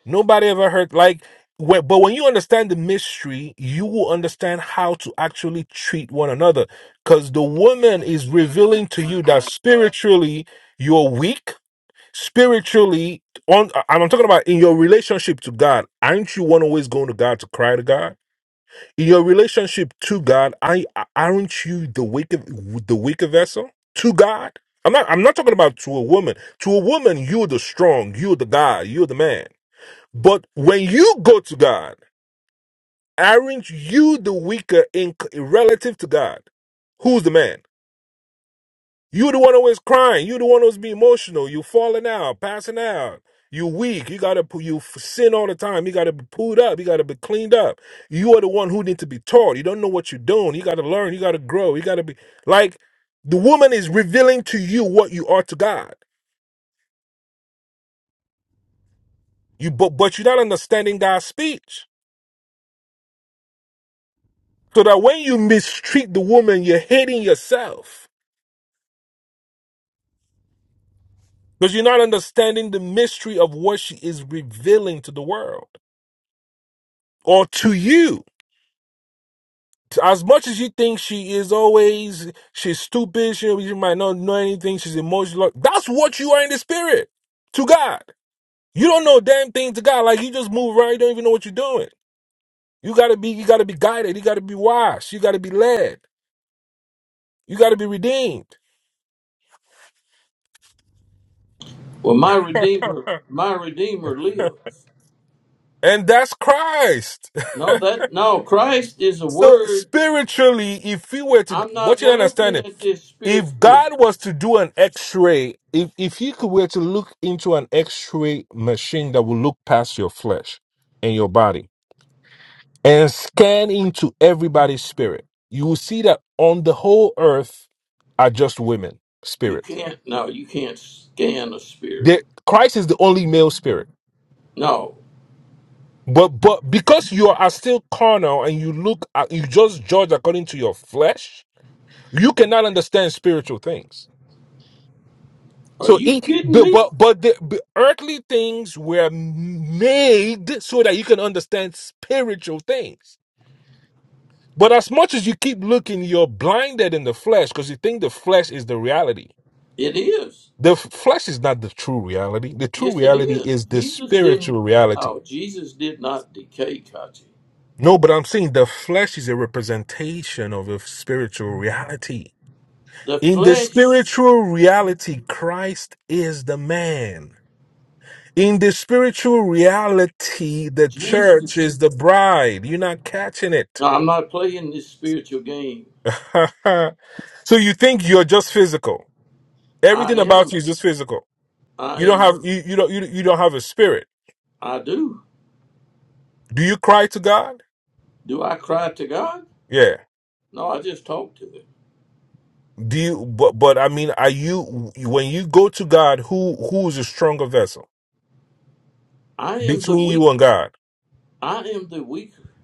[SPEAKER 7] Nobody ever heard like. wh- But when you understand the mystery, you will understand how to actually treat one another. Because the woman is revealing to you that spiritually you're weak. Spiritually, on and I'm talking about in your relationship to God. Aren't you one always going to God to cry to God? In your relationship to God, I aren't you the weaker the weaker vessel to God? I'm not. I'm not talking about to a woman. To a woman, you're the strong. You're the guy. You're the man. But when you go to God, aren't you the weaker in relative to God? Who's the man? You the one always crying. You the one who's be emotional. You falling out, passing out. You weak. You gotta pu- you f- sin all the time. You gotta be pulled up. You gotta be cleaned up. You are the one who need to be taught. You don't know what you're doing. You gotta learn. You gotta grow. You gotta be like the woman is revealing to you what you are to God. You but but you're not understanding God's speech. So that when you mistreat the woman, you're hating yourself because you're not understanding the mystery of what she is revealing to the world or to you. As much as you think she is always, she's stupid, she, she might not know anything, she's emotional. That's what you are in the spirit to God. You don't know a damn thing to God. Like you just move around, you don't even know what you're doing. You gotta be, you gotta be guided. You gotta be washed. You gotta be led. You gotta be redeemed.
[SPEAKER 1] Well, my Redeemer, my Redeemer lives.
[SPEAKER 7] And that's Christ.
[SPEAKER 1] No, that, no, Christ is a
[SPEAKER 7] So
[SPEAKER 1] word.
[SPEAKER 7] spiritually, if we were to
[SPEAKER 1] I'm
[SPEAKER 7] what
[SPEAKER 1] not
[SPEAKER 7] you
[SPEAKER 1] well,
[SPEAKER 7] understand
[SPEAKER 1] looking
[SPEAKER 7] it,
[SPEAKER 1] at this
[SPEAKER 7] if
[SPEAKER 1] spiritually.
[SPEAKER 7] God was to do an X-ray, if if He could were to look into an X-ray machine that will look past your flesh and your body and scan into everybody's spirit, you will see that on the whole earth are just women
[SPEAKER 1] You
[SPEAKER 7] spirits.
[SPEAKER 1] can't. No, you can't scan a spirit.
[SPEAKER 7] The Christ is the only male spirit.
[SPEAKER 1] No.
[SPEAKER 7] But but because you are still carnal and you look at, you just judge according to your flesh, you cannot understand spiritual things.
[SPEAKER 1] Are
[SPEAKER 7] So
[SPEAKER 1] you
[SPEAKER 7] it,
[SPEAKER 1] kidding
[SPEAKER 7] the,
[SPEAKER 1] me?
[SPEAKER 7] but but the but earthly things were made so that you can understand spiritual things. But as much as you keep looking, you're blinded in the flesh because you think the flesh is the reality.
[SPEAKER 1] It is.
[SPEAKER 7] The f- flesh is not the true reality. The true
[SPEAKER 1] Yes, it
[SPEAKER 7] reality
[SPEAKER 1] is.
[SPEAKER 7] is the
[SPEAKER 1] Jesus didn't.
[SPEAKER 7] spiritual reality.
[SPEAKER 1] No, Jesus did not decay, Kachi.
[SPEAKER 7] No, but I'm saying the flesh is a representation of a spiritual reality.
[SPEAKER 1] The
[SPEAKER 7] In the
[SPEAKER 1] flesh,
[SPEAKER 7] spiritual reality, Christ is the man. In the spiritual reality, the church is
[SPEAKER 1] Jesus.
[SPEAKER 7] the bride. You're not catching it.
[SPEAKER 1] No, I'm not playing this spiritual game.
[SPEAKER 7] so you think you're just physical. Everything
[SPEAKER 1] I
[SPEAKER 7] about
[SPEAKER 1] am.
[SPEAKER 7] you is just physical.
[SPEAKER 1] I
[SPEAKER 7] You don't
[SPEAKER 1] am.
[SPEAKER 7] have you, you don't you, you don't have a spirit.
[SPEAKER 1] I do.
[SPEAKER 7] Do you cry to God?
[SPEAKER 1] Do I cry to God?
[SPEAKER 7] Yeah.
[SPEAKER 1] No, I just talk to Him.
[SPEAKER 7] Do you but but I mean are you when you go to God who who's a stronger vessel?
[SPEAKER 1] I am the
[SPEAKER 7] Between
[SPEAKER 1] weak.
[SPEAKER 7] you and God.
[SPEAKER 1] I am the weaker.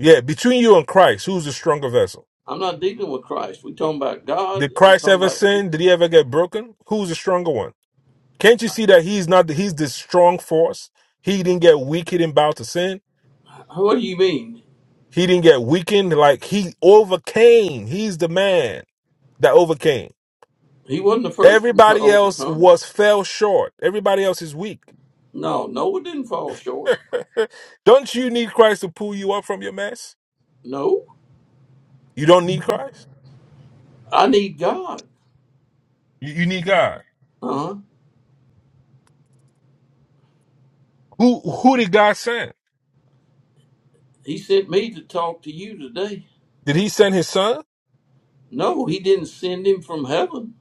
[SPEAKER 7] Yeah, between you and Christ, who's the stronger vessel?
[SPEAKER 1] I'm not dealing with Christ. We're talking about God
[SPEAKER 7] Did
[SPEAKER 1] and we're
[SPEAKER 7] Christ
[SPEAKER 1] talking
[SPEAKER 7] ever
[SPEAKER 1] about
[SPEAKER 7] sin?
[SPEAKER 1] Jesus.
[SPEAKER 7] Did he ever get broken? Who's the stronger one? Can't you see that he's not he's this strong force? He didn't get weak, he didn't bow to sin.
[SPEAKER 1] What do you mean?
[SPEAKER 7] He didn't get weakened, like he overcame. He's the man that overcame.
[SPEAKER 1] He wasn't the first one to
[SPEAKER 7] Everybody else
[SPEAKER 1] overcome.
[SPEAKER 7] was fell short. Everybody else is weak.
[SPEAKER 1] No, Noah didn't fall short.
[SPEAKER 7] don't you need Christ to pull you up from your mess?
[SPEAKER 1] No,
[SPEAKER 7] You don't need Christ.
[SPEAKER 1] I need God.
[SPEAKER 7] You, you need God.
[SPEAKER 1] Uh huh.
[SPEAKER 7] Who who did God send?
[SPEAKER 1] He sent me to talk to you today.
[SPEAKER 7] Did he send his son?
[SPEAKER 1] No, he didn't send him from heaven.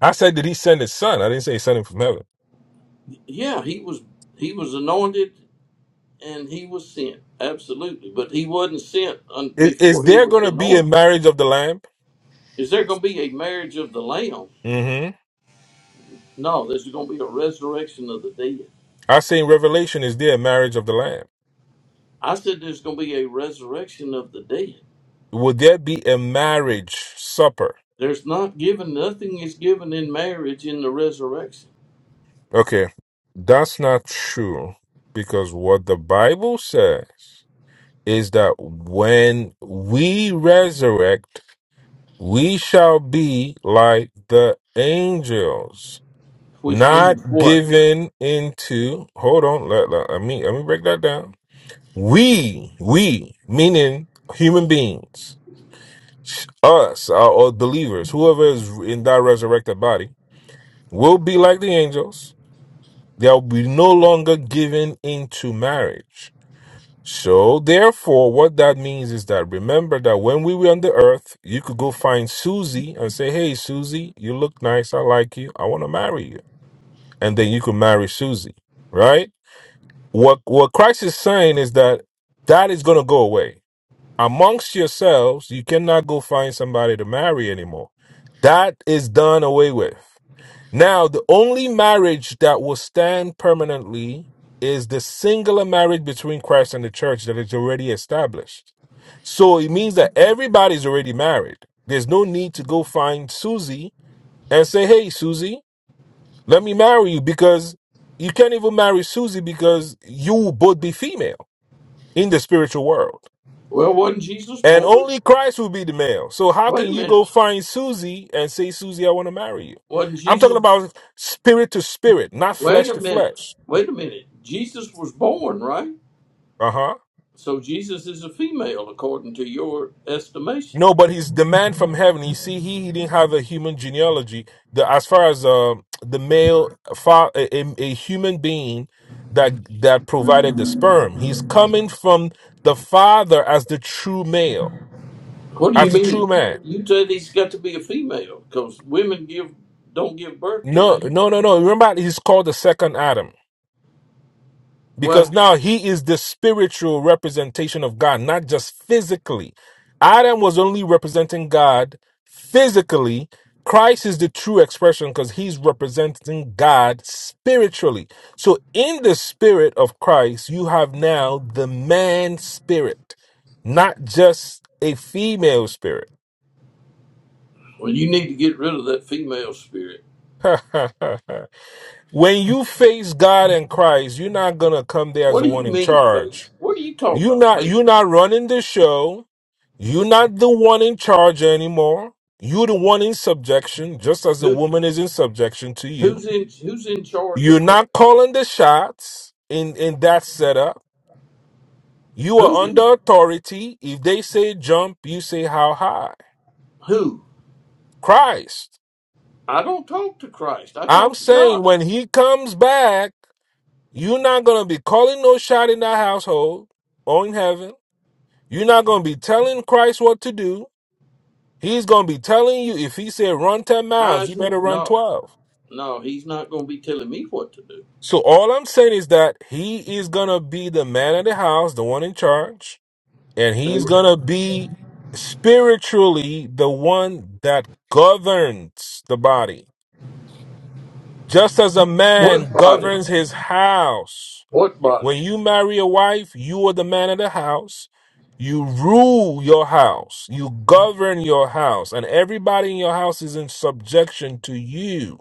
[SPEAKER 7] I said, did he send his son? I didn't say he sent him from heaven.
[SPEAKER 1] Yeah, he was he was anointed and he was sent. Absolutely, but he wasn't sent un-
[SPEAKER 7] Is, is
[SPEAKER 1] before he
[SPEAKER 7] there
[SPEAKER 1] was
[SPEAKER 7] going to be a
[SPEAKER 1] anointed.
[SPEAKER 7] marriage of the lamb?
[SPEAKER 1] Is there going to be a marriage of the lamb?
[SPEAKER 7] Mm-hmm.
[SPEAKER 1] No, there's going to be a resurrection of the dead.
[SPEAKER 7] I say in Revelation, is there a marriage of the Lamb?
[SPEAKER 1] I said there's going to be a resurrection of the dead.
[SPEAKER 7] Will there be a marriage supper?
[SPEAKER 1] There's not given, nothing is given in marriage in the resurrection,
[SPEAKER 7] Okay, that's not true because what the Bible says is that when we resurrect, we shall be like the angels,
[SPEAKER 1] which means
[SPEAKER 7] not
[SPEAKER 1] what?
[SPEAKER 7] given into. Hold on, let, let, let me let me break that down. We, we, meaning human beings, Us, our, our believers, whoever is in that resurrected body, will be like the angels. They'll be no longer given into marriage. So, therefore, what that means is that remember that when we were on the earth, you could go find Susie and say, Hey, Susie, you look nice. I like you. I want to marry you. And then you could marry Susie, right? What, what Christ is saying is that that is going to go away. Amongst yourselves, you cannot go find somebody to marry anymore. That is done away with. Now, the only marriage that will stand permanently is the singular marriage between Christ and the church that is already established. So it means that everybody's already married. There's no need to go find Susie and say, Hey, Susie, let me marry you because you can't even marry Susie because you will both be female in the spiritual world.
[SPEAKER 1] Well, wasn't Jesus
[SPEAKER 7] And
[SPEAKER 1] born?
[SPEAKER 7] only Christ will be the male. So how can
[SPEAKER 1] Wait a
[SPEAKER 7] you go
[SPEAKER 1] minute.
[SPEAKER 7] find Susie and say, Susie, I want to marry you?
[SPEAKER 1] Wasn't
[SPEAKER 7] I'm talking
[SPEAKER 1] Jesus?
[SPEAKER 7] about spirit to spirit, not
[SPEAKER 1] Wait
[SPEAKER 7] flesh
[SPEAKER 1] a
[SPEAKER 7] to
[SPEAKER 1] minute.
[SPEAKER 7] flesh.
[SPEAKER 1] Wait a minute. Jesus was born, right?
[SPEAKER 7] Uh huh.
[SPEAKER 1] So Jesus is a female, according to your estimation.
[SPEAKER 7] No, but his demand from heaven. You see, he, he didn't have a human genealogy. The as far as uh, the male fa- a, a, a human being that that provided the sperm, he's coming from the father as the true male,
[SPEAKER 1] What do
[SPEAKER 7] as
[SPEAKER 1] you
[SPEAKER 7] the true
[SPEAKER 1] mean?
[SPEAKER 7] man.
[SPEAKER 1] You said he's got to be a female because women give don't give birth to
[SPEAKER 7] No,
[SPEAKER 1] males.
[SPEAKER 7] no, no, no. Remember, he's called the second Adam. because
[SPEAKER 1] Well,
[SPEAKER 7] now he is the spiritual representation of God, not just physically. Adam was only representing God physically. Christ is the true expression because he's representing God spiritually. So, in the spirit of Christ, you have now the man spirit, not just a female spirit.
[SPEAKER 1] well, you need to get rid of that female spirit.
[SPEAKER 7] when you face God and Christ, you're not going to come there as
[SPEAKER 1] What
[SPEAKER 7] the
[SPEAKER 1] do you
[SPEAKER 7] one in
[SPEAKER 1] mean,
[SPEAKER 7] charge
[SPEAKER 1] faith? What are you talking
[SPEAKER 7] You're
[SPEAKER 1] about,
[SPEAKER 7] not
[SPEAKER 1] faith?
[SPEAKER 7] you're not running the show. You're not the one in charge anymore. You're the one in subjection, just as the
[SPEAKER 1] Who?
[SPEAKER 7] woman is in subjection to you.
[SPEAKER 1] Who's in who's in charge
[SPEAKER 7] You're
[SPEAKER 1] of Christ?
[SPEAKER 7] not calling the shots in in that setup. You are
[SPEAKER 1] Who's in
[SPEAKER 7] under authority. If they say jump, you say how high.
[SPEAKER 1] who?
[SPEAKER 7] Christ.
[SPEAKER 1] I don't talk to Christ. I
[SPEAKER 7] I'm
[SPEAKER 1] talk to
[SPEAKER 7] saying
[SPEAKER 1] God.
[SPEAKER 7] when he comes back, you're not gonna be calling no shot in that household or in heaven. You're not gonna be telling Christ what to do. He's going to be telling you if he said run 10
[SPEAKER 1] How
[SPEAKER 7] miles,
[SPEAKER 1] is
[SPEAKER 7] you
[SPEAKER 1] he
[SPEAKER 7] better run
[SPEAKER 1] no,
[SPEAKER 7] 12.
[SPEAKER 1] no, he's not gonna be telling me what to do.
[SPEAKER 7] So all I'm saying is that he is going to be the man of the house, the one in charge, and he's going
[SPEAKER 1] And
[SPEAKER 7] to be spiritually the one that governs the body. Just as a
[SPEAKER 1] what
[SPEAKER 7] man
[SPEAKER 1] body?
[SPEAKER 7] governs his house.
[SPEAKER 1] What body?
[SPEAKER 7] When you marry a wife, you are the man of the house. You rule your house. You govern your house. And everybody in your house is in subjection to you.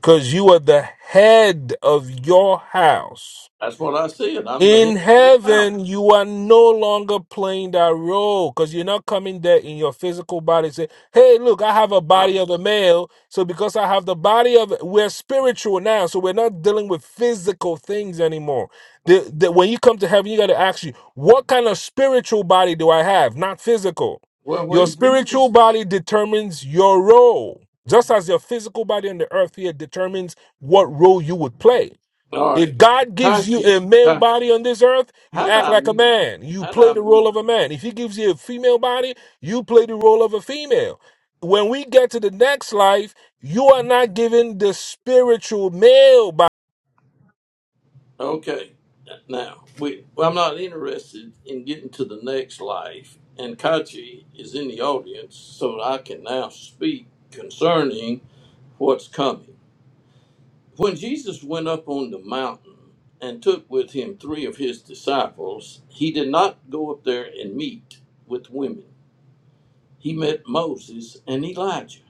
[SPEAKER 7] because you are the head of your house.
[SPEAKER 1] That's what I said. I'm the head
[SPEAKER 7] In
[SPEAKER 1] of this house.
[SPEAKER 7] heaven, you are no longer playing that role because you're not coming there in your physical body. Say, hey, look, I have a
[SPEAKER 1] I'm
[SPEAKER 7] body of a male. So because I have the body of, we're spiritual now. So we're not dealing with physical things anymore. The, the, when you come to heaven, you got to ask you, what kind of spiritual body do I have? Not physical.
[SPEAKER 1] well
[SPEAKER 7] Your
[SPEAKER 1] when
[SPEAKER 7] spiritual
[SPEAKER 1] Jesus
[SPEAKER 7] body determines your role, just as your physical body on the earth here determines what role you would play.
[SPEAKER 1] All
[SPEAKER 7] If
[SPEAKER 1] right.
[SPEAKER 7] God gives
[SPEAKER 1] Got
[SPEAKER 7] you
[SPEAKER 1] you.
[SPEAKER 7] a male
[SPEAKER 1] Got you.
[SPEAKER 7] body on this earth, you
[SPEAKER 1] How do
[SPEAKER 7] act
[SPEAKER 1] I
[SPEAKER 7] like a
[SPEAKER 1] mute?
[SPEAKER 7] man. You
[SPEAKER 1] How do
[SPEAKER 7] play
[SPEAKER 1] I
[SPEAKER 7] the role
[SPEAKER 1] mute?
[SPEAKER 7] of a man. If He gives you a female body, you play the role of a female. When we get to the next life, you are not given the spiritual male body.
[SPEAKER 1] Okay. Now, we, well, I'm not interested in getting to the next life, and Kachi is in the audience, so I can now speak concerning what's coming. When Jesus went up on the mountain and took with him three of his disciples, he did not go up there and meet with women. He met Moses and Elijah.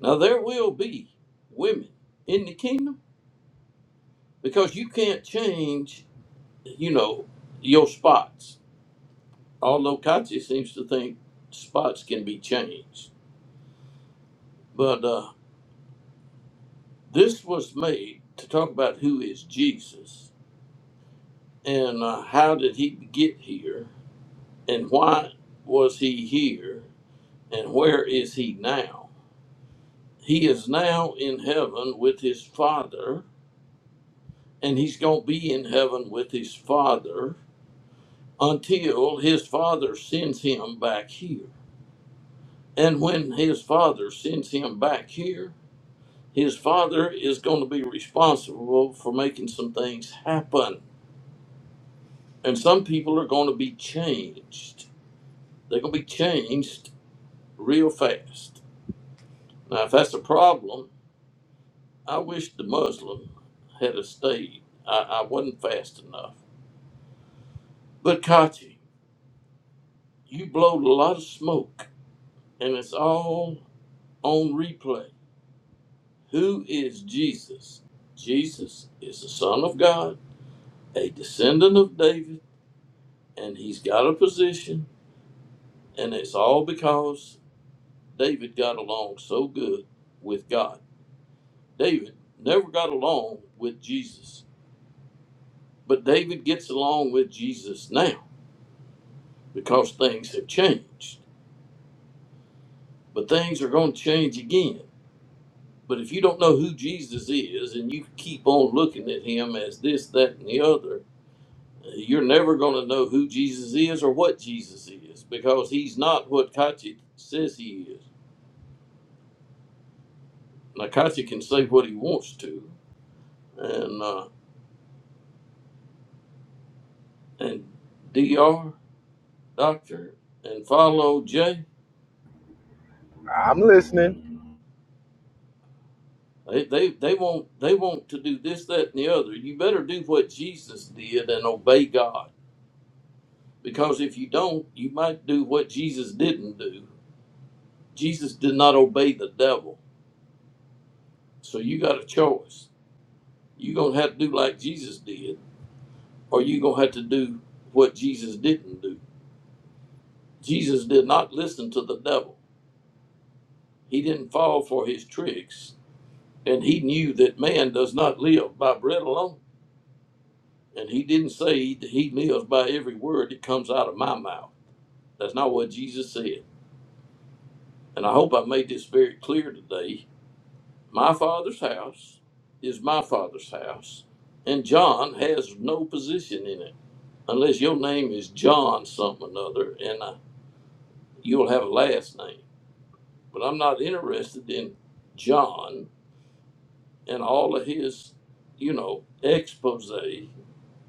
[SPEAKER 1] Now, there will be women in the kingdom because you can't change, you know, your spots although Kachi seems to think spots can be changed. But uh, this was made to talk about who is Jesus and uh, how did he get here and why was he here and where is he now? He is now in heaven with his Father and he's going to be in heaven with his Father until his Father sends him back here. And when his Father sends him back here, his father is going to be responsible for making some things happen. And some people are going to be changed. They're going to be changed real fast. Now, if that's a problem, I wish the Muslim had a stayed. I, I wasn't fast enough. But Kachi, you blowed a lot of smoke, and it's all on replay. Who is Jesus? Jesus is the Son of God, a descendant of David, and he's got a position And it's all because David got along so good with God. David never got along with Jesus, but David gets along with Jesus now because things have changed. But things are going to change again. But if you don't know who Jesus is and you keep on looking at him as this, that, and the other, you're never going to know who Jesus is or what Jesus is because he's not what Kachi says he is. Now, Kachi can say what he wants to, and uh, and Dr. Doctor and follow J
[SPEAKER 2] I'm listening.
[SPEAKER 1] They, they they want they want to do this that and the other. You better do what Jesus did and obey God because if you don't, you might do what Jesus didn't do. Jesus did not obey the devil, so you got a choice. You're gonna have to do like Jesus did, or you're gonna have to do what Jesus didn't do. Jesus did not listen to the devil. He didn't fall for his tricks And he knew that man does not live by bread alone. And he didn't say that he lives by every word that comes out of my mouth. That's not what Jesus said. And I hope I made this very clear today. My father's house is my father's house. And John has no position in it. Unless your name is John something or another, and uh, you'll have a last name. But I'm not interested in John and all of his, you know, expose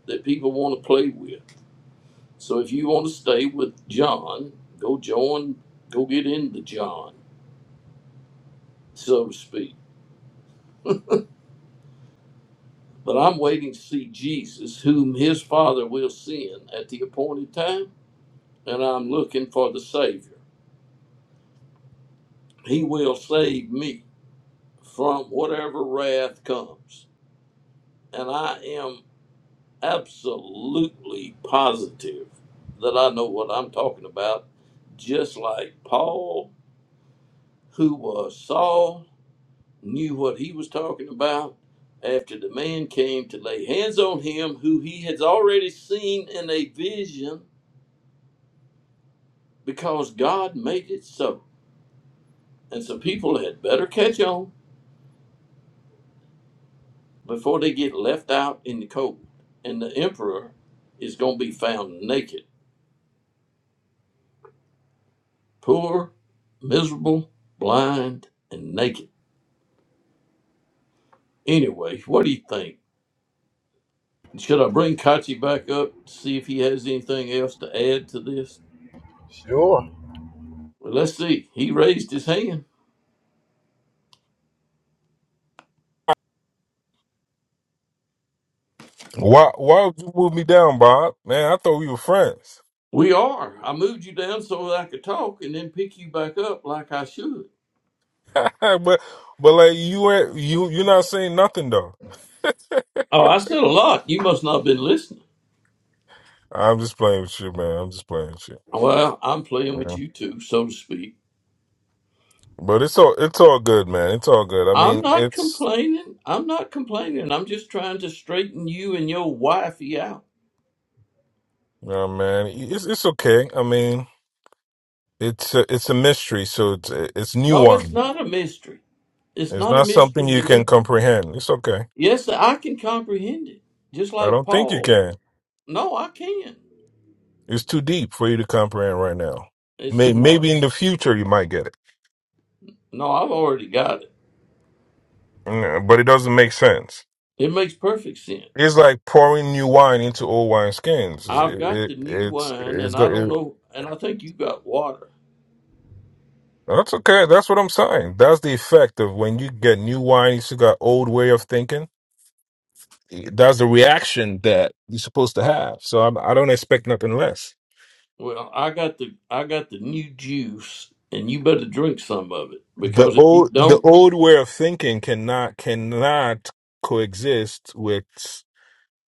[SPEAKER 1] that people want to play with. So if you want to stay with John, go join, go get into John, so to speak. But I'm waiting to see Jesus, whom his Father will send at the appointed time, and I'm looking for the Savior. He will save me from whatever wrath comes. And I am absolutely positive that I know what I'm talking about, just like Paul, who was Saul, knew what he was talking about after the man came to lay hands on him who he had already seen in a vision because God made it so. And so people had better catch on before they get left out in the cold. And the emperor is going to be found naked, poor, miserable, blind, and naked. Anyway, what do you think? Should I bring Kachi back up to see if he has anything else to add to this?
[SPEAKER 2] Sure.
[SPEAKER 1] Well, let's see. He raised his hand.
[SPEAKER 7] Why why would you move me down, Bob? Man, I thought we were friends.
[SPEAKER 1] We are. I moved you down so that I could talk and then pick you back up like I should.
[SPEAKER 7] but but like you ain't you you're not saying nothing though.
[SPEAKER 1] Oh, I said a lot. You must not have been listening.
[SPEAKER 7] I'm just playing with you, man. I'm just playing with you.
[SPEAKER 1] Well, I'm playing
[SPEAKER 7] Yeah.
[SPEAKER 1] with you too, so to speak.
[SPEAKER 7] But it's all it's all good, man. It's all good. I
[SPEAKER 1] I'm
[SPEAKER 7] mean,
[SPEAKER 1] not
[SPEAKER 7] it's
[SPEAKER 1] complaining. I'm not complaining. I'm just trying to straighten you and your wifey out.
[SPEAKER 7] Yeah, man, it's it's okay. I mean, it's a, it's a mystery, so it's it's new
[SPEAKER 1] No, it's
[SPEAKER 7] one.
[SPEAKER 1] not a mystery. It's
[SPEAKER 7] It's
[SPEAKER 1] not a
[SPEAKER 7] not something
[SPEAKER 1] mystery
[SPEAKER 7] you
[SPEAKER 1] to
[SPEAKER 7] can
[SPEAKER 1] me.
[SPEAKER 7] comprehend. It's okay.
[SPEAKER 1] Yes, I can comprehend it. Just
[SPEAKER 7] I
[SPEAKER 1] like
[SPEAKER 7] don't think you
[SPEAKER 1] Paul.
[SPEAKER 7] can.
[SPEAKER 1] No, I can.
[SPEAKER 7] It's too deep for you to comprehend right now.
[SPEAKER 1] It's
[SPEAKER 7] May,
[SPEAKER 1] no, it's-
[SPEAKER 7] maybe in the future you might get it,
[SPEAKER 1] no. I've already got it.
[SPEAKER 7] Yeah, but it doesn't make sense.
[SPEAKER 1] It makes perfect sense.
[SPEAKER 7] It's like pouring new wine into old wine skins. It's,
[SPEAKER 1] I've
[SPEAKER 7] it,
[SPEAKER 1] got
[SPEAKER 7] it,
[SPEAKER 1] the new
[SPEAKER 7] it's
[SPEAKER 1] wine,
[SPEAKER 7] it's
[SPEAKER 1] and I
[SPEAKER 7] go-
[SPEAKER 1] don't
[SPEAKER 7] it,
[SPEAKER 1] know, and I think you got water.
[SPEAKER 7] that's okay. That's what I'm saying. That's the effect of when you get new wine. You still got old way of thinking That's the reaction that you're supposed to have. So I'm, I don't expect nothing less.
[SPEAKER 1] Well, I got the I got the new juice, and you better drink some of it
[SPEAKER 7] The
[SPEAKER 1] because if you
[SPEAKER 7] old the
[SPEAKER 1] don't,
[SPEAKER 7] old way of thinking cannot cannot coexist with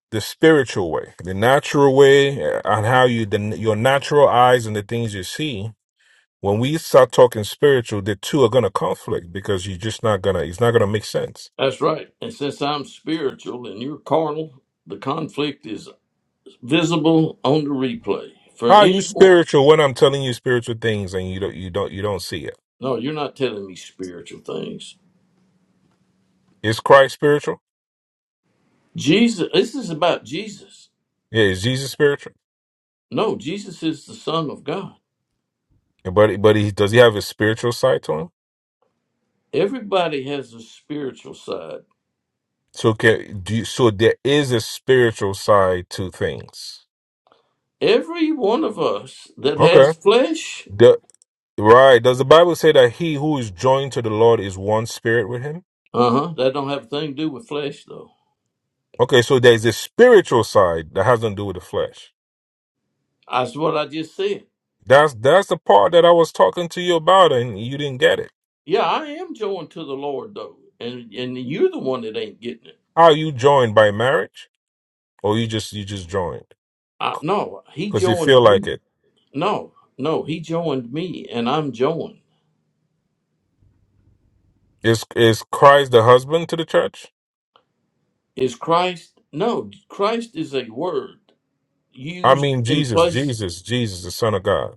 [SPEAKER 7] the spiritual way, the natural way, uh, and how you the, your natural eyes and the things you see. When we start talking spiritual, the two are gonna conflict because you're just not gonna. It's not gonna make sense.
[SPEAKER 1] that's right. And since I'm spiritual and you're carnal, the conflict is visible on the replay for
[SPEAKER 7] How are you
[SPEAKER 1] anyone.
[SPEAKER 7] spiritual when I'm telling you spiritual things and you don't you don't you don't see it?
[SPEAKER 1] No, you're not telling me spiritual things.
[SPEAKER 7] Is Christ spiritual?
[SPEAKER 1] Jesus, this is about Jesus.
[SPEAKER 7] Yeah, is Jesus spiritual?
[SPEAKER 1] No, Jesus is the Son of God.
[SPEAKER 7] But but he does he have a spiritual side to him?
[SPEAKER 1] Everybody has a spiritual side
[SPEAKER 7] So can do you, so there is a spiritual side to things.
[SPEAKER 1] Every one of us that
[SPEAKER 7] Okay.
[SPEAKER 1] has flesh,
[SPEAKER 7] The, right. Does the Bible say that he who is joined to the Lord is one spirit with him?
[SPEAKER 1] uh huh, that don't have a thing to do with flesh though.
[SPEAKER 7] Okay, so there's a spiritual side that has nothing to do with the flesh.
[SPEAKER 1] That's what I just said.
[SPEAKER 7] That's that's the part that I was talking to you about and you didn't get it.
[SPEAKER 1] Yeah, I am joined to the Lord though, and and you're the one that ain't getting it.
[SPEAKER 7] Are you joined by marriage? Or you just you just joined?
[SPEAKER 1] I, no, He
[SPEAKER 7] Because you feel
[SPEAKER 1] joined
[SPEAKER 7] like
[SPEAKER 1] me.
[SPEAKER 7] it.
[SPEAKER 1] No, no, He joined me, and I'm joined.
[SPEAKER 7] Is is Christ the husband to the church?
[SPEAKER 1] Is Christ? No, Christ is a word
[SPEAKER 7] I
[SPEAKER 1] used
[SPEAKER 7] mean
[SPEAKER 1] in
[SPEAKER 7] Jesus,
[SPEAKER 1] place.
[SPEAKER 7] Jesus, Jesus, the Son of God.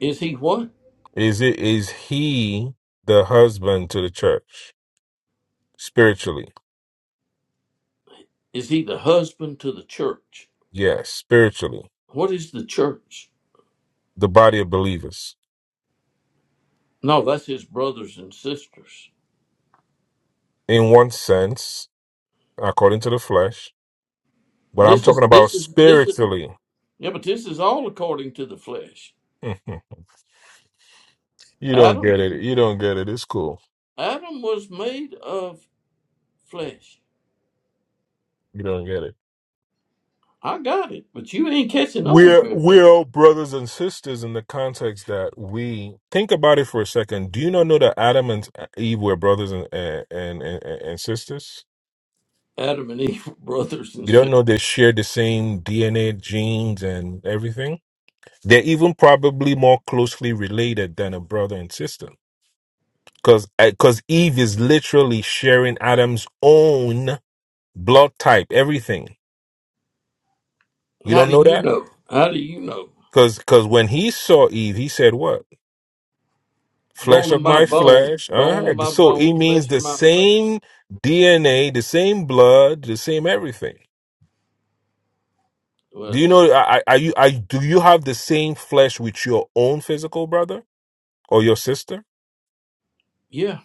[SPEAKER 1] Is He what?
[SPEAKER 7] Is it is he the husband to the church spiritually?
[SPEAKER 1] Is He the husband to the church?
[SPEAKER 7] Yes, spiritually,
[SPEAKER 1] What is the church?
[SPEAKER 7] the body of believers
[SPEAKER 1] No, that's His brothers and sisters.
[SPEAKER 7] in one sense, according to the flesh. But I'm
[SPEAKER 1] This
[SPEAKER 7] talking
[SPEAKER 1] is
[SPEAKER 7] about
[SPEAKER 1] this is this is
[SPEAKER 7] spiritually.
[SPEAKER 1] yeah, but this is all according to the flesh.
[SPEAKER 7] you don't
[SPEAKER 1] Adam
[SPEAKER 7] get it. You don't get it. It's cool.
[SPEAKER 1] Adam was made of flesh.
[SPEAKER 7] You don't get it.
[SPEAKER 1] I got it, but you ain't catching on
[SPEAKER 7] We're
[SPEAKER 1] very
[SPEAKER 7] we're
[SPEAKER 1] fast.
[SPEAKER 7] all brothers and sisters in the context that we think about it for a second. Do you not know that Adam and Eve were brothers and and and, and, and sisters?
[SPEAKER 1] Adam and Eve were brothers and
[SPEAKER 7] You
[SPEAKER 1] sisters.
[SPEAKER 7] don't know they share the same DNA, genes, and everything. They're even probably more closely related than a brother and sister. Because because Eve is literally sharing Adam's own blood type, everything. You
[SPEAKER 1] How
[SPEAKER 7] don't
[SPEAKER 1] do
[SPEAKER 7] know
[SPEAKER 1] you
[SPEAKER 7] that?
[SPEAKER 1] know? How do you know?
[SPEAKER 7] Because because when he saw Eve, he said what?
[SPEAKER 1] Bone
[SPEAKER 7] Flesh
[SPEAKER 1] of
[SPEAKER 7] of
[SPEAKER 1] my
[SPEAKER 7] my
[SPEAKER 1] bone,
[SPEAKER 7] flesh. All
[SPEAKER 1] bone of
[SPEAKER 7] right.
[SPEAKER 1] my
[SPEAKER 7] So it
[SPEAKER 1] bone,
[SPEAKER 7] means
[SPEAKER 1] flesh of
[SPEAKER 7] the
[SPEAKER 1] my flesh.
[SPEAKER 7] same DNA, the same blood, the same everything. Do
[SPEAKER 1] Well,
[SPEAKER 7] you know? Are, are you? Are, do you have the same flesh with your own physical brother? or your sister,
[SPEAKER 1] yeah,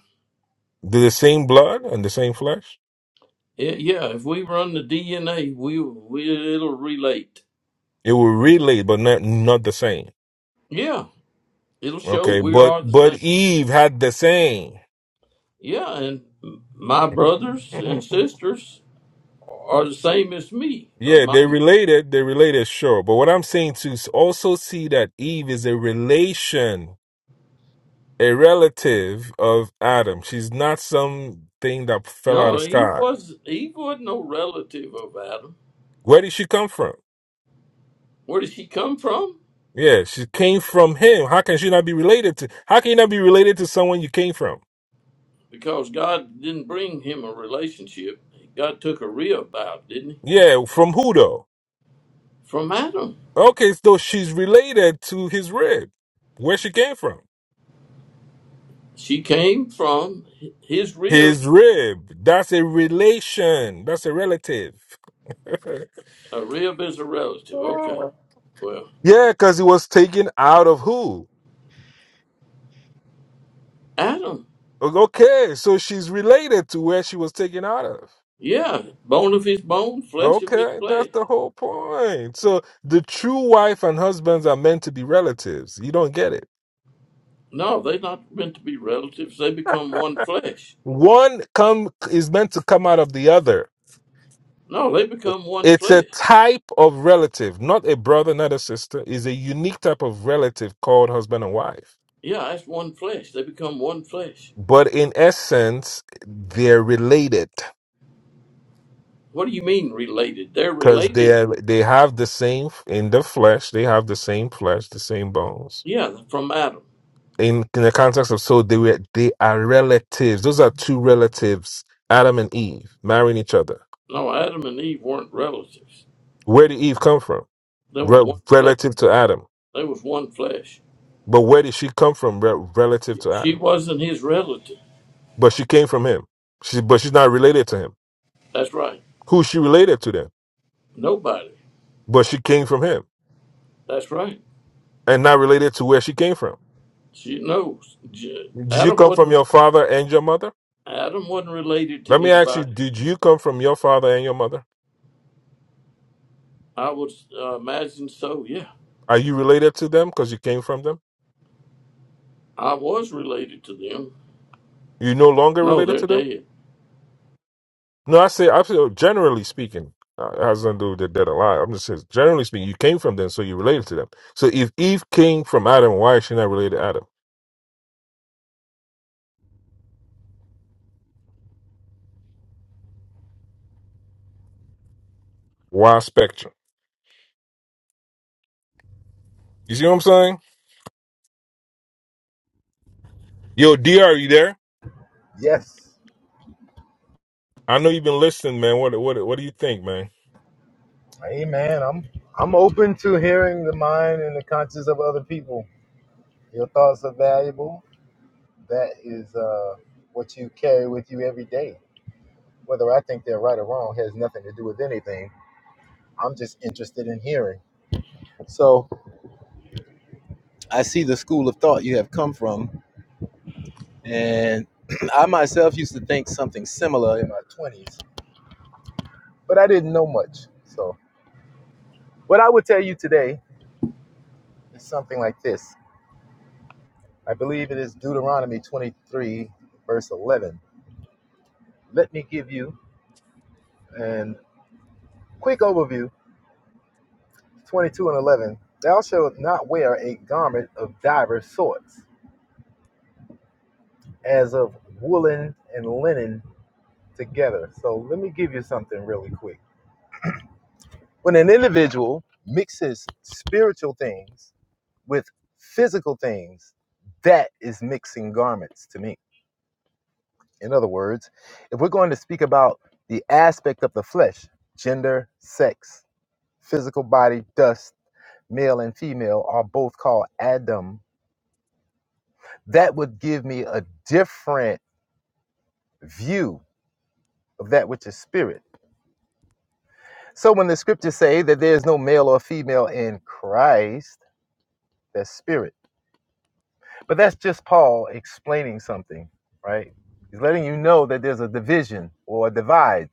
[SPEAKER 7] they're the same blood and the same flesh.
[SPEAKER 1] yeah. yeah, If we run the DNA, we we it'll relate.
[SPEAKER 7] It will relate, but not not the same.
[SPEAKER 1] Yeah, it'll show
[SPEAKER 7] Okay,
[SPEAKER 1] we
[SPEAKER 7] but
[SPEAKER 1] are the
[SPEAKER 7] but
[SPEAKER 1] same.
[SPEAKER 7] Eve had the same.
[SPEAKER 1] Yeah, and m- my brothers and
[SPEAKER 7] yeah,
[SPEAKER 1] sisters are the same as me. Of my
[SPEAKER 7] they related. They related, sure. But what I'm saying to s- also see that Eve is a relation, a relative of Adam. She's not something that fell out of
[SPEAKER 1] no,
[SPEAKER 7] the
[SPEAKER 1] Eve
[SPEAKER 7] sky.
[SPEAKER 1] was Eve was no relative of Adam.
[SPEAKER 7] Where did she come from?
[SPEAKER 1] Where did she come from?
[SPEAKER 7] Yeah, she came from him. How can she not be related to? How can you not be related to someone you came from?
[SPEAKER 1] Because God didn't bring him a relationship. God took a rib out, didn't he?
[SPEAKER 7] Yeah, from who though?
[SPEAKER 1] From Adam.
[SPEAKER 7] Okay, so she's related to his rib, where she came from.
[SPEAKER 1] She came from hi- his rib.
[SPEAKER 7] His rib. That's a relation. That's a relative. yeah,
[SPEAKER 1] A rib is a relative. Okay. Well,
[SPEAKER 7] because he was taken out of who?
[SPEAKER 1] Adam.
[SPEAKER 7] Okay, so she's related to where she was taken out of.
[SPEAKER 1] Yeah, bone of his bone, flesh of his
[SPEAKER 7] Okay, that's
[SPEAKER 1] flesh.
[SPEAKER 7] the whole point. So the true wife and husbands are meant to be relatives. You don't get it.
[SPEAKER 1] No, they're not meant to be relatives. They become one flesh.
[SPEAKER 7] One come is meant to come out of the other.
[SPEAKER 1] No, they become one
[SPEAKER 7] It's a
[SPEAKER 1] flesh.
[SPEAKER 7] type of relative, not a brother, not a sister. It's a unique type of relative called husband and wife.
[SPEAKER 1] Yeah, that's one flesh. They become one flesh.
[SPEAKER 7] But in essence, they're related
[SPEAKER 1] What do you mean related? They're
[SPEAKER 7] because they
[SPEAKER 1] related,
[SPEAKER 7] are they have the same in the flesh. They have the same flesh, the same bones.
[SPEAKER 1] yeah, from Adam.
[SPEAKER 7] In, in the context of so they were they are relatives. Those are two relatives, Adam and Eve, marrying each other.
[SPEAKER 1] No, Adam and Eve weren't relatives.
[SPEAKER 7] Where did Eve come from?
[SPEAKER 1] They were
[SPEAKER 7] Re-
[SPEAKER 1] one flesh.
[SPEAKER 7] relative to Adam.
[SPEAKER 1] They was one flesh.
[SPEAKER 7] But where did she come from? Re- relative to Adam.
[SPEAKER 1] She wasn't his relative.
[SPEAKER 7] but she came from him. She, but she's not related to him.
[SPEAKER 1] That's right.
[SPEAKER 7] Who's she related to then?
[SPEAKER 1] Nobody.
[SPEAKER 7] But she came from him
[SPEAKER 1] That's right.
[SPEAKER 7] and not related to where she came from.
[SPEAKER 1] She knows. J-
[SPEAKER 7] Did you
[SPEAKER 1] Adam
[SPEAKER 7] come from
[SPEAKER 1] wasn't.
[SPEAKER 7] your father and your mother?
[SPEAKER 1] Adam wasn't related to
[SPEAKER 7] Let me ask you,
[SPEAKER 1] anybody.
[SPEAKER 7] did you come from your father and your mother?
[SPEAKER 1] I would uh, imagine so. Yeah,
[SPEAKER 7] Are you related to them because you came from them?
[SPEAKER 1] I was related to them.
[SPEAKER 7] You no longer
[SPEAKER 1] No,
[SPEAKER 7] related
[SPEAKER 1] they're
[SPEAKER 7] to them?
[SPEAKER 1] dead.
[SPEAKER 7] No, I say, I say. oh, generally speaking, uh, it has nothing to do with the dead or alive. I'm just saying, generally speaking, you came from them, so you related to them. So if Eve came from Adam, why is she not related to Adam? Why spectrum? You see what I'm saying? Yo, D, are you there?
[SPEAKER 2] Yes.
[SPEAKER 7] I know you've been listening, man. What what what do you think, man?
[SPEAKER 2] Amen. I'm I'm open to hearing the mind and the conscience of other people. Your thoughts are valuable. That is uh, what you carry with you every day. Whether I think they're right or wrong has nothing to do with anything. I'm just interested in hearing. So I see the school of thought you have come from, and I myself used to think something similar in my 20s, but I didn't know much. So what I would tell you today is something like this. I believe it is Deuteronomy 23, verse 11. Let me give you a quick overview 22 and 11. Thou shalt not wear a garment of divers sorts, as of woolen and linen together. So let me give you something really quick. When an individual mixes spiritual things with physical things, that is mixing garments to me. In other words, if we're going to speak about the aspect of the flesh, gender, sex, physical body dust, male and female, are both called Adam, that would give me a different view of that which is spirit. So when the scriptures say that there is no male or female in Christ, that's spirit. But that's just Paul explaining something, right? He's letting you know that there's a division or a divide.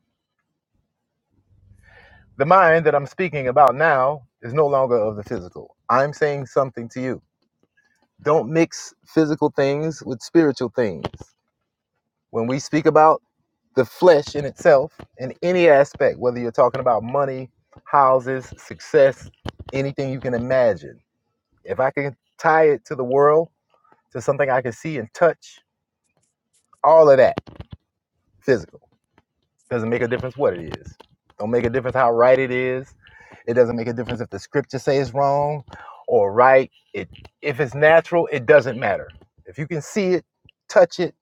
[SPEAKER 2] The mind that I'm speaking about now is no longer of the physical. I'm saying something to you. Don't mix physical things with spiritual things. When we speak about the flesh in itself, in any aspect, whether you're talking about money, houses, success, anything you can imagine, if I can tie it to the world, to something I can see and touch, all of that physical doesn't make a difference what it is. Don't make a difference how right it is. It doesn't make a difference if the scripture says wrong or right. It if it's natural, it doesn't matter. If you can see it, touch it,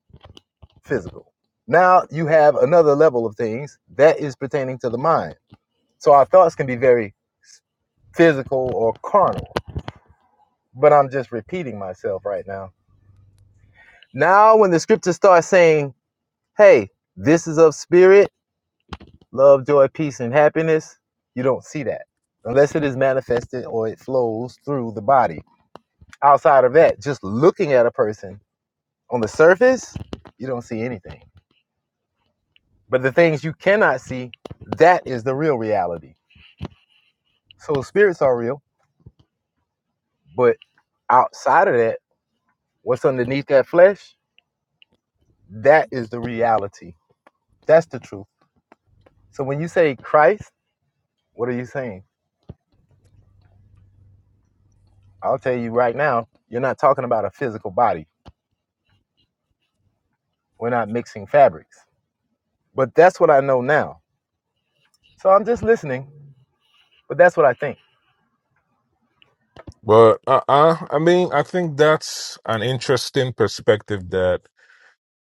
[SPEAKER 2] physical. Now you have another level of things that is pertaining to the mind. So our thoughts can be very physical or carnal. But I'm just repeating myself right now. Now, when the scriptures start saying, hey, this is of spirit, love, joy, peace, and happiness, you don't see that unless it is manifested or it flows through the body. Outside of that, just looking at a person on the surface, you don't see anything. But the things you cannot see, that is the real reality So spirits are real, but outside of that, what's underneath that flesh, that is the reality. That's the truth. So when you say Christ, what are you saying? I'll tell you right now, you're not talking about a physical body. We're not mixing fabrics. But that's what I know now. So I'm just listening, but that's what I think.
[SPEAKER 7] But uh, uh, I mean, I think that's an interesting perspective that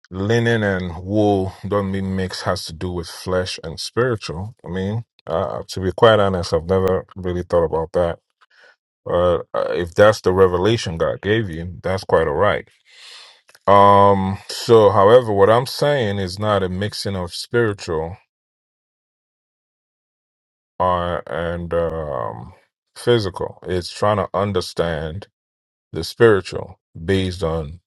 [SPEAKER 7] linen and wool don't mean mix has to do with flesh and spiritual. I mean, uh, to be quite honest, I've never really thought about that. But uh, if that's the revelation God gave you, that's quite all right. Um. So, however, what I'm saying is not a mixing of spiritual uh, and um, physical. It's trying to understand the spiritual based on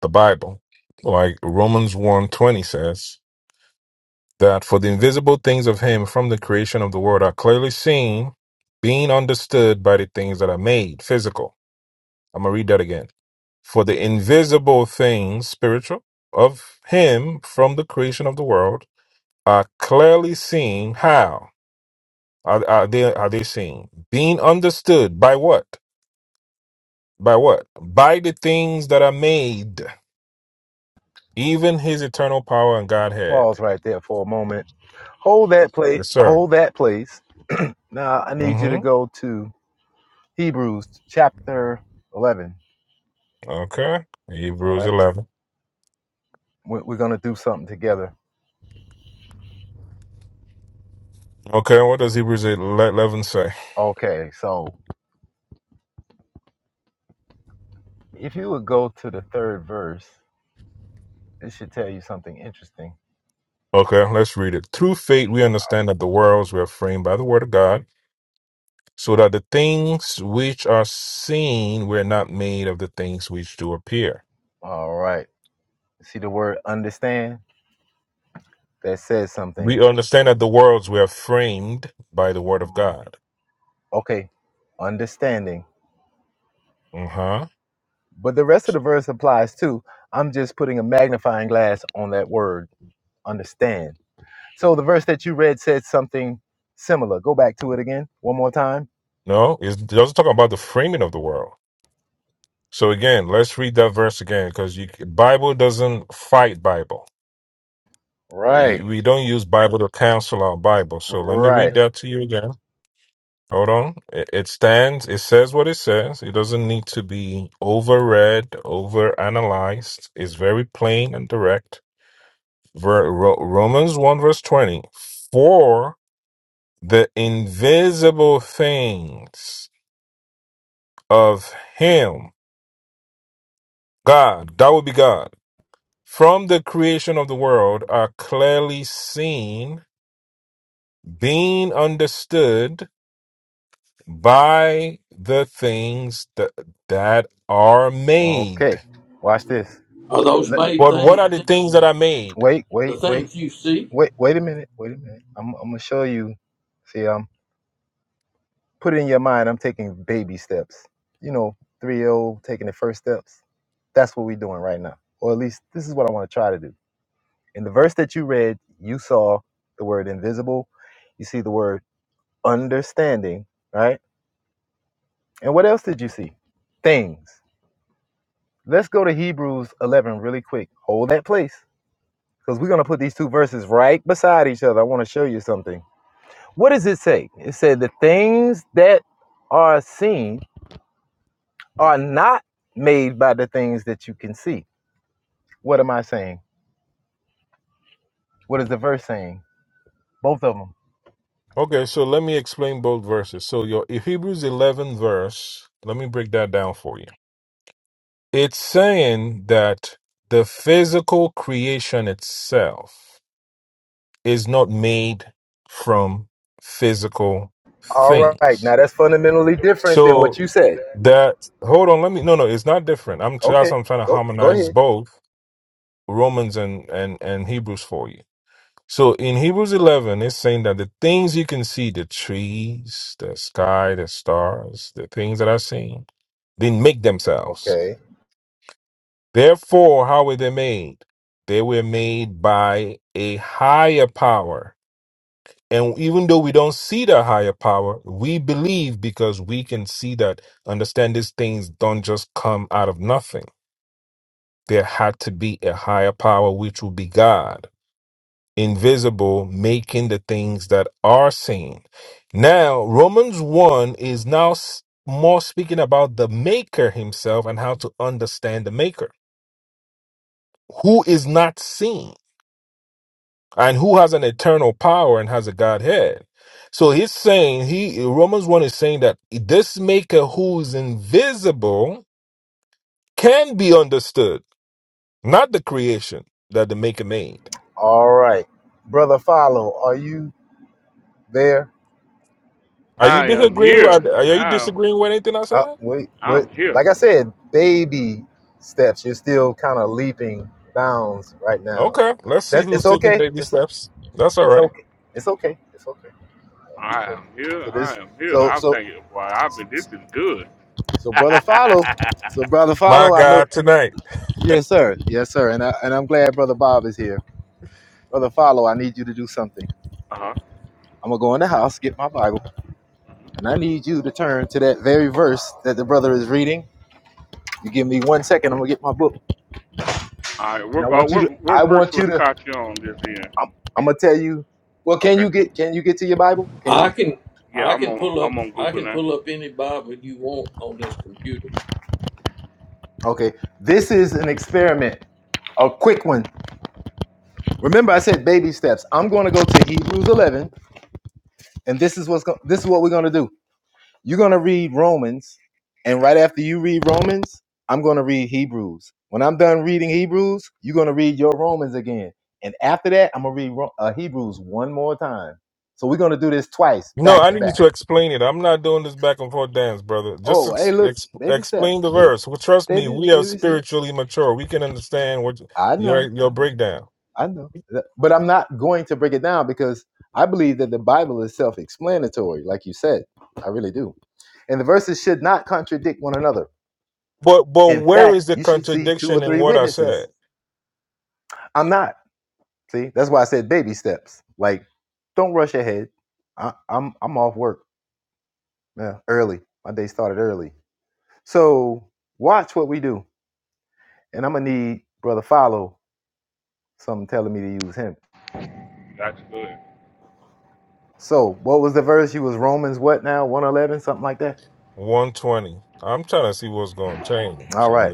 [SPEAKER 7] the Bible. Like Romans one twenty says that for the invisible things of him from the creation of the world are clearly seen, being understood by the things that are made, physical. I'm going to read that again. For the invisible things, spiritual, of him from the creation of the world are clearly seen. How? Are, are they are they seen? Being understood by what? By what? By the things that are made even his eternal power and Godhead.
[SPEAKER 2] Pause right there for a moment. Hold that place.
[SPEAKER 7] Yes, sir.
[SPEAKER 2] Hold that place. Now I need you to
[SPEAKER 7] Mm-hmm.
[SPEAKER 2] go to Hebrews chapter 11.
[SPEAKER 7] Okay.
[SPEAKER 2] All
[SPEAKER 7] Hebrews
[SPEAKER 2] right.
[SPEAKER 7] 11.
[SPEAKER 2] We- We're going to do something together
[SPEAKER 7] Okay, what does Hebrews 11 say?
[SPEAKER 2] Okay, so if you would go to the third verse, it should tell you something interesting.
[SPEAKER 7] Okay, let's read it. Through faith, we understand that the worlds were framed by the word of God, so that the things which are seen were not made of the things which do appear.
[SPEAKER 2] All right. See the word understand? That says something.
[SPEAKER 7] We understand that the worlds were framed by the word of
[SPEAKER 2] hmm
[SPEAKER 7] God.
[SPEAKER 2] Okay, understanding.
[SPEAKER 7] Uh-huh.
[SPEAKER 2] But the rest of the verse applies too. I'm just putting a magnifying glass on that word, understand. So the verse that you read said something similar. Go back to it again one more time.
[SPEAKER 7] No, it's it doesn't talk about the framing of the world. So again, let's read that verse again, because Bible doesn't fight Bible.
[SPEAKER 2] Right,
[SPEAKER 7] We don't use Bible to cancel our Bible. So let me read
[SPEAKER 2] right.
[SPEAKER 7] that to you again. Hold on. It it stands, it says what it says. It doesn't need to be overread, overanalyzed. It's very plain and direct. Ver- Ro- Romans 1, verse 20. For the invisible things of Him, God, that would be God, from the creation of the world are clearly seen, being understood by the things that, that are
[SPEAKER 2] Okay,
[SPEAKER 7] made.
[SPEAKER 2] watch this.
[SPEAKER 1] Are those
[SPEAKER 2] Let,
[SPEAKER 1] made
[SPEAKER 7] But what
[SPEAKER 1] things?
[SPEAKER 7] are the
[SPEAKER 1] seen?
[SPEAKER 7] things that are made?
[SPEAKER 2] wait,
[SPEAKER 1] The
[SPEAKER 2] wait, wait.
[SPEAKER 1] things you see
[SPEAKER 2] Wait, wait a minute. Wait a minute. I'm, I'm gonna show you. See, I'm put it in your mind. I'm taking baby steps. You know, three year old taking the first steps. That's what we're doing right now, or at least this is what I want to try to do. In the verse that you read, you saw the word invisible. You see the word understanding, right? And what else did you see? Things. Let's go to Hebrews 11 really quick. Hold that place because we're gonna put these two verses right beside each other. I want to show you something. What does it say? It said the things that are seen are not made by the things that you can see. What am I saying? What is the verse saying? Both of them.
[SPEAKER 7] Okay, so let me explain both verses. So your Hebrews 11 verse, let me break that down for you. It's saying that the physical creation itself is not made from physical
[SPEAKER 2] All right.
[SPEAKER 7] things.
[SPEAKER 2] Now that's fundamentally different than
[SPEAKER 7] So
[SPEAKER 2] what you said.
[SPEAKER 7] that hold on, let me no no, it's not different. I'm that's
[SPEAKER 2] Okay.
[SPEAKER 7] what I'm trying to
[SPEAKER 2] Go go
[SPEAKER 7] harmonize
[SPEAKER 2] ahead.
[SPEAKER 7] both Romans and, and, and Hebrews for you. So in Hebrews 11, it's saying that the things you can see, the trees, the sky, the stars, the things that are seen, didn't make themselves.
[SPEAKER 2] Okay.
[SPEAKER 7] Therefore, how were they made? They were made by a higher power. And even though we don't see that higher power, we believe because we can see that, understand these things don't just come out of nothing. There had to be a higher power, which would be God. invisible, making the things that are seen. Now, Romans 1 is now s- more speaking about the maker himself and how to understand the maker, who is not seen and who has an eternal power and has a Godhead. So he's saying, he Romans 1 is saying that this maker who is invisible can be understood, not the creation that the maker made.
[SPEAKER 2] All right. Brother Follow, are you there?
[SPEAKER 7] Are you
[SPEAKER 4] I am
[SPEAKER 7] disagreeing? Are,
[SPEAKER 4] here.
[SPEAKER 7] are you
[SPEAKER 4] I'm
[SPEAKER 7] disagreeing with anything I
[SPEAKER 2] Uh
[SPEAKER 7] said?
[SPEAKER 2] wait, what
[SPEAKER 4] I'm here.
[SPEAKER 2] like I said, baby steps. You're still kind of leaping bounds right now.
[SPEAKER 7] Okay, let's see
[SPEAKER 2] That
[SPEAKER 7] who's
[SPEAKER 2] it's
[SPEAKER 7] taking
[SPEAKER 2] okay.
[SPEAKER 7] baby
[SPEAKER 2] It's
[SPEAKER 7] steps. That's all
[SPEAKER 2] it's
[SPEAKER 7] right.
[SPEAKER 2] okay. It's okay. It's okay.
[SPEAKER 4] I
[SPEAKER 2] So,
[SPEAKER 4] am here.
[SPEAKER 2] so
[SPEAKER 4] I
[SPEAKER 2] this,
[SPEAKER 4] am here.
[SPEAKER 2] so
[SPEAKER 4] I'm
[SPEAKER 2] so
[SPEAKER 4] thinking, Wow, I been. This is good.
[SPEAKER 2] so
[SPEAKER 4] uh
[SPEAKER 2] brother follow, so brother
[SPEAKER 7] My
[SPEAKER 2] follow. I know,
[SPEAKER 7] God, tonight.
[SPEAKER 2] yes sir, yes sir, and I, and I'm glad brother Bob is here. Brother follow, I need you to do something.
[SPEAKER 4] huh.
[SPEAKER 2] I'm gonna go in the house, get my Bible, and I need you to turn to that very verse that the brother is reading. You give me one second, I'm gonna get my book,
[SPEAKER 4] All right.
[SPEAKER 2] and I
[SPEAKER 4] What, uh,
[SPEAKER 2] want you to,
[SPEAKER 4] what
[SPEAKER 2] I
[SPEAKER 4] what verse
[SPEAKER 2] want
[SPEAKER 4] was
[SPEAKER 2] you to,
[SPEAKER 4] caught you on this end?
[SPEAKER 2] I'm, I'm gonna tell you. Well, can
[SPEAKER 4] Okay.
[SPEAKER 2] you get, can you get to your Bible? Can
[SPEAKER 1] I
[SPEAKER 2] you?
[SPEAKER 1] can
[SPEAKER 4] Yeah,
[SPEAKER 1] I
[SPEAKER 4] I'm
[SPEAKER 1] can
[SPEAKER 4] on
[SPEAKER 1] pull
[SPEAKER 4] I'm
[SPEAKER 1] up
[SPEAKER 4] on
[SPEAKER 1] I
[SPEAKER 4] Google
[SPEAKER 1] can
[SPEAKER 4] now.
[SPEAKER 1] pull up any Bible you want on this computer.
[SPEAKER 2] Okay, this is an experiment, a quick one. Remember, I said baby steps. I'm gonna go to Hebrews 11 And this is what's go- this is what we're going to do. You're going to read Romans, and right after you read Romans, I'm going to read Hebrews. When I'm done reading Hebrews, you're going to read your Romans again. And after that, I'm going to read Ro- uh, Hebrews one more time. So we're going to do this twice,
[SPEAKER 7] No,
[SPEAKER 2] back
[SPEAKER 7] I
[SPEAKER 2] to
[SPEAKER 7] need you
[SPEAKER 2] back.
[SPEAKER 7] to explain it. I'm not doing this back and forth dance, brother. Just
[SPEAKER 2] Oh, hey,
[SPEAKER 7] ex-
[SPEAKER 2] look,
[SPEAKER 7] ex-
[SPEAKER 2] baby
[SPEAKER 7] explain
[SPEAKER 2] steps.
[SPEAKER 7] the
[SPEAKER 2] Baby
[SPEAKER 7] verse. Well, trust me,
[SPEAKER 2] baby
[SPEAKER 7] we are
[SPEAKER 2] baby steps.
[SPEAKER 7] spiritually mature. We can understand what
[SPEAKER 2] I
[SPEAKER 7] your
[SPEAKER 2] know. I
[SPEAKER 7] your
[SPEAKER 2] know.
[SPEAKER 7] breakdown.
[SPEAKER 2] I know. Uh, But I'm not going to break it down because I believe that the Bible is self-explanatory, like you said. I really do and the verses should not contradict one another.
[SPEAKER 7] But but
[SPEAKER 2] In
[SPEAKER 7] where
[SPEAKER 2] fact,
[SPEAKER 7] is the
[SPEAKER 2] you should see two or
[SPEAKER 7] contradiction in
[SPEAKER 2] three
[SPEAKER 7] what I
[SPEAKER 2] witnesses.
[SPEAKER 7] said?
[SPEAKER 2] I'm not. See, that's why I said baby steps. Like, don't rush ahead. I, I'm I'm off work. Yeah, early. My day started early. So watch what we do. And I'm gonna need brother follow something telling me to use him.
[SPEAKER 4] Gotcha. Good.
[SPEAKER 2] So what was the verse? You was Romans what now? 111, something like that.
[SPEAKER 7] 120. I'm trying to see what's going to change.
[SPEAKER 2] All right.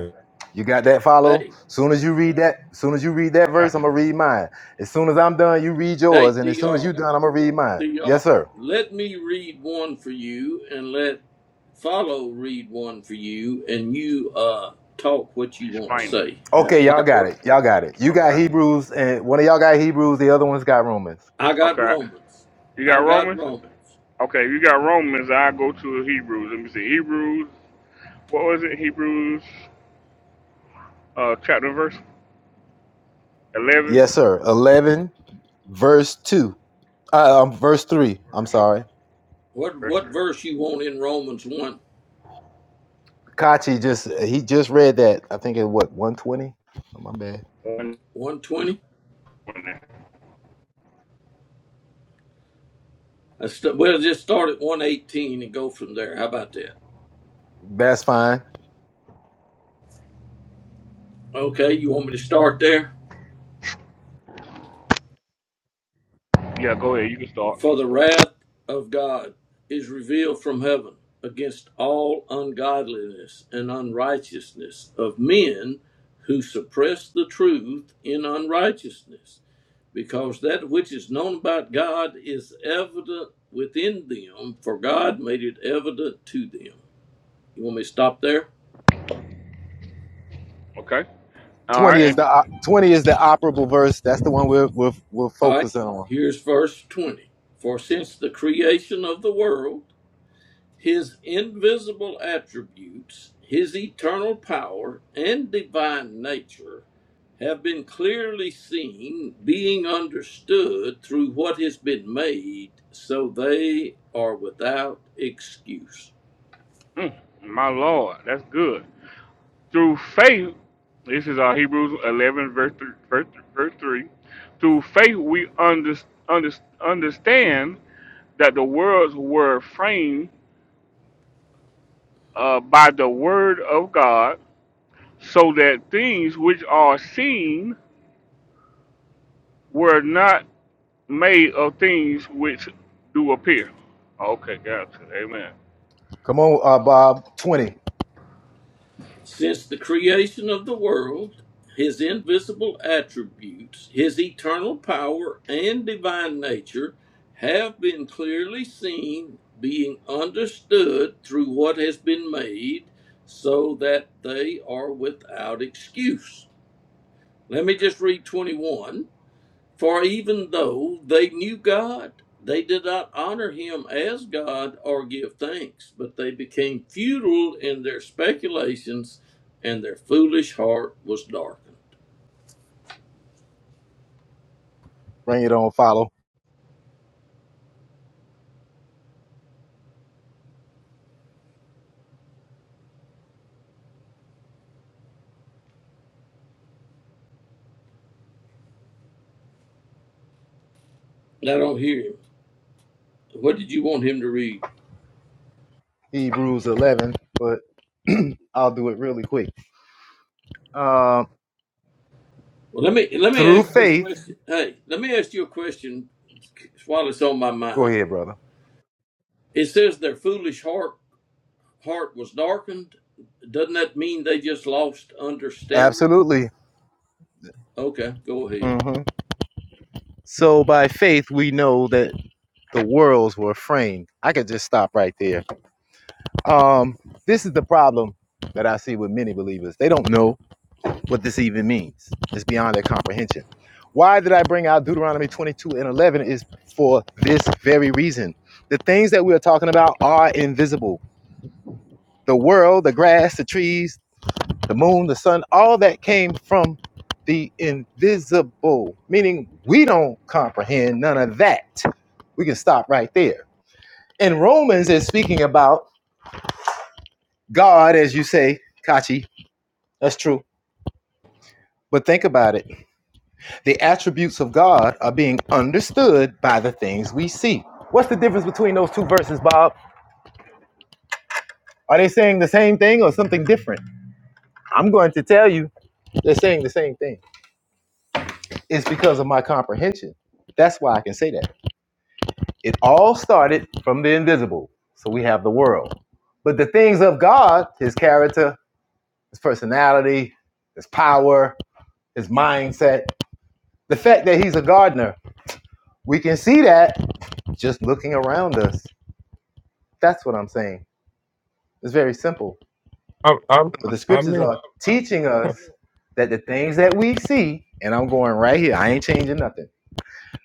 [SPEAKER 2] You got that follow?
[SPEAKER 1] Hey,
[SPEAKER 2] Soon as you read that, soon as you read that verse, I'm
[SPEAKER 4] Gotcha.
[SPEAKER 2] gonna read mine. As soon as I'm done, you read
[SPEAKER 1] hey,
[SPEAKER 2] yours, and as soon as you
[SPEAKER 1] Dr.
[SPEAKER 2] are done, I'm gonna read mine.
[SPEAKER 1] Dr.
[SPEAKER 2] Yes, sir.
[SPEAKER 1] Let me read one for you, and let follow read one for you, and you uh talk what you want to
[SPEAKER 4] Explain that.
[SPEAKER 1] say. How
[SPEAKER 2] Okay,
[SPEAKER 1] will
[SPEAKER 2] y'all
[SPEAKER 1] that
[SPEAKER 2] got
[SPEAKER 1] work?
[SPEAKER 2] it. Y'all got it. You got
[SPEAKER 4] Okay.
[SPEAKER 2] Hebrews, and one of y'all got Hebrews, the other one's got Romans.
[SPEAKER 1] I got
[SPEAKER 4] Okay.
[SPEAKER 1] Romans.
[SPEAKER 4] You got
[SPEAKER 1] I got
[SPEAKER 4] Romans?
[SPEAKER 1] Romans.
[SPEAKER 4] Okay, you got Romans, I go to Hebrews. Let me see. Hebrews what was it? Hebrews uh chapter and verse eleven?
[SPEAKER 2] Yes, sir. 11, verse 2. Uh, um, verse 3. I'm
[SPEAKER 4] Verse two.
[SPEAKER 2] sorry.
[SPEAKER 1] What
[SPEAKER 4] Verse three.
[SPEAKER 1] what verse you want in Romans one
[SPEAKER 2] Kachi just, he just read that. I think it, what, 120? Oh, my bad.
[SPEAKER 4] One.
[SPEAKER 1] one twenty?
[SPEAKER 4] one.
[SPEAKER 1] I St- well, just start at one eighteen and go from there. How about that?
[SPEAKER 2] That's fine.
[SPEAKER 1] Okay, you want me to start there?
[SPEAKER 4] Yeah, go ahead, you can start.
[SPEAKER 1] For the wrath of God is revealed from heaven against all ungodliness and unrighteousness of men who suppress the truth in unrighteousness, because that which is known about God is evident within them, for God made it evident to them. You want me to stop there?
[SPEAKER 4] Okay. All right,
[SPEAKER 2] 20 is
[SPEAKER 4] and
[SPEAKER 2] the op- 20 is the operable verse. That's the one we're, we're, we're
[SPEAKER 1] All right,
[SPEAKER 2] focusing on.
[SPEAKER 1] here's verse 20. For since the creation of the world, His invisible attributes, his eternal power, and divine nature have been clearly seen, being understood through what has been made, so they are without excuse.
[SPEAKER 4] mm, my Lord, that's good. Through faith, this is our Hebrews 11, verse 3. Verse, verse 3 through faith, we under, under, understand that the worlds were framed uh, by the word of God, so that things which are seen were not made of things which do appear. Okay, gotcha. Amen.
[SPEAKER 2] Come on, uh, Bob. 20.
[SPEAKER 1] Since the creation of the world, his invisible attributes, his eternal power, and divine nature have been clearly seen, being understood through what has been made, so that they are without excuse. Let me just read 21. For even though they knew God, they did not honor him as God or give thanks, but they became futile in their speculations and their foolish heart was darkened.
[SPEAKER 2] Bring it on, follow.
[SPEAKER 1] And I don't hear him. What did you want him to read?
[SPEAKER 2] Hebrews 11, but I'll do it really quick. Uh,
[SPEAKER 1] Well, let me let me
[SPEAKER 2] through
[SPEAKER 1] ask you a
[SPEAKER 2] faith.
[SPEAKER 1] question. Hey, let me ask you a question while it's on my
[SPEAKER 2] Go
[SPEAKER 1] mind.
[SPEAKER 2] ahead, brother.
[SPEAKER 1] It says their foolish heart heart was darkened. Doesn't that mean they just lost understanding?
[SPEAKER 2] Absolutely.
[SPEAKER 1] Okay, go ahead.
[SPEAKER 2] hmm So by faith, we know that the worlds were framed. I could just stop right there. Um, this is the problem that I see with many believers. They don't know what this even means. It's beyond their comprehension. Why did I bring out Deuteronomy 22 and 11 is for this very reason. The things that we are talking about are invisible. The world, the grass, the trees, the moon, the sun, all that came from the invisible, meaning we don't comprehend none of that. We can stop right there. And Romans is speaking about God, as you say, Kachi. That's true. But think about it. The attributes of God are being understood by the things we see. What's the difference between those two verses, Bob? Are they saying the same thing or something different? I'm going to tell you, they're saying the same thing. It's because of my comprehension. That's why I can say that. It all started from the invisible. So we have the world. But the things of God, his character, his personality, his power, his mindset, the fact that he's a gardener, we can see that just looking around us. That's what I'm saying. It's very simple.
[SPEAKER 7] i I'm
[SPEAKER 2] But the
[SPEAKER 7] I
[SPEAKER 2] scriptures
[SPEAKER 7] mean,
[SPEAKER 2] are teaching us that the things that we see, and I'm going right here, I ain't changing nothing.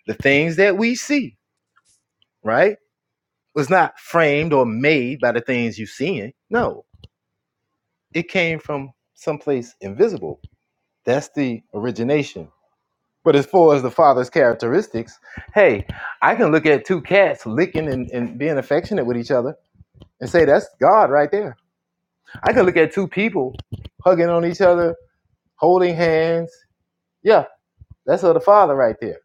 [SPEAKER 2] The things that we see, right, was not framed or made by the things you're seeing. No, It came from someplace invisible. That's the origination. But as far as the father's characteristics, hey, I can look at two cats licking and, and being affectionate with each other and say that's God right there. I can look at two people hugging on each other, holding hands. Yeah, that's of the father right there.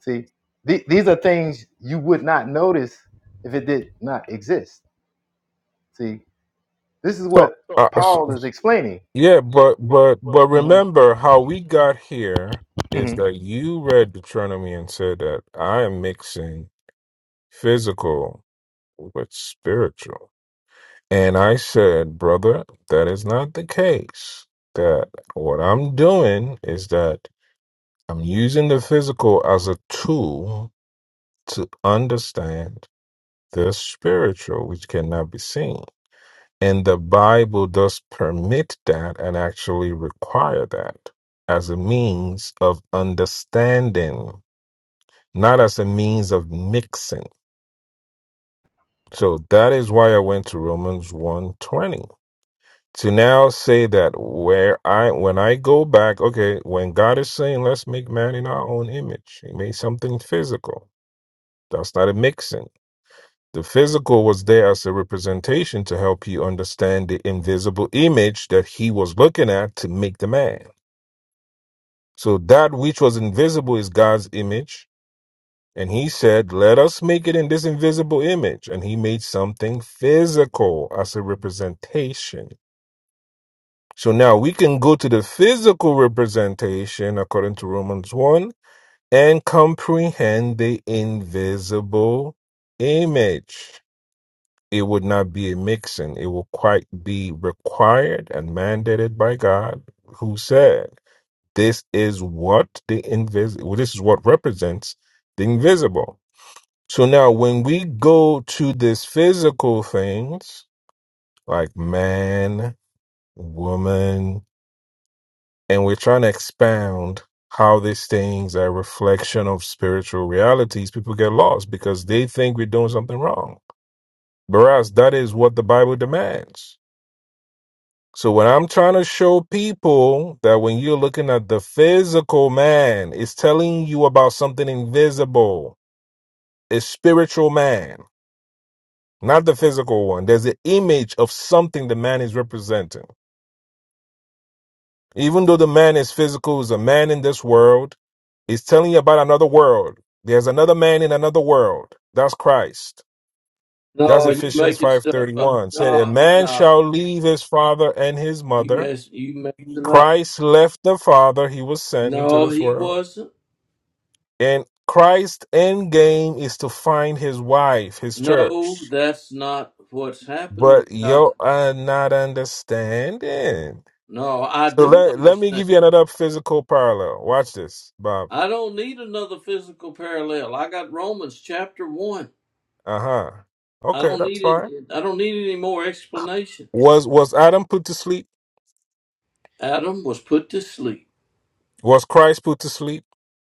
[SPEAKER 2] See, the- these are things you would not notice if it did not exist. See, this is
[SPEAKER 7] so.
[SPEAKER 2] what
[SPEAKER 7] uh,
[SPEAKER 2] Paul is explaining.
[SPEAKER 7] Yeah, but but but
[SPEAKER 2] hmm
[SPEAKER 7] remember how we got here
[SPEAKER 2] hmm
[SPEAKER 7] is that you read Deuteronomy and said that I am mixing physical with spiritual. And I said, brother, that is not the case. That what I'm doing is that I'm using the physical as a tool to understand the spiritual, which cannot be seen. And the Bible does permit that and actually require that as a means of understanding, not as a means of mixing. So that is why I went to Romans 120. To now say that where I when I go back, okay, when God is saying let's make man in our own image, he made something physical. That's not a mixing. The physical was there as a representation to help you understand the invisible image that he was looking at to make the man. So that which was invisible is God's image. And he said, Let us make it in this invisible image. And he made something physical as a representation. So now we can go to the physical representation according to Romans 1 and comprehend the invisible image. It would not be a mixing. It will quite be required and mandated by God, who said, "This is what the invisible. This is what represents the invisible." So now, when we go to these physical things like man, woman, and we're trying to expound how these things are a reflection of spiritual realities, people get lost because they think we're doing something wrong. Whereas that is what the Bible demands. So what I'm trying to show people that when you're looking at the physical man, it's telling you about something invisible. It's spiritual man, not the physical one. There's an image of something the man is representing. Even though the man is physical, is a man in this world, it's telling you about another world. There's another man in another world. That's Christ. That's
[SPEAKER 1] No, you
[SPEAKER 7] Ephesians
[SPEAKER 1] making stuff up.
[SPEAKER 7] 5:31. Said a
[SPEAKER 1] No,
[SPEAKER 7] man
[SPEAKER 1] no,
[SPEAKER 7] shall leave his father and his
[SPEAKER 1] you
[SPEAKER 7] mother
[SPEAKER 1] mess, you messing up.
[SPEAKER 7] Christ left the Father, he was sent into
[SPEAKER 1] No,
[SPEAKER 7] this
[SPEAKER 1] he
[SPEAKER 7] world.
[SPEAKER 1] wasn't.
[SPEAKER 7] And Christ's end game is to find his wife, his
[SPEAKER 1] No,
[SPEAKER 7] church.
[SPEAKER 1] that's not what's happening.
[SPEAKER 7] But
[SPEAKER 1] Cocky.
[SPEAKER 7] you are not understanding.
[SPEAKER 1] No, I
[SPEAKER 7] So
[SPEAKER 1] do
[SPEAKER 7] let, let me
[SPEAKER 1] understand.
[SPEAKER 7] give you another physical parallel. Watch this, Bob.
[SPEAKER 1] I don't need another physical parallel. I got Romans chapter one.
[SPEAKER 7] Uh-huh.
[SPEAKER 1] I
[SPEAKER 7] Okay,
[SPEAKER 1] don't
[SPEAKER 7] that's
[SPEAKER 1] need
[SPEAKER 7] fine.
[SPEAKER 1] it. I don't need any more explanation.
[SPEAKER 7] Was was Adam put to sleep?
[SPEAKER 1] Adam was put to sleep.
[SPEAKER 7] Was Christ put to sleep?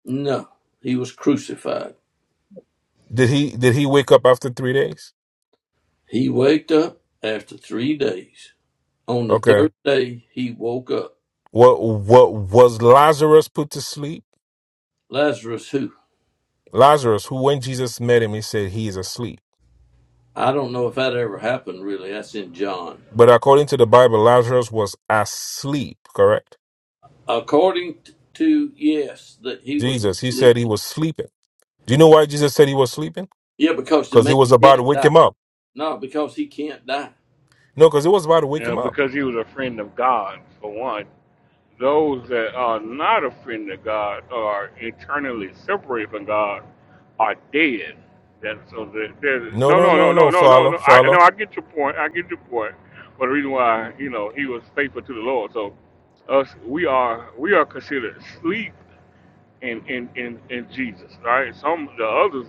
[SPEAKER 1] No, he was crucified.
[SPEAKER 7] Did he did he wake up after three days?
[SPEAKER 1] He waked up after three days. On the
[SPEAKER 7] Okay.
[SPEAKER 1] third day, he woke up.
[SPEAKER 7] What what was Lazarus put to sleep?
[SPEAKER 1] Lazarus, who?
[SPEAKER 7] Lazarus, who when Jesus met him, he said he is asleep.
[SPEAKER 1] I don't know if that ever happened, really. That's in John.
[SPEAKER 7] But according to the Bible, Lazarus was asleep, correct?
[SPEAKER 1] According to, yes, that he was
[SPEAKER 7] Jesus, he
[SPEAKER 1] asleep.
[SPEAKER 7] said he was sleeping. Do you know why Jesus said he was sleeping?
[SPEAKER 1] Yeah, because the
[SPEAKER 7] Because he
[SPEAKER 1] man
[SPEAKER 7] was about to
[SPEAKER 1] can't
[SPEAKER 7] wake
[SPEAKER 1] die.
[SPEAKER 7] him up.
[SPEAKER 1] No, because he can't die.
[SPEAKER 7] No, because it was about to wake
[SPEAKER 4] Yeah,
[SPEAKER 7] him up.
[SPEAKER 4] because he was a friend of God, for one. Those that are not offended God or eternally separated from God are dead. That so that there's
[SPEAKER 7] No,
[SPEAKER 4] no
[SPEAKER 7] no,
[SPEAKER 4] no
[SPEAKER 7] no,
[SPEAKER 4] no no
[SPEAKER 7] no,
[SPEAKER 4] no no
[SPEAKER 7] follow,
[SPEAKER 4] no. I no
[SPEAKER 7] follow.
[SPEAKER 4] I get your point. I get your point. But the reason why you know he was faithful to the Lord. So us we are we are considered sleep in in in, in Jesus. Right. Some the others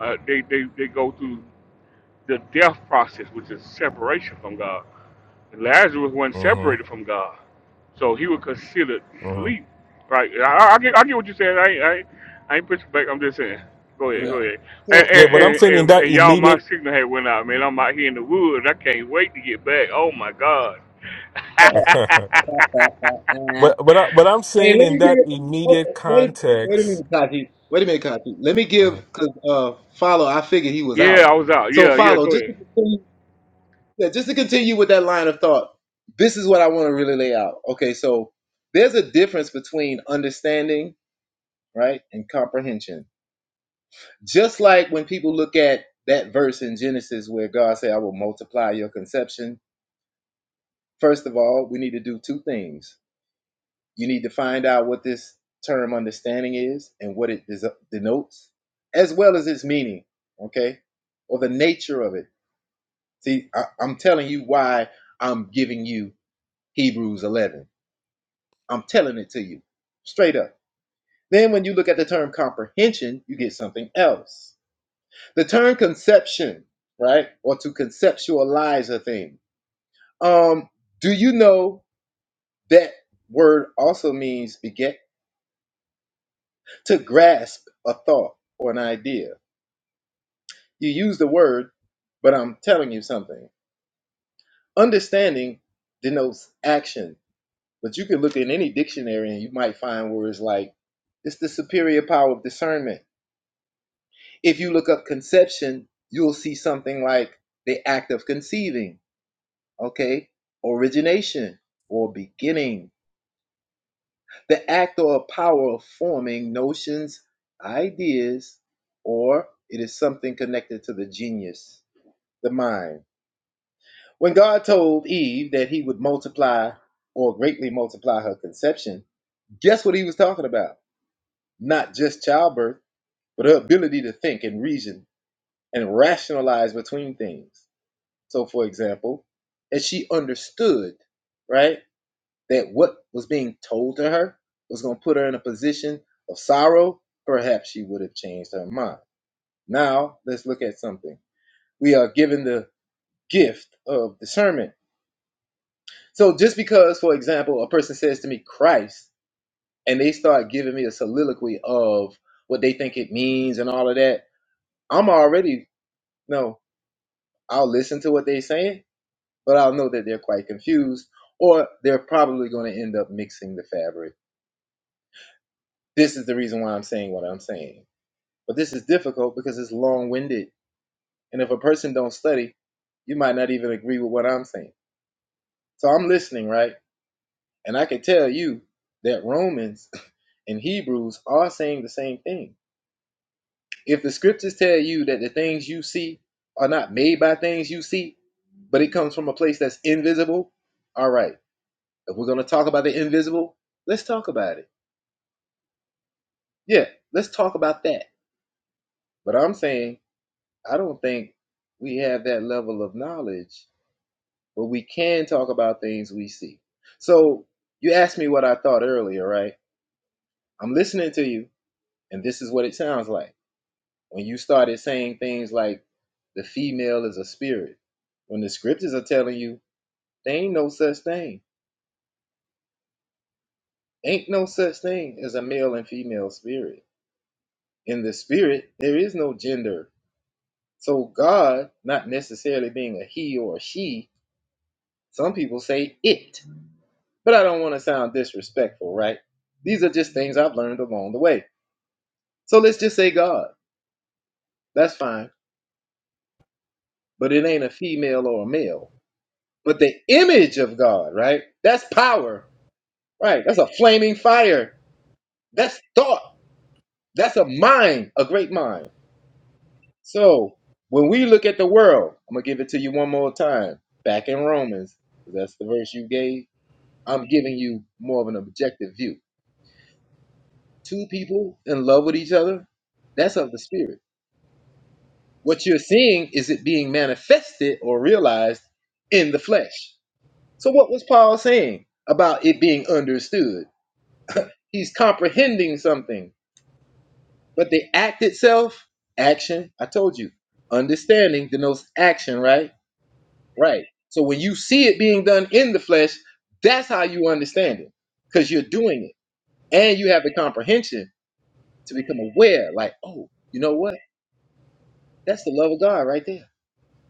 [SPEAKER 4] uh, they they they go through the death process, which is separation from God. Lazarus wasn't separated
[SPEAKER 7] Mm-hmm,
[SPEAKER 4] from God, so he was considered
[SPEAKER 7] hmm
[SPEAKER 4] sleep. Right? I, I, get, I get what you're saying. I, ain't- I, ain't- I ain't pushing back. I'm just saying. Go ahead, go
[SPEAKER 1] Well,
[SPEAKER 4] ahead. And,
[SPEAKER 7] Yeah,
[SPEAKER 4] and,
[SPEAKER 7] but I'm
[SPEAKER 4] and,
[SPEAKER 2] Well,
[SPEAKER 7] saying in
[SPEAKER 4] and,
[SPEAKER 7] that
[SPEAKER 4] and y'all,
[SPEAKER 7] immediate
[SPEAKER 4] my signal had went out, man. I'm out here in the woods. I can't wait to get back. Oh my God.
[SPEAKER 2] well, Uh,
[SPEAKER 7] but
[SPEAKER 2] Hey,
[SPEAKER 7] but I, but I'm saying
[SPEAKER 2] let
[SPEAKER 7] in
[SPEAKER 2] me
[SPEAKER 7] that
[SPEAKER 2] give.
[SPEAKER 7] immediate
[SPEAKER 2] oh, Wait, wait a
[SPEAKER 7] context.
[SPEAKER 2] minute, Kachi. Wait a minute, Kachi. Let me give
[SPEAKER 7] Uh,
[SPEAKER 2] because uh, follow. I figured he was
[SPEAKER 4] yeah, I
[SPEAKER 2] out.
[SPEAKER 4] was out.
[SPEAKER 2] So
[SPEAKER 4] Yeah, yeah.
[SPEAKER 2] follow.
[SPEAKER 4] Go
[SPEAKER 2] Just to
[SPEAKER 4] ahead.
[SPEAKER 2] continue, yeah, just to continue with that line of thought. This is what I want to really lay out. Okay, so there's a difference between understanding, right, and comprehension. Just like when people look at that verse in Genesis where God said, "I will multiply your conception." First of all, we need to do two things. You need to find out what this term understanding is and what it denotes, as well as its meaning, okay, or the nature of it. See, I- I'm telling you why I'm giving you Hebrews 11. I'm telling it to you straight up. Then, when you look at the term comprehension, you get something else. The term conception, right, or to conceptualize a thing. Um, do you know that word also means "beget"? to grasp a thought or an idea. You use the word, but I'm telling you something. Understanding denotes action, but you can look in any dictionary and you might find words like it's the superior power of discernment. If you look up conception, you'll see something like the act of conceiving, okay? Origination or beginning, the act or power of forming notions, ideas, or it is something connected to the genius the mind. When God told Eve that he would multiply or greatly multiply her conception, guess what he was talking about? Not just childbirth, but her ability to think and reason and rationalize between things. So, for example, as she understood, right, that what was being told to her was going to put her in a position of sorrow, perhaps she would have changed her mind. Now, let's look at something. We are given the gift of discernment So just because, for example, a person says to me Christ and they start giving me a soliloquy of what they think it means and all of that, I'm already no, I'll listen to what they're saying, but I'll know that they're quite confused or they're probably going to end up mixing the fabric. This is the reason why I'm saying what I'm saying. But this is difficult because it's long-winded. And if a person don't study, you might not even agree with what I'm saying. So I'm listening, right? And I can tell you that Romans and Hebrews are saying the same thing. If the scriptures tell you that the things you see are not made by things you see, but it comes from a place that's invisible, all right. If we're going to talk about the invisible, let's talk about it. Yeah, let's talk about that. But I'm saying, I don't think we have that level of knowledge, but we can talk about things we see. So you asked me what I thought earlier, right? I'm listening to you, and this is what it sounds like. When you started saying things like the female is a spirit, when the scriptures are telling you there ain't no such thing, ain't no such thing as a male and female spirit. In the spirit, there is no gender. So God, not necessarily being a he or a she, some people say it, but I don't want to sound disrespectful, right? These are just things I've learned along the way. So let's just say God. That's fine, but it ain't a female or a male. But the image of God, right? That's power. Right. That's a flaming fire. That's thought. That's a mind, a great mind. So when we look at the world, I'm going to give it to you one more time. Back in Romans, that's the verse you gave. I'm giving you more of an objective view. Two people in love with each other, that's of the spirit. What you're seeing is it being manifested or realized in the flesh. So what was Paul saying about it being understood? He's comprehending something But the act itself, action, I told you, understanding denotes action, right? Right. So when you see it being done in the flesh, that's how you understand it because you're doing it and you have the comprehension to become aware, like, oh, you know what? That's the love of God right there.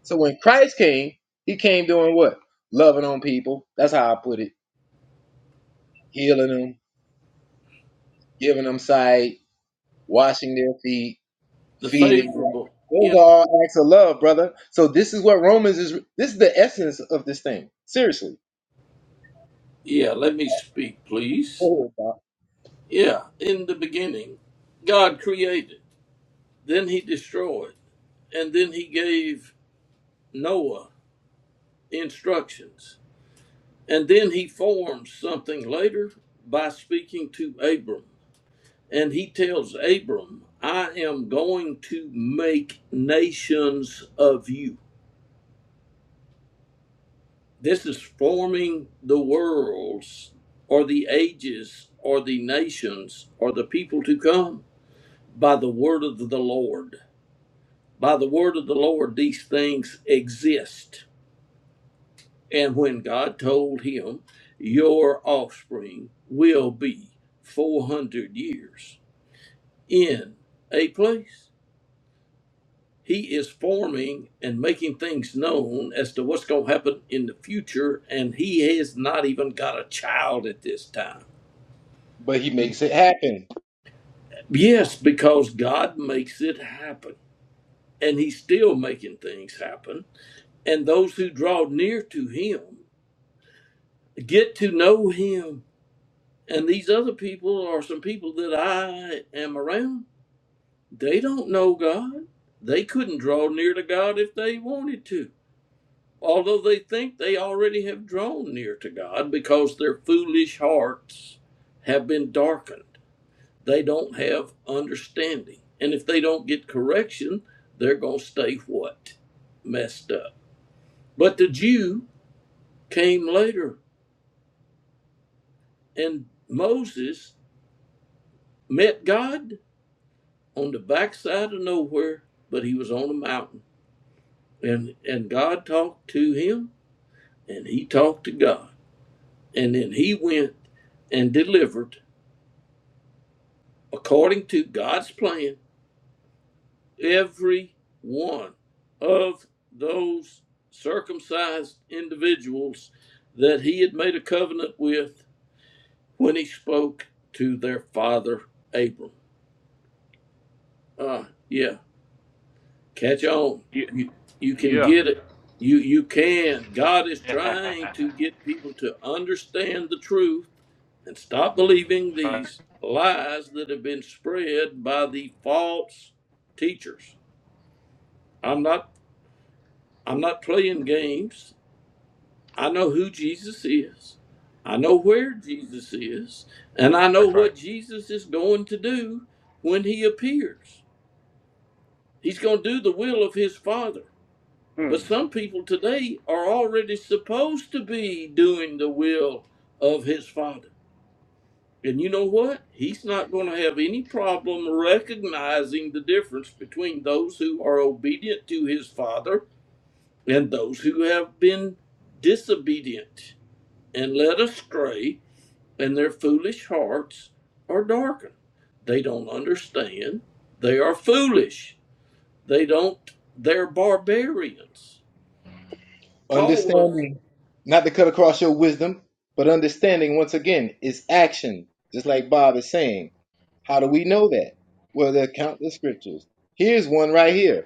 [SPEAKER 2] So when Christ came, he came doing what? Loving on people. That's how I put it. Healing them, giving them sight, washing their feet,
[SPEAKER 1] the
[SPEAKER 2] feeding.
[SPEAKER 1] favorable. Yeah,
[SPEAKER 2] Those are all acts of love, brother. So this is what Romans is. This is the essence of this thing. Seriously.
[SPEAKER 1] yeah, let me speak, please.
[SPEAKER 2] But
[SPEAKER 1] Yeah, in the beginning, God created, then he destroyed, and then he gave Noah instructions, and then he formed something later by speaking to Abram. And he tells Abram, I am going to make nations of you. This is forming the worlds or the ages or the nations or the people to come by the word of the Lord. By the word of the Lord, these things exist. And when God told him, Your offspring will be 400 years in a place He is forming and making things known as to what's going to happen in the future, and he has not even got a child at this time.
[SPEAKER 2] he makes it happen.
[SPEAKER 1] Yes, because God makes it happen, and he's still making things happen. And those who draw near to him get to know him. And these other people are some people that I am around. They don't know God. They couldn't draw near to God if they wanted to although they think they already have drawn near to God because their foolish hearts have been darkened. They don't have understanding. And if they don't get correction, they're going to stay what? Messed up. But the Jew came later, and Moses met God on the backside of nowhere, but he was on a mountain. And, and God talked to him, and he talked to God. And then he went and delivered according to God's plan, every one of those circumcised individuals that he had made a covenant with when he spoke to their father Abram. Uh, yeah, catch on.
[SPEAKER 4] Yeah,
[SPEAKER 1] You, you can
[SPEAKER 4] yeah.
[SPEAKER 1] get it. You, you can. God is
[SPEAKER 4] That's
[SPEAKER 1] trying to get people to understand the truth and stop believing
[SPEAKER 4] right.
[SPEAKER 1] these lies that have been spread by the false teachers. I'm not I'm not playing games. I know who Jesus is. I know where Jesus is. And I know
[SPEAKER 4] That's right.
[SPEAKER 1] what Jesus is going to do when he appears. He's going to do the will of his Father.
[SPEAKER 4] Hmm.
[SPEAKER 1] But some people today are already supposed to be doing the will of his Father. And you know what? He's not going to have any problem recognizing the difference between those who are obedient to his Father and those who have been disobedient and led astray, and their foolish hearts are darkened. They don't understand. They are foolish. They don't, they're barbarians. Paul
[SPEAKER 2] Understand.
[SPEAKER 1] was
[SPEAKER 2] Not to cut across your wisdom, but understanding once again is action, just like Bob is saying. How do we know that? Well, there are countless scriptures. Here's one right here.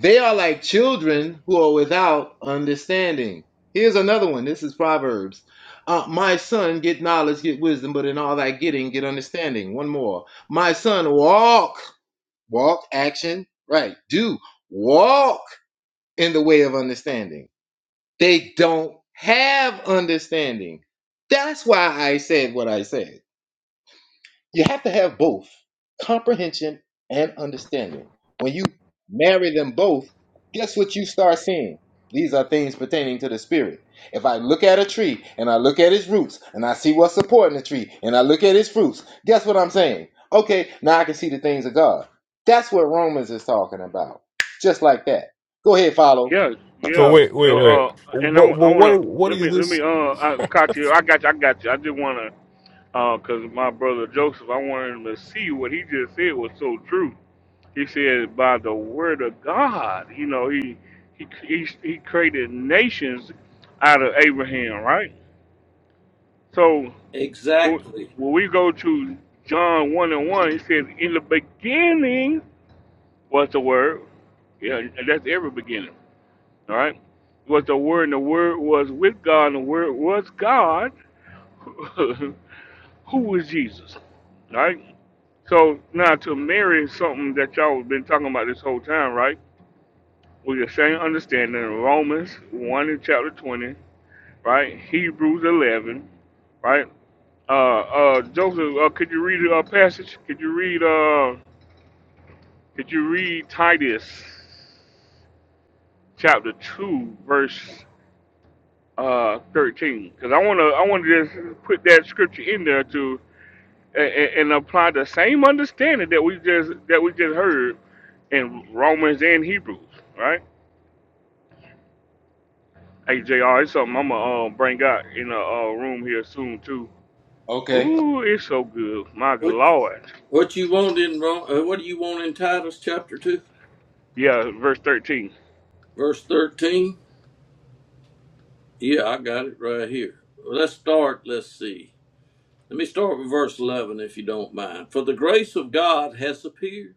[SPEAKER 2] They are like children who are without understanding. Here's another one. This is Proverbs. Uh, my son, get knowledge, get wisdom, but in all thy getting, get understanding. One more. My son, walk, walk, action, right, do, walk in the way of understanding. They don't have understanding. That's why I said what I said. You have to have both comprehension and understanding. When you marry them both, guess what you start seeing? These are things pertaining to the spirit. If I look at a tree and I look at its roots and I see what's supporting the tree and I look at its fruits, guess what I'm saying? Okay, now I can see the things of God. That's what Romans is talking about. Just like that. Go ahead, follow.
[SPEAKER 4] Yeah,
[SPEAKER 7] so
[SPEAKER 4] yeah.
[SPEAKER 7] wait wait
[SPEAKER 4] Uh,
[SPEAKER 7] wait.
[SPEAKER 4] uh, and I,
[SPEAKER 7] But
[SPEAKER 4] wa- I
[SPEAKER 7] well,
[SPEAKER 4] wanna
[SPEAKER 7] what what
[SPEAKER 4] let
[SPEAKER 7] is
[SPEAKER 4] me let me
[SPEAKER 7] this?
[SPEAKER 4] uh, I, caught you. I got you. I got you. I just wanna uh, cause my brother Joseph, I wanted him to see what he just said was so true. He said by the word of God, you know, he he he, he created nations out of Abraham, right? So when
[SPEAKER 1] exactly
[SPEAKER 4] when we go to John one and one, he said in the beginning was the word. Yeah, and that's every beginning. All right, was the Word, and the Word was with God, and the Word was God. Who was Jesus? All right. So now to marry something that y'all have been talking about this whole time, right? With the same understanding, Romans one and chapter twenty, right? Hebrews eleven, right? Uh, uh, Joseph, uh, could you read a uh, passage? Could you read? Uh, could you read Titus chapter two, verse? uh, 13 because I want to I want to just put that scripture in there to and, and apply the same understanding that we just that we just heard in Romans and Hebrews, right? Hey Jr., it's something I'm gonna uh, bring out in a uh, room here soon too.
[SPEAKER 2] Okay.
[SPEAKER 4] Ooh, it's so good, my
[SPEAKER 1] what
[SPEAKER 4] lord.
[SPEAKER 1] what you want in Ro- uh, what do you want in Titus chapter 2
[SPEAKER 4] Yeah, verse 13.
[SPEAKER 1] verse 13 yeah I got it right here Well, let's start let's see let me start with verse 11 if you don't mind for the grace of God has appeared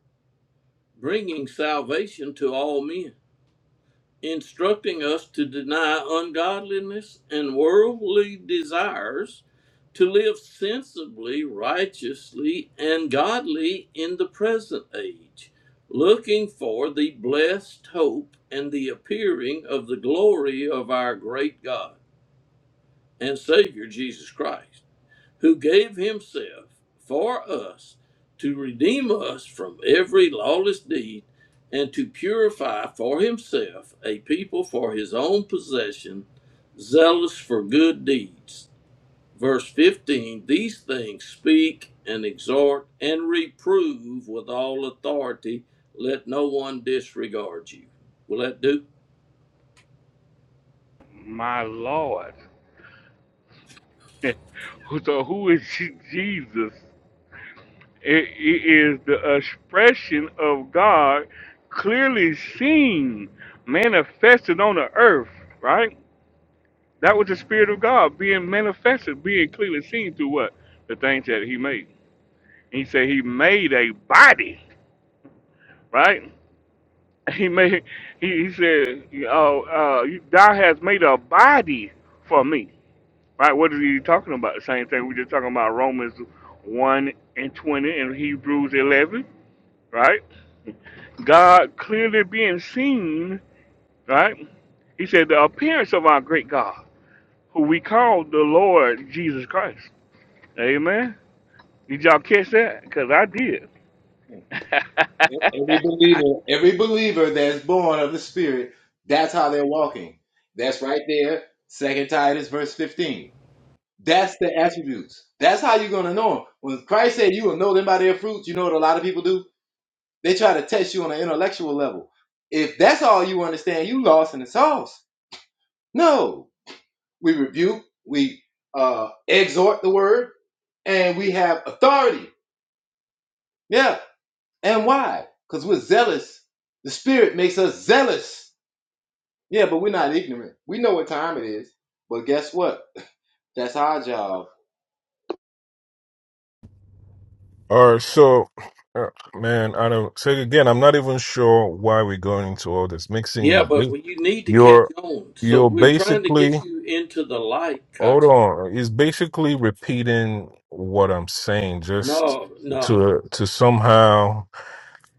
[SPEAKER 1] bringing salvation to all men instructing us to deny ungodliness and worldly desires, to live sensibly, righteously, and godly in the present age, looking for the blessed hope and the appearing of the glory of our great God and Savior Jesus Christ who gave himself for us to redeem us from every lawless deed and to purify for himself a people for his own possession, zealous for good deeds. Verse 15 These things speak and exhort and reprove with all authority. Let no one disregard you. Will that do?
[SPEAKER 4] My lord. so who is Jesus? It, it is the expression of God clearly seen, manifested on the earth, right? That was the Spirit of God being manifested, being clearly seen through what? The things that He made. He said He made a body, right? He made, He, he said, oh, uh, you- Thou hast made a body for me, right? What is He talking about? The same thing we just talking about Romans 1 and 20 and Hebrews 11, right? God clearly being seen, right? He said, the appearance of our great God, who we call the Lord Jesus Christ. Amen. Did y'all catch that? Because I did.
[SPEAKER 2] Every believer that's born of the Spirit, that's how they're walking. That's right there, Second Titus verse 15. That's the attributes. That's how you're gonna know them. When Christ said you will know them by their fruits, you know what a lot of people do? They try to test you on an intellectual level. If that's all you understand, you lost in the sauce. No. We rebuke, we uh exhort the word, and we have authority. Yeah. And why? Because we're zealous. The spirit makes us zealous Yeah, but we're not ignorant. We know what time it is. But guess what? That's our job.
[SPEAKER 7] All right, so uh, man, I don't. So again, I'm not even sure why we're going into all this mixing. You
[SPEAKER 1] Yeah, but
[SPEAKER 7] ba-
[SPEAKER 1] well, you need to catch
[SPEAKER 7] you're
[SPEAKER 1] on. So
[SPEAKER 7] you're
[SPEAKER 1] we're trying to
[SPEAKER 7] basically
[SPEAKER 1] get you into the light,
[SPEAKER 7] hold
[SPEAKER 1] Kachi.
[SPEAKER 7] on. It's basically repeating what I'm saying, just
[SPEAKER 1] No, no.
[SPEAKER 7] to to somehow.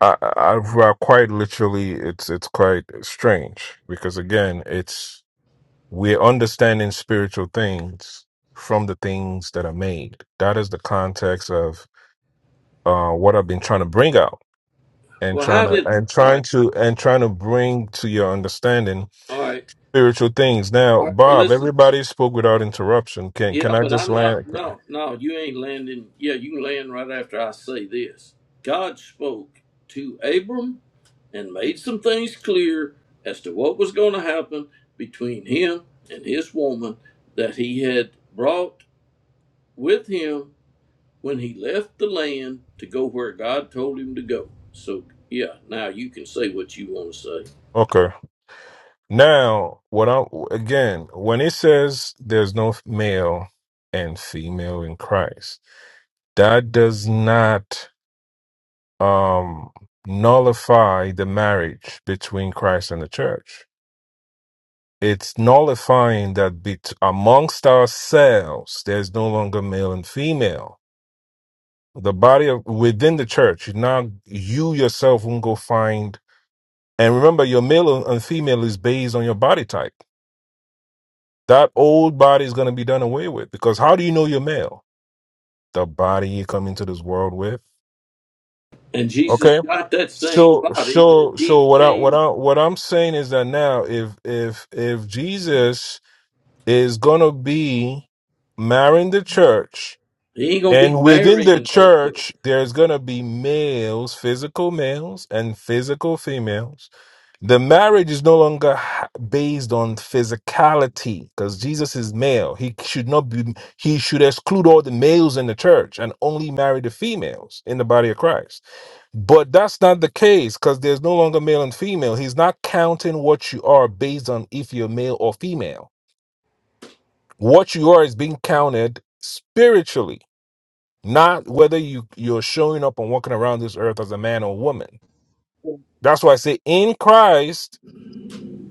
[SPEAKER 7] I, I, I well, quite literally, it's it's quite strange because again, it's. We're understanding spiritual things from the things that are made. That is the context of uh, what I've been trying to bring out and
[SPEAKER 1] Well,
[SPEAKER 7] trying
[SPEAKER 1] how
[SPEAKER 7] to
[SPEAKER 1] did?
[SPEAKER 7] and
[SPEAKER 1] All
[SPEAKER 7] trying
[SPEAKER 1] right,
[SPEAKER 7] to and trying to bring to your understanding
[SPEAKER 1] all right,
[SPEAKER 7] spiritual things. Now,
[SPEAKER 1] all right. Well,
[SPEAKER 7] Bob,
[SPEAKER 1] listen.
[SPEAKER 7] everybody spoke without interruption. Can
[SPEAKER 1] Yeah,
[SPEAKER 7] can I
[SPEAKER 1] but
[SPEAKER 7] just
[SPEAKER 1] I'm not.
[SPEAKER 7] land?
[SPEAKER 1] No, no, you ain't landing. Yeah, you can land right after I say this. God spoke to Abram and made some things clear as to what was going to happen between him and his woman that he had brought with him when he left the land to go where God told him to go. So, yeah, now you can say what you want to say.
[SPEAKER 7] Okay. Now, what I again, when it says there's no male and female in Christ, that does not um, nullify the marriage between Christ and the church. It's nullifying that bet- amongst ourselves, there's no longer male and female. The body of within the church, now you yourself won't go find. And remember, your male and female is based on your body type. That old body is going to be done away with because how do you know you're male? The body you come into this world with.
[SPEAKER 1] And
[SPEAKER 7] okay.
[SPEAKER 1] Jesus got that same
[SPEAKER 7] So
[SPEAKER 1] body that
[SPEAKER 7] so so
[SPEAKER 1] he
[SPEAKER 7] what I what
[SPEAKER 1] came
[SPEAKER 7] I what I'm saying is that now if if if Jesus is gonna be marrying the church
[SPEAKER 1] He ain't gonna be
[SPEAKER 7] and within the
[SPEAKER 1] marrying no church.
[SPEAKER 7] church there's gonna be males, physical males and physical females, the marriage is no longer ha- based on physicality because Jesus is male. He should not be he should exclude all the males in the church and only marry the females in the body of Christ. But that's not the case because there's no longer male and female. He's not counting what you are based on if you're male or female. What you are is being counted spiritually, not whether you, you're showing up and walking around this earth as a man or woman. That's why I say in Christ,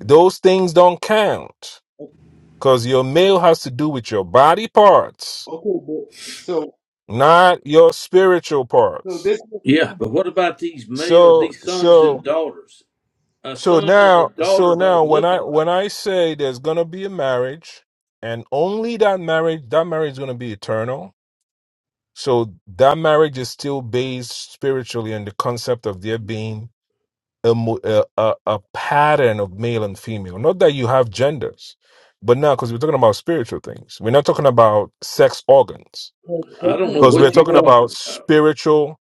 [SPEAKER 7] those things don't count
[SPEAKER 2] O-
[SPEAKER 7] because your male has to do with your body parts,
[SPEAKER 2] Okay, but so
[SPEAKER 7] not your spiritual
[SPEAKER 2] so
[SPEAKER 7] parts.
[SPEAKER 2] this is what you're
[SPEAKER 1] Yeah, but
[SPEAKER 2] saying.
[SPEAKER 1] what about these males,
[SPEAKER 7] So,
[SPEAKER 1] these sons
[SPEAKER 7] so.
[SPEAKER 1] and daughters? A
[SPEAKER 7] So
[SPEAKER 1] son and a
[SPEAKER 7] now, so
[SPEAKER 1] daughter
[SPEAKER 7] now,
[SPEAKER 1] don't
[SPEAKER 7] when
[SPEAKER 1] look
[SPEAKER 7] I when
[SPEAKER 1] alike.
[SPEAKER 7] I say there's gonna be a marriage, and only that marriage, that marriage is gonna be eternal. So that marriage is still based spiritually on the concept of there being a mo- a, a, a pattern of male and female. Not that you have genders, but now because we're talking about spiritual things, we're not talking about sex organs,
[SPEAKER 2] But
[SPEAKER 1] I don't
[SPEAKER 2] doesn't
[SPEAKER 1] know
[SPEAKER 7] because we're
[SPEAKER 1] what you
[SPEAKER 7] talking
[SPEAKER 2] your-
[SPEAKER 7] about
[SPEAKER 1] talking about.
[SPEAKER 7] spiritual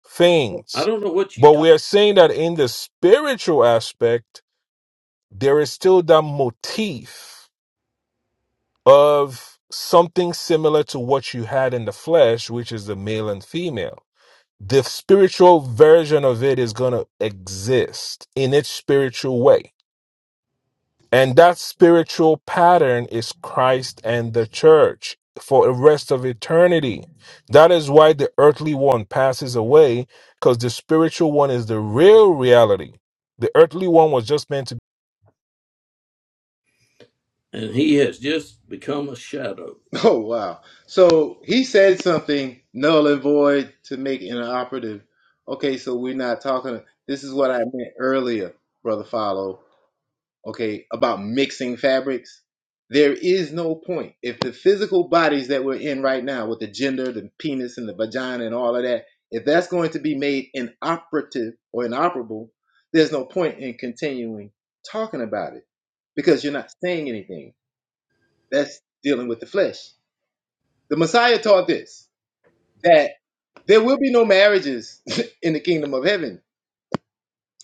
[SPEAKER 1] I
[SPEAKER 7] things.
[SPEAKER 1] don't know what you
[SPEAKER 7] But
[SPEAKER 1] talk.
[SPEAKER 7] we are saying that in the spiritual aspect there is still that motif of something similar to what you had in the flesh, which is the male and female. The spiritual version of it is going to exist in its spiritual way. And that spiritual pattern is Christ and the church for the rest of eternity. That is why the earthly one passes away because the spiritual one is the real reality. The earthly one was just meant to
[SPEAKER 1] And he has just become a shadow.
[SPEAKER 2] Oh wow. So he said something null and void to make inoperative. Okay, so we're not talking this is what I meant earlier, brother Follow. okay, about mixing fabrics. There is no point. If the physical bodies that we're in right now, with the gender, the penis, and the vagina, and all of that, if that's going to be made inoperative or inoperable, there's no point in continuing talking about it because you're not saying anything. That's dealing with the flesh. The Messiah taught this that there will be no marriages in the kingdom of heaven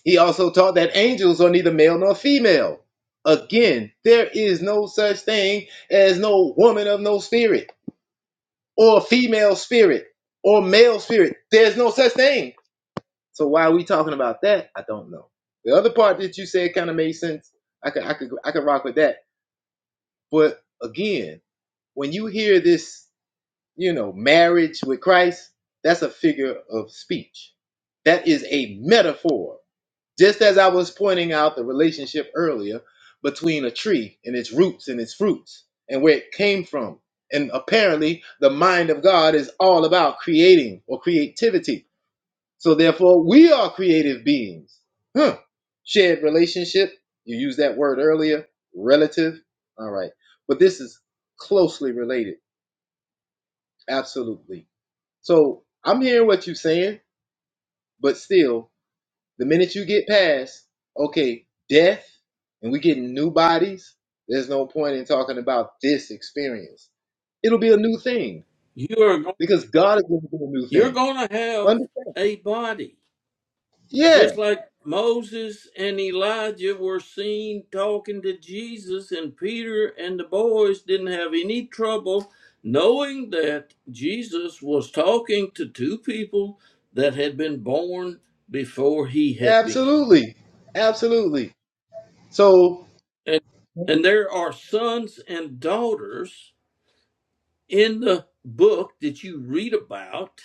[SPEAKER 2] He also taught that angels are neither male nor female. Again, there is no such thing as no woman of no spirit, or female spirit, or male spirit. There's no such thing. So why are we talking about that? I don't know. The other part that you said kind of made sense. I could, I could, I could rock with that. But again, when you hear this, you know, marriage with Christ, that's a figure of speech. That is a metaphor Just as I was pointing out the relationship earlier between a tree and its roots and its fruits and where it came from. And apparently, the mind of God is all about creating or creativity. So, therefore, we are creative beings. Huh. Shared relationship, you used that word earlier, relative. All right. But this is closely related, absolutely. So, I'm hearing what you're saying, but still, The minute you get past, okay, death, and we getting new bodies, there's no point in talking about this experience. It'll be a new thing
[SPEAKER 1] You are go-
[SPEAKER 2] because God is going to do a new
[SPEAKER 1] you're
[SPEAKER 2] thing.
[SPEAKER 1] going to have
[SPEAKER 2] Understand?
[SPEAKER 1] a body.
[SPEAKER 2] Yeah,
[SPEAKER 1] Just like Moses and Elijah were seen talking to Jesus, and Peter and the boys didn't have any trouble knowing that Jesus was talking to two people that had been born before he had been.
[SPEAKER 2] absolutely. Absolutely. So,
[SPEAKER 1] And, and there are sons and daughters in the book that you read about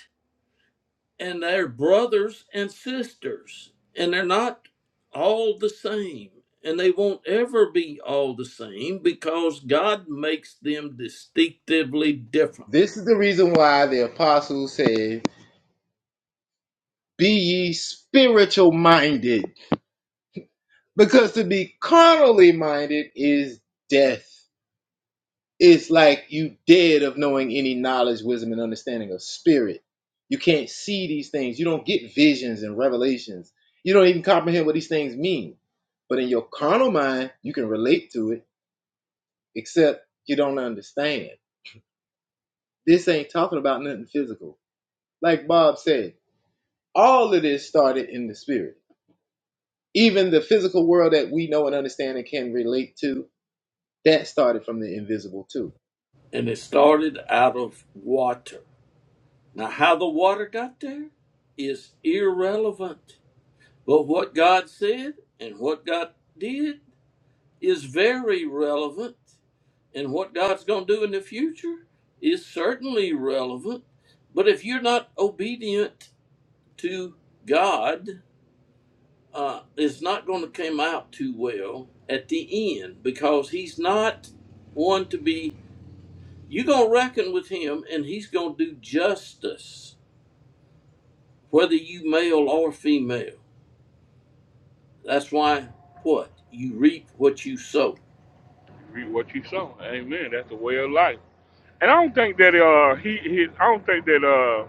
[SPEAKER 1] and they're brothers and sisters, and they're not all the same. And they won't ever be all the same because God makes them distinctively different.
[SPEAKER 2] this is the reason why the apostles said, Be ye spiritual minded, because to be carnally minded is death. It's like you dead of knowing any knowledge, wisdom, and understanding of spirit. You can't see these things. You don't get visions and revelations. You don't even comprehend what these things mean. But in your carnal mind, you can relate to it, except you don't understand. This ain't talking about nothing physical. Like Bob said, all of this started in the spirit. Even the physical world that we know and understand and can relate to, that started from the invisible too.
[SPEAKER 1] And it started out of water. Now, how the water got there is irrelevant. But what God said and what God did is very relevant, and what God's going to do in the future is certainly relevant. But if you're not obedient to God, uh, it's not going to come out too well at the end because He's not one to be. You're going to reckon with Him, and He's going to do justice, whether you male or female. That's why what you reap what you sow.
[SPEAKER 4] Read what you saw. Amen. That's the way of life. And I don't think that uh he, he I don't think that uh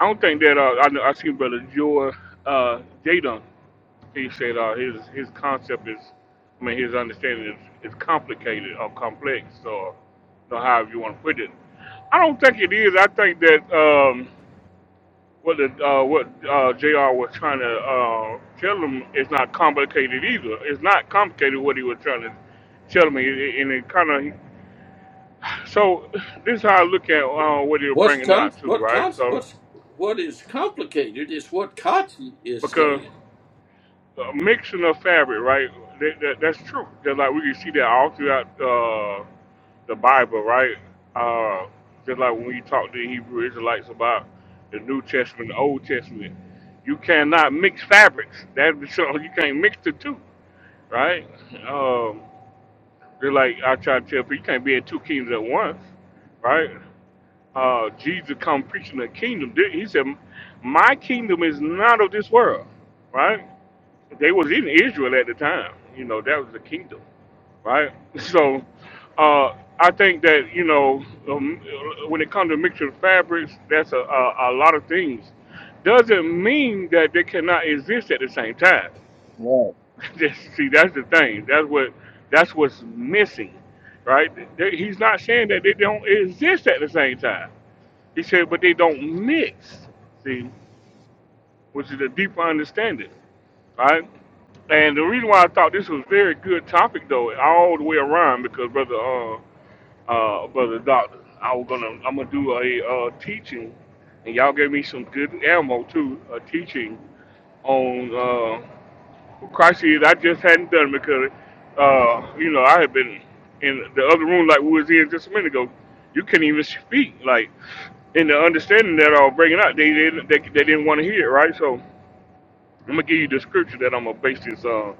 [SPEAKER 4] I don't think that uh I, know- I seen brother Joy uh Jadon. appreciate uh, his his concept is, I mean, his understanding is, is complicated or complex or you know, however you want to put it. I don't think it is. I think that um, what the, uh, what uh, Jr. was trying to uh, tell him is not complicated either. It's not complicated what he was trying to tell me, and it kind of so. This is how I look at uh, what he was
[SPEAKER 1] What's
[SPEAKER 4] bringing
[SPEAKER 1] con-
[SPEAKER 4] out too,
[SPEAKER 1] what
[SPEAKER 4] right?
[SPEAKER 1] con-
[SPEAKER 4] So
[SPEAKER 1] what's what is complicated is what Kotze is
[SPEAKER 4] because
[SPEAKER 1] saying.
[SPEAKER 4] a mixing of fabric, right? That, that, that's true. Just like we can see that all throughout uh, the Bible, right? Uh, just like when we talk to the Hebrew Israelites about the New Testament, the Old Testament, you cannot mix fabrics. That so you can't mix the two, right? Um, just like I try to tell people, you can't be in two kingdoms at once, right? Uh, Jesus come preaching the kingdom. He said, "My kingdom is not of this world," right? They was in Israel at the time. You know, that was the kingdom, right? So, uh, I think that you know, um, when it comes to mixture of fabrics, that's a, a, a lot of things. Doesn't mean that they cannot exist at the same time.
[SPEAKER 2] Right.
[SPEAKER 4] That's- See, that's the thing. That's what that's what's missing, right? They- He's not saying that they don't exist at the same time. He said, but they don't mix. See, which is a deeper understanding right? And the reason why I thought this was a very good topic though, all the way around, because brother, uh, uh, brother doctor, I was gonna, I'm gonna do a uh, teaching, and y'all gave me some good ammo too, a teaching on uh, who Christ is. I just hadn't done it because, uh, you know, I had been in the other room like we was in just a minute ago. You couldn't even speak, like, in the understanding that I was bringing out, they didn't, they, they didn't want to hear it, right? So I'm gonna give you the scripture that I'm gonna base this on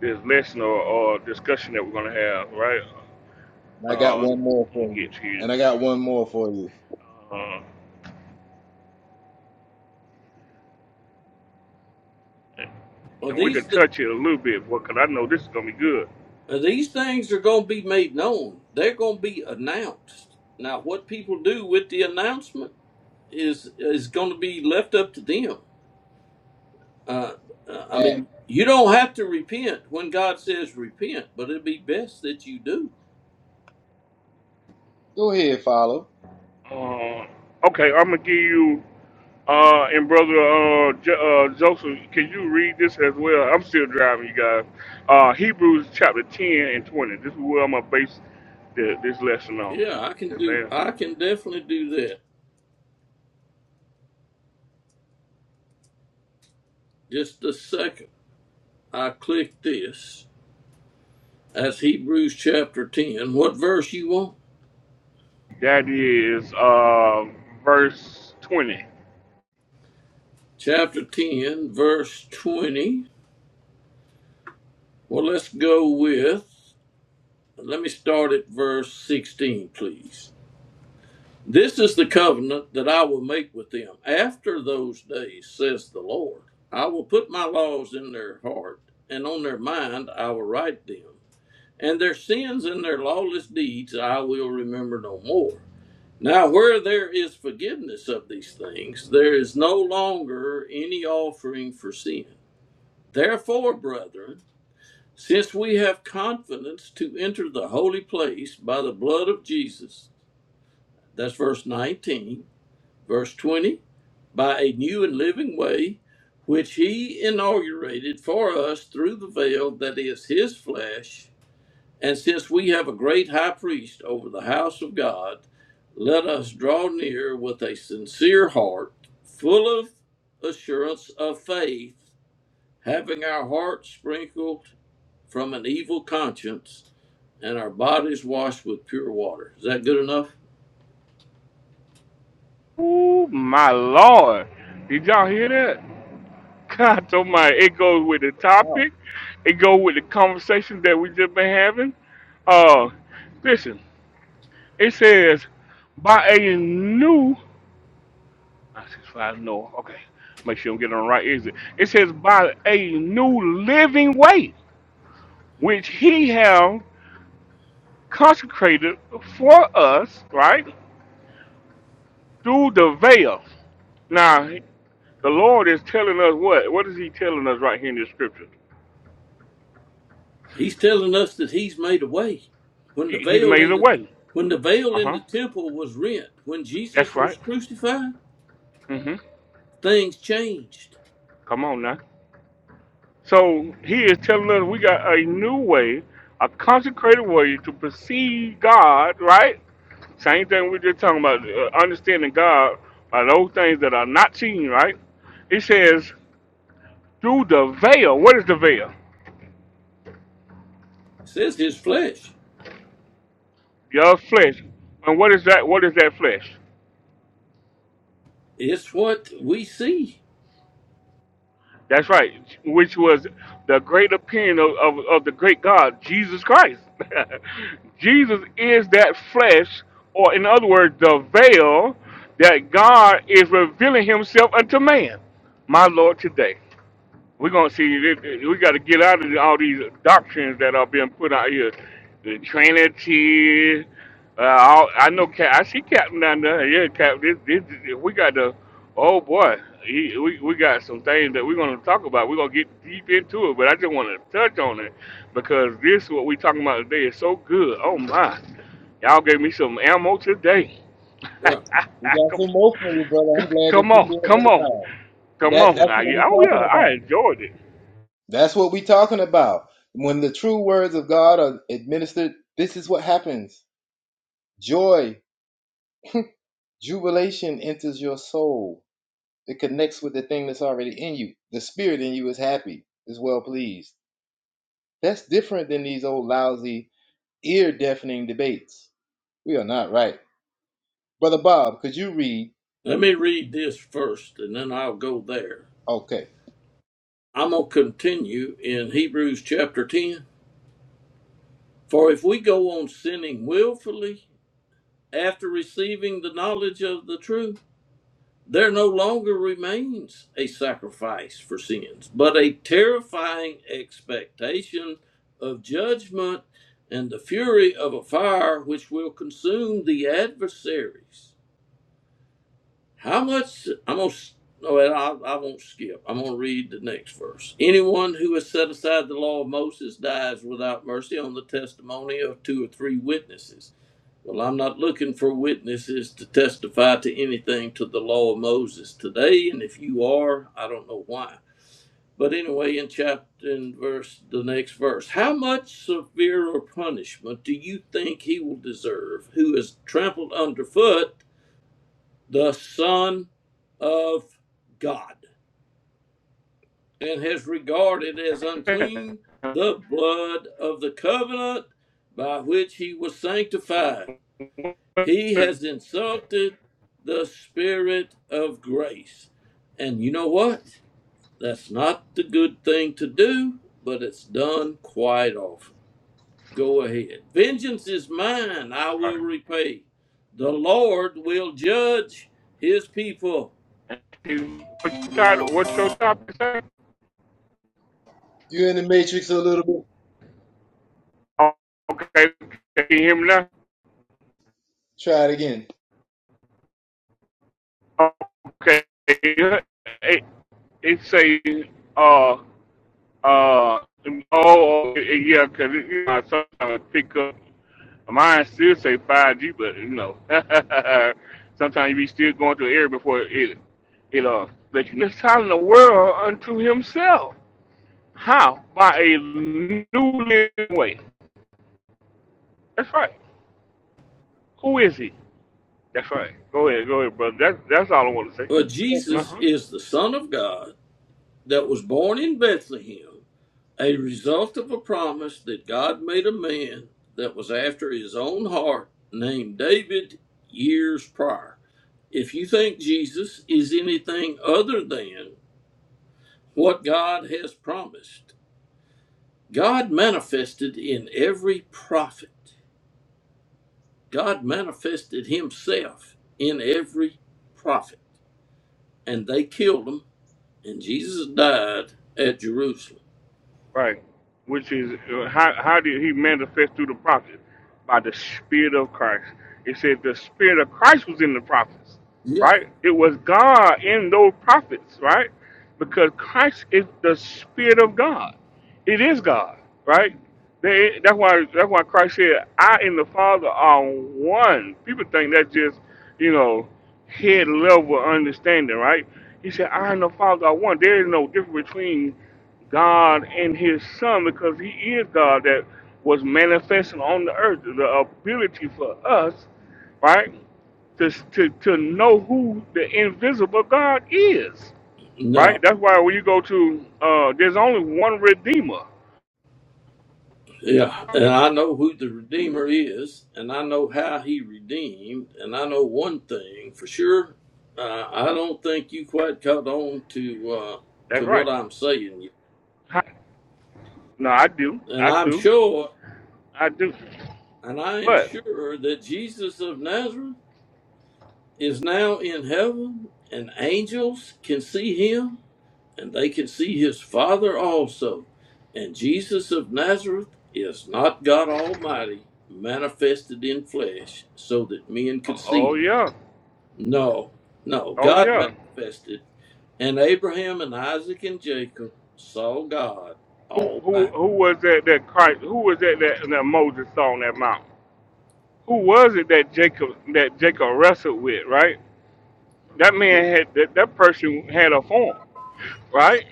[SPEAKER 4] this lesson or, or discussion that we're going to have, right?
[SPEAKER 2] I got
[SPEAKER 4] Uh,
[SPEAKER 2] one more
[SPEAKER 4] let me
[SPEAKER 2] for you.
[SPEAKER 4] get to you.
[SPEAKER 2] And I got one more for you.
[SPEAKER 4] Uh, and
[SPEAKER 1] Well,
[SPEAKER 4] we
[SPEAKER 1] these
[SPEAKER 4] can
[SPEAKER 1] th-
[SPEAKER 4] touch it a little bit, because I know this is going to be good.
[SPEAKER 1] well, these things are going to be made known. They're going to be announced. Now, what people do with the announcement is is going to be left up to them. Uh, uh, I
[SPEAKER 2] Hey,
[SPEAKER 1] mean, you don't have to repent when God says repent, but it'd be best that you do.
[SPEAKER 2] go ahead, follow.
[SPEAKER 4] Uh, okay, I'm going to give you, uh, and Brother uh, jo- uh, Joseph, can you read this as well? I'm still driving, you guys. Uh, Hebrews chapter 10 and 20. This is where I'm going to base the, this lesson on.
[SPEAKER 1] Yeah, I can do.
[SPEAKER 4] Amen.
[SPEAKER 1] I can definitely do that. Just a second. I click this. That's Hebrews chapter 10. What verse you want?
[SPEAKER 4] That is uh, verse 20.
[SPEAKER 1] Chapter 10, verse 20. Well, let's go with, let me start at verse 16, please. This is the covenant that I will make with them after those days, says the Lord. I will put my laws in their heart, and on their mind I will write them. And their sins and their lawless deeds I will remember no more. Now, where there is forgiveness of these things, there is no longer any offering for sin. Therefore, brethren, since we have confidence to enter the holy place by the blood of Jesus, that's verse 19, verse 20, by a new and living way, which he inaugurated for us through the veil that is his flesh and since we have a great high priest over the house of God, let us draw near with a sincere heart, full of assurance of faith, having our hearts sprinkled from an evil conscience and our bodies washed with pure water. Is that good enough?
[SPEAKER 4] Ooh, my lord. Did y'all hear that? God oh my it goes with the
[SPEAKER 2] Wow.
[SPEAKER 4] topic. It goes with the conversation that we just been having. Uh listen, it says by a new I six five no, okay. Make sure I'm getting on the right exit. It says by a new living way, which he have consecrated for us, right? Through the veil. Now the Lord is telling us what? What is he telling us right here in this scripture?
[SPEAKER 1] He's telling us that he's made a way. When the
[SPEAKER 4] He, he's
[SPEAKER 1] veil
[SPEAKER 4] made
[SPEAKER 1] in
[SPEAKER 4] a
[SPEAKER 1] the
[SPEAKER 4] way.
[SPEAKER 1] when the veil
[SPEAKER 4] Uh
[SPEAKER 1] in
[SPEAKER 4] huh.
[SPEAKER 1] the temple was rent, when
[SPEAKER 4] That's
[SPEAKER 1] Jesus was
[SPEAKER 4] right.
[SPEAKER 1] crucified,
[SPEAKER 4] hmm
[SPEAKER 1] things changed.
[SPEAKER 4] Come on now. So he is telling us we got a new way, a consecrated way to perceive God, right? Same thing we just talking about, uh, understanding God by those things that are not seen, right? It says through the veil. What is the veil?
[SPEAKER 1] It says his flesh.
[SPEAKER 4] Your flesh. And what is that? What is that flesh?
[SPEAKER 1] It's what we see.
[SPEAKER 4] That's right, which was the great opinion of, of, of the great God, Jesus Christ. Jesus is that flesh, or in other words, the veil that God is revealing himself unto man, my Lord, today. We're gonna see. If, if- we got to get out of all these doctrines that are being put out here. The Trinity. Uh, all, I know. Cap, I see Captain down there. Yeah, Cap. This, this, we got the. Oh boy, he, we we got some things that we're gonna talk about. We're gonna get deep into it, but I just want to touch on it because this what we talking about today is so good. Oh my, y'all gave me some ammo today.
[SPEAKER 1] Well,
[SPEAKER 2] You got
[SPEAKER 4] come,
[SPEAKER 2] some emotionally, brother. I'm glad that
[SPEAKER 4] come
[SPEAKER 2] you
[SPEAKER 4] on,
[SPEAKER 2] feel
[SPEAKER 4] come on,
[SPEAKER 2] edified.
[SPEAKER 4] come
[SPEAKER 2] That
[SPEAKER 4] on.
[SPEAKER 2] that's
[SPEAKER 4] Now.
[SPEAKER 2] what
[SPEAKER 4] You- Oh
[SPEAKER 2] we're talking
[SPEAKER 4] yeah, I
[SPEAKER 2] about.
[SPEAKER 4] enjoyed it.
[SPEAKER 2] That's what we're talking about. When the true words of God are administered, this is what happens. Joy, jubilation enters your soul. It connects with the thing that's already in you. The spirit in you is happy, is well pleased. That's different than these old lousy, ear deafening debates. We are not right. Brother Bob, could you read?
[SPEAKER 1] let me read this first and then I'll go there.
[SPEAKER 2] Okay.
[SPEAKER 1] I'm going to continue in Hebrews chapter 10. For if we go on sinning willfully after receiving the knowledge of the truth, there no longer remains a sacrifice for sins, but a terrifying expectation of judgment and the fury of a fire which will consume the adversaries. How much? I'm gonna. s- No, well, I, I won't skip. I'm gonna read the next verse. Anyone who has set aside the law of Moses dies without mercy on the testimony of two or three witnesses. Well, I'm not looking for witnesses to testify to anything to the law of Moses today, and if you are, I don't know why. But anyway, in chapter and verse, the next verse, how much severer punishment do you think he will deserve who is trampled underfoot the Son of God, and has regarded as unclean the blood of the covenant by which he was sanctified. He has insulted the Spirit of grace. And you know what? That's not the good thing to do, but it's done quite often. Go ahead. Vengeance is mine, I will repay. The Lord will judge his people.
[SPEAKER 4] What's your title? What's your topic? Say?
[SPEAKER 2] You're in the matrix a little bit.
[SPEAKER 4] Oh, okay, can you hear me now?
[SPEAKER 2] Try it again.
[SPEAKER 4] Oh, Okay, yeah, it, it say uh uh oh oh, yeah, 'cause it, you know, I sometimes pick up Mine still say 5G, but you know, sometimes you be still going through an area before it it uh let you know. Reconciling the world unto Himself. How? By a new living way. That's right. Who is He? That's right. Go ahead, go ahead, brother. That's that's all I want to say.
[SPEAKER 1] But
[SPEAKER 4] Uh
[SPEAKER 1] Jesus
[SPEAKER 4] huh.
[SPEAKER 1] is the Son of God that was born in Bethlehem, a result of a promise that God made a man that was after his own heart, named David, years prior. If you think Jesus is anything other than what God has promised, God manifested in every prophet, God manifested himself in every prophet, and they killed him, and Jesus died at Jerusalem.
[SPEAKER 4] Right. Which is uh, how how did he manifest through the prophets? By the Spirit of Christ. It said the Spirit of Christ was in the prophets,
[SPEAKER 1] Yeah,
[SPEAKER 4] right? It was God in those prophets, right? Because Christ is the Spirit of God. It is God, right? They, that's why that's why Christ said, "I and the Father are one." People think that's just you know head level understanding, right? He said, "I and the Father are one." There is no difference between God and His Son, because He is God that was manifesting on the earth, the ability for us, right, to, to, to know who the invisible God is,
[SPEAKER 1] no,
[SPEAKER 4] right? That's why when you go to, uh, there's only one Redeemer.
[SPEAKER 1] yeah, and I know who the Redeemer is, and I know how He redeemed, and I know one thing for sure. Uh, I don't think you quite caught on to uh,
[SPEAKER 4] That's
[SPEAKER 1] to what
[SPEAKER 4] right.
[SPEAKER 1] I'm saying
[SPEAKER 4] Hi- No, I do.
[SPEAKER 1] yet, and
[SPEAKER 4] I
[SPEAKER 1] I'm
[SPEAKER 4] do.
[SPEAKER 1] sure,
[SPEAKER 4] I do.
[SPEAKER 1] and I am
[SPEAKER 4] But,
[SPEAKER 1] sure that Jesus of Nazareth is now in heaven, and angels can see Him, and they can see his Father also. And Jesus of Nazareth is not God Almighty manifested in flesh so that men could see
[SPEAKER 4] oh
[SPEAKER 1] him.
[SPEAKER 4] yeah.
[SPEAKER 1] No, no,
[SPEAKER 4] Oh
[SPEAKER 1] God
[SPEAKER 4] yeah.
[SPEAKER 1] manifested, and Abraham and Isaac and Jacob saw God
[SPEAKER 4] Who, who,
[SPEAKER 1] Almighty.
[SPEAKER 4] who was that, that Christ, who was that, that, that Moses saw on that mountain? who was it that Jacob that Jacob wrestled with, right? That man had that, that person had a form, right?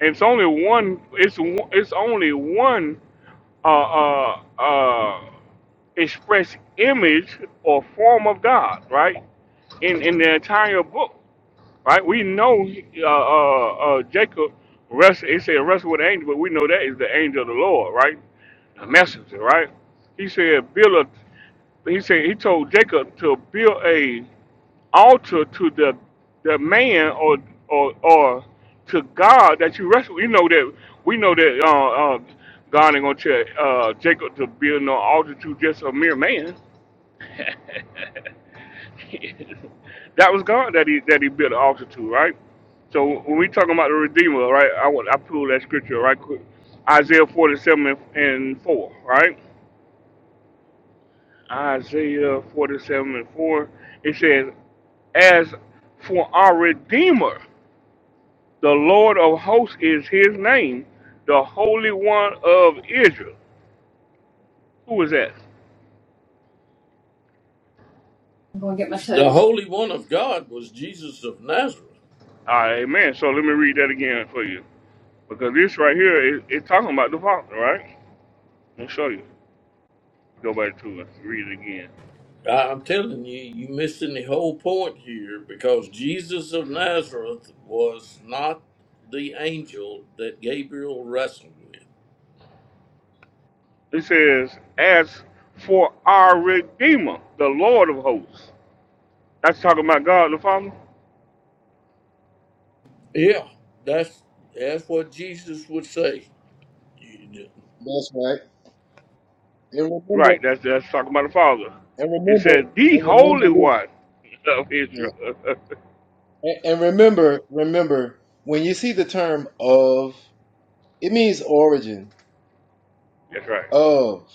[SPEAKER 4] And it's only one. It's one- it's only one uh, uh, uh, express image or form of God, right? In in the entire book, right? We know uh, uh, uh, Jacob wrestled, it said wrestle with an angel, but we know that is the angel of the Lord, right? The messenger, right? He said, build a, he said, he told Jacob to build a altar to the, the man or, or, or to God that you wrestle. You know that, we know that uh, uh, God ain't gonna tell uh, Jacob to build no altar to just a mere man that was God that he that he built an altar to, right? So when we talking about the Redeemer, right? I want I pull that scripture right quick. Isaiah 47 and and 4, right? Isaiah 47 and 4. It says, As for our Redeemer, the Lord of hosts is his name, the Holy One of Israel. Who is that?
[SPEAKER 1] The Holy One of God was Jesus of Nazareth.
[SPEAKER 4] Ah, amen. So let me read that again for you. Because this right here is it's talking about the Father, right? Let me show you. Go back to it. Read it again.
[SPEAKER 1] I- I'm telling you, you are missing the whole point here because Jesus of Nazareth was not the angel that Gabriel wrestled with.
[SPEAKER 4] It says, As for our Redeemer, the Lord of hosts. That's talking about God the Father?
[SPEAKER 1] Yeah, that's that's what Jesus would say. You-
[SPEAKER 2] That's right. And remember,
[SPEAKER 4] Right, that's that's talking about the Father.
[SPEAKER 2] and
[SPEAKER 4] It
[SPEAKER 2] remember,
[SPEAKER 4] says, the
[SPEAKER 2] and
[SPEAKER 4] Holy
[SPEAKER 2] remember this.
[SPEAKER 4] One of
[SPEAKER 2] Yeah.
[SPEAKER 4] Israel.
[SPEAKER 2] And, and remember, remember, when you see the term of, it means origin.
[SPEAKER 4] that's right.
[SPEAKER 2] Of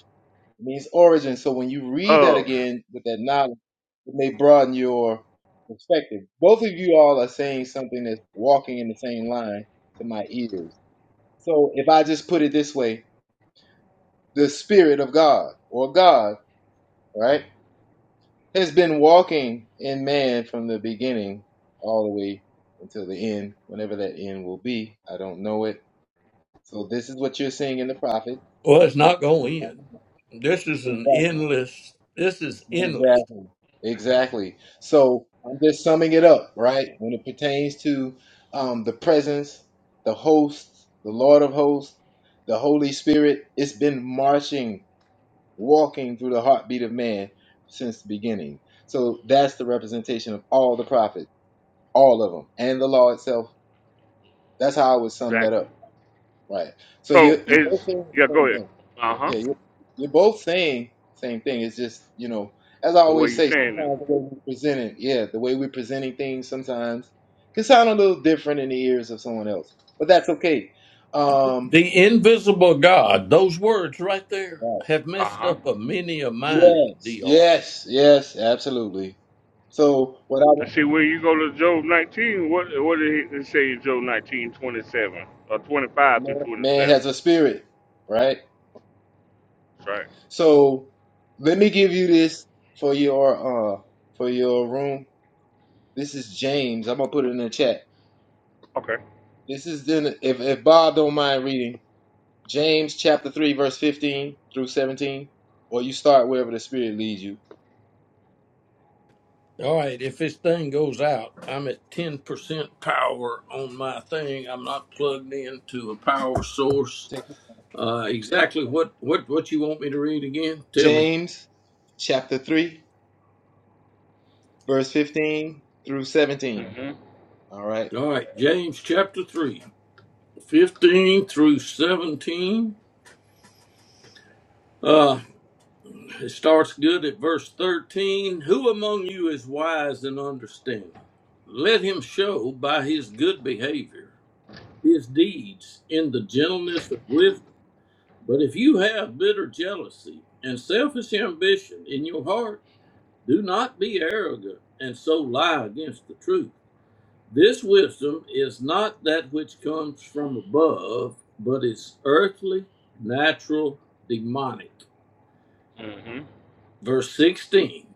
[SPEAKER 2] it means origin. So when you read that
[SPEAKER 4] Oh,
[SPEAKER 2] again with that knowledge, it may broaden your perspective. Both of you all are saying something that's walking in the same line to my ears. So if I just put it this way, the Spirit of God or God, right? has been walking in man from the beginning all the way until the end, whenever that end will be. I don't know it. So this is what you're seeing in the prophet.
[SPEAKER 1] Well, it's not going to end. This is an
[SPEAKER 2] Exactly.
[SPEAKER 1] endless. This is endless.
[SPEAKER 2] Exactly. Exactly. So I'm just summing it up, right? When it pertains to um, the presence, the host, the Lord of hosts, the Holy Spirit, it's been marching, walking through the heartbeat of man since the beginning. So that's the representation of all the prophets all of them, and the law itself. That's how I would sum that
[SPEAKER 4] exactly.
[SPEAKER 2] up. Right. So
[SPEAKER 4] So
[SPEAKER 2] you you're both
[SPEAKER 4] it's
[SPEAKER 2] saying
[SPEAKER 4] yeah,
[SPEAKER 2] the
[SPEAKER 4] go
[SPEAKER 2] same
[SPEAKER 4] ahead.
[SPEAKER 2] thing.
[SPEAKER 4] Uh huh.
[SPEAKER 2] Yeah, you're, you're both saying same thing. It's just you know, as I
[SPEAKER 4] The way
[SPEAKER 2] always
[SPEAKER 4] you're
[SPEAKER 2] say, sometimes
[SPEAKER 4] saying it.
[SPEAKER 2] the way we present it, yeah, the way we're presenting things sometimes can sound a little different in the ears of someone else, but that's okay. Um,
[SPEAKER 1] The invisible God. Those words right there
[SPEAKER 2] right.
[SPEAKER 1] have
[SPEAKER 4] Uh
[SPEAKER 1] messed
[SPEAKER 4] huh.
[SPEAKER 1] up a many a mind.
[SPEAKER 2] Yes,
[SPEAKER 1] Dr.
[SPEAKER 2] yes, yes, absolutely. So what I
[SPEAKER 4] And see
[SPEAKER 2] was,
[SPEAKER 4] when you go to Job 19, what what did it say in Job 19 27 or 25 through
[SPEAKER 2] man man
[SPEAKER 4] 27?
[SPEAKER 2] has a spirit, right?
[SPEAKER 4] That's right.
[SPEAKER 2] So let me give you this for your uh for your room. This is James. I'm gonna put it in the chat.
[SPEAKER 4] Okay.
[SPEAKER 2] This is then if if Bob don't mind reading James chapter three verse fifteen through seventeen, or you start wherever the Spirit leads you.
[SPEAKER 1] All right, if this thing goes out, I'm at 10% power on my thing. I'm not plugged into a power source. Uh, exactly what, what, what you want me to read again? Tell me.
[SPEAKER 2] James chapter three verse fifteen through seventeen. All right.
[SPEAKER 1] All right, James chapter 3, 15 through 17. Uh, it starts good at verse 13. Who among you is wise and understanding? Let him show by his good behavior his deeds in the gentleness of wisdom. But if you have bitter jealousy and selfish ambition in your heart, do not be arrogant and so lie against the truth. This wisdom is not that which comes from above, but is earthly, natural, demonic.
[SPEAKER 4] hmm
[SPEAKER 1] Verse 16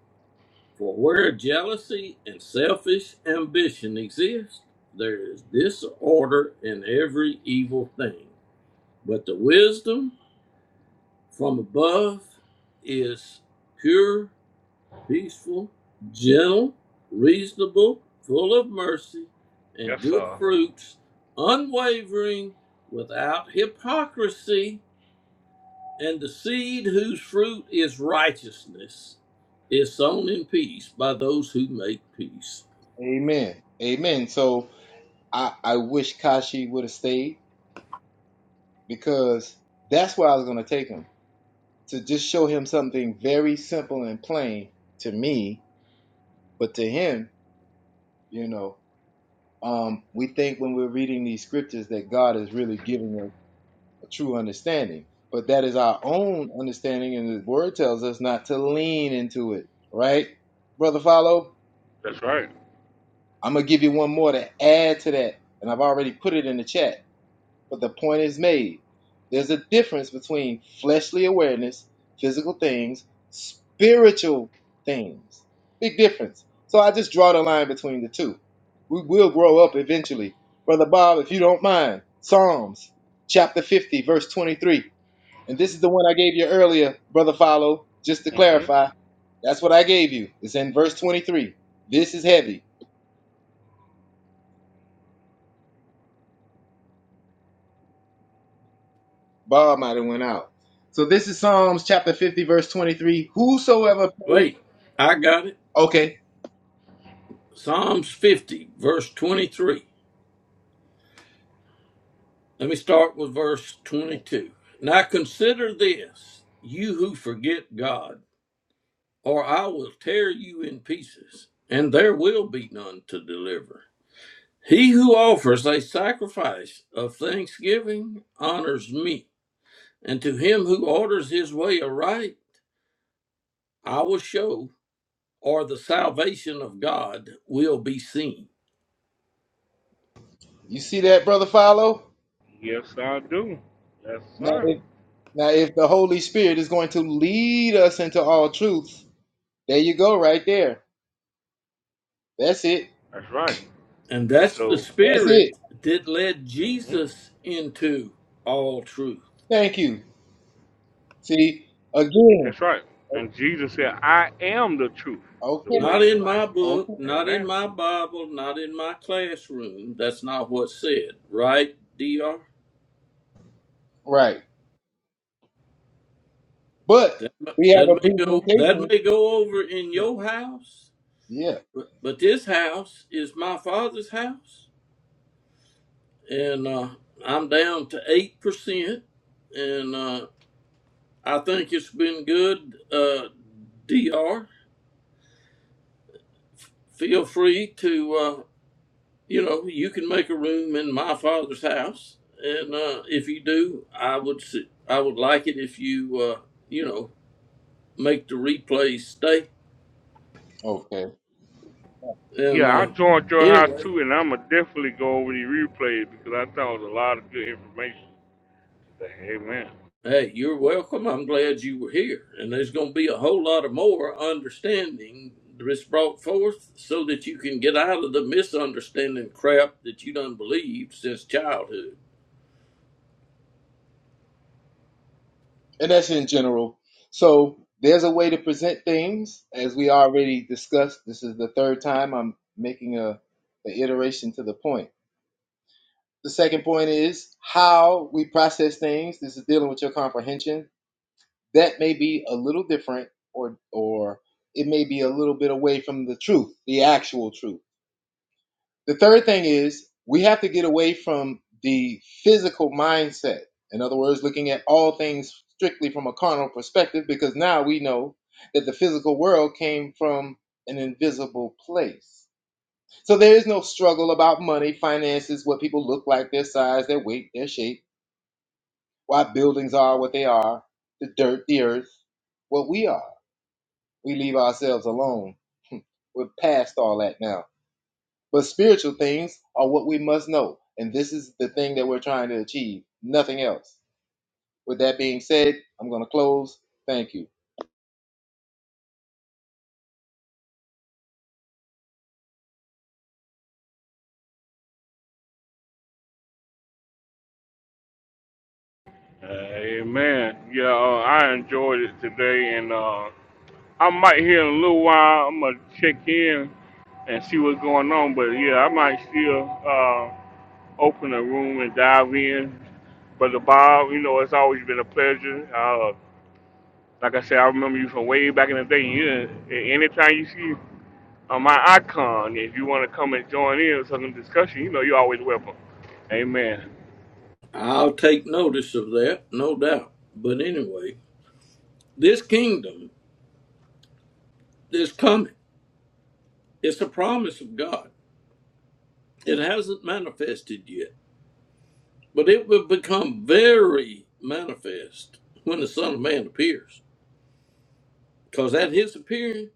[SPEAKER 1] For where jealousy and selfish ambition exist, there is disorder in every evil thing. But the wisdom from above is pure, peaceful, gentle, reasonable, full of mercy and
[SPEAKER 4] Yes,
[SPEAKER 1] good
[SPEAKER 4] sir.
[SPEAKER 1] fruits, unwavering, without hypocrisy, and the seed whose fruit is righteousness is sown in peace by those who make peace.
[SPEAKER 2] Amen. Amen. So I I wish Kashi would have stayed because that's where I was gonna take him to just show him something very simple and plain to me, but to him, you know, um, we think when we're reading these scriptures that God is really giving us a true understanding, but that is our own understanding, and the Word tells us not to lean into it, right, brother? Follow.
[SPEAKER 4] That's right.
[SPEAKER 2] I'm gonna give you one more to add to that, and I've already put it in the chat. But the point is made. There's a difference between fleshly awareness, physical things, spiritual things. Big difference. So I just draw the line between the two. We will grow up eventually. Brother Bob, if you don't mind, Psalms chapter 50, verse 23. And this is the one I gave you earlier, Brother Follow, just to
[SPEAKER 4] hmm
[SPEAKER 2] clarify. That's what I gave you. It's in verse 23. This is heavy. Bob might have went out. So this is Psalms chapter 50, verse 23. Whosoever pays,
[SPEAKER 1] Wait, I got it.
[SPEAKER 2] okay,
[SPEAKER 1] Psalms 50, verse 23. Let me start with verse 22. Now consider this, you who forget God, or I will tear you in pieces, and there will be none to deliver. He who offers a sacrifice of thanksgiving honors me, and to him who orders his way aright, I will show, or the salvation of God will be seen.
[SPEAKER 2] you see that, brother Follow?
[SPEAKER 4] Yes, I do. Yes,
[SPEAKER 2] Now
[SPEAKER 4] sir.
[SPEAKER 2] if, now if the Holy Spirit is going to lead us into all truth, there you go, right there. That's it.
[SPEAKER 4] That's right.
[SPEAKER 1] And
[SPEAKER 4] And
[SPEAKER 1] that's the
[SPEAKER 4] so,
[SPEAKER 2] That's it.
[SPEAKER 1] spirit that led
[SPEAKER 4] hmm
[SPEAKER 1] Jesus into all truth.
[SPEAKER 2] Thank you. See, again,
[SPEAKER 4] that's right. And Jesus said, I am the truth, the
[SPEAKER 2] okay,
[SPEAKER 4] way,
[SPEAKER 1] Not
[SPEAKER 4] and the
[SPEAKER 1] in
[SPEAKER 4] life.
[SPEAKER 1] my book,
[SPEAKER 2] okay,
[SPEAKER 1] not in
[SPEAKER 4] Amen.
[SPEAKER 1] my Bible, not in my classroom. That's not what's said, right, D.R.
[SPEAKER 2] right. But
[SPEAKER 1] That,
[SPEAKER 2] we have
[SPEAKER 1] that
[SPEAKER 2] a
[SPEAKER 1] may go that
[SPEAKER 2] presentation.
[SPEAKER 1] may go over in your house,
[SPEAKER 2] Yeah,
[SPEAKER 1] but, but this house is my father's house, and uh, I'm down to eight percent, and uh, I think it's been good. Uh, Dr. Feel free to. uh, you know, you can make a room in my father's house, and uh, if you do, I would s- I would like it if you uh, you know make the replay stay.
[SPEAKER 2] Okay.
[SPEAKER 1] And
[SPEAKER 4] Yeah, I
[SPEAKER 1] uh,
[SPEAKER 4] joined your house
[SPEAKER 1] anyway,
[SPEAKER 4] too, and I'm going to definitely go over the replays because I thought it was a lot of good information today. Amen.
[SPEAKER 1] hey, you're welcome. I'm glad you were here, and there's going to be a whole lot of more understanding that's brought forth so that you can get out of the misunderstanding crap that you done believed since childhood.
[SPEAKER 2] and that's in general. So there's a way to present things, as we already discussed. This is the third time I'm making a an iteration to the point. The second point is how we process things. This is dealing with your comprehension. That may be a little different, or or it may be a little bit away from the truth, the actual truth the third thing is we have to get away from the physical mindset. In other words, looking at all things strictly from a carnal perspective, because now we know that the physical world came from an invisible place. So there is no struggle about money, finances, what people look like, their size, their weight, their shape, why buildings are what they are, the dirt, the earth, what we are. We leave ourselves alone. We're past all that now. But spiritual things are what we must know. And this is the thing that we're trying to achieve, nothing else. With that being said, I'm going to close. Thank you.
[SPEAKER 4] Uh, amen. Yeah, uh, I enjoyed it today, and uh, I might here in a little while. I'm gonna check in and see what's going on. But yeah, I might still uh, open a room and dive in. Brother Bob, you know it's always been a pleasure. Uh, like I said, I remember you from way back in the day. You, anytime you see uh, my icon, if you want to come and join in with some discussion, you know you're always welcome. Amen.
[SPEAKER 1] I'll take notice of that, no doubt. But anyway, this kingdom is coming It's a promise of God. It hasn't manifested yet, but it will become very manifest when the Son of Man appears. Because at his appearing,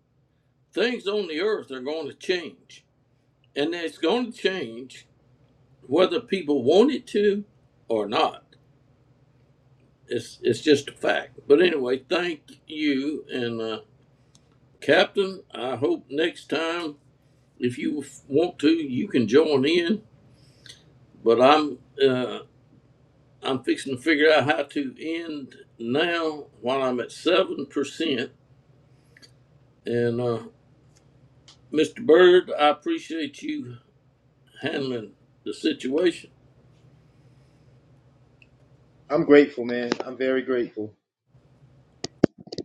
[SPEAKER 1] things on the earth are going to change. And it's going to change whether people want it to or not. It's, it's just a fact. But anyway, thank you. And uh, Captain, I hope next time, if you want to, you can join in. But I'm. uh, I'm fixing to figure out how to end now while I'm at seven percent. And uh, Mr. Bird, I appreciate you handling the situation.
[SPEAKER 2] I'm grateful, man. I'm very grateful.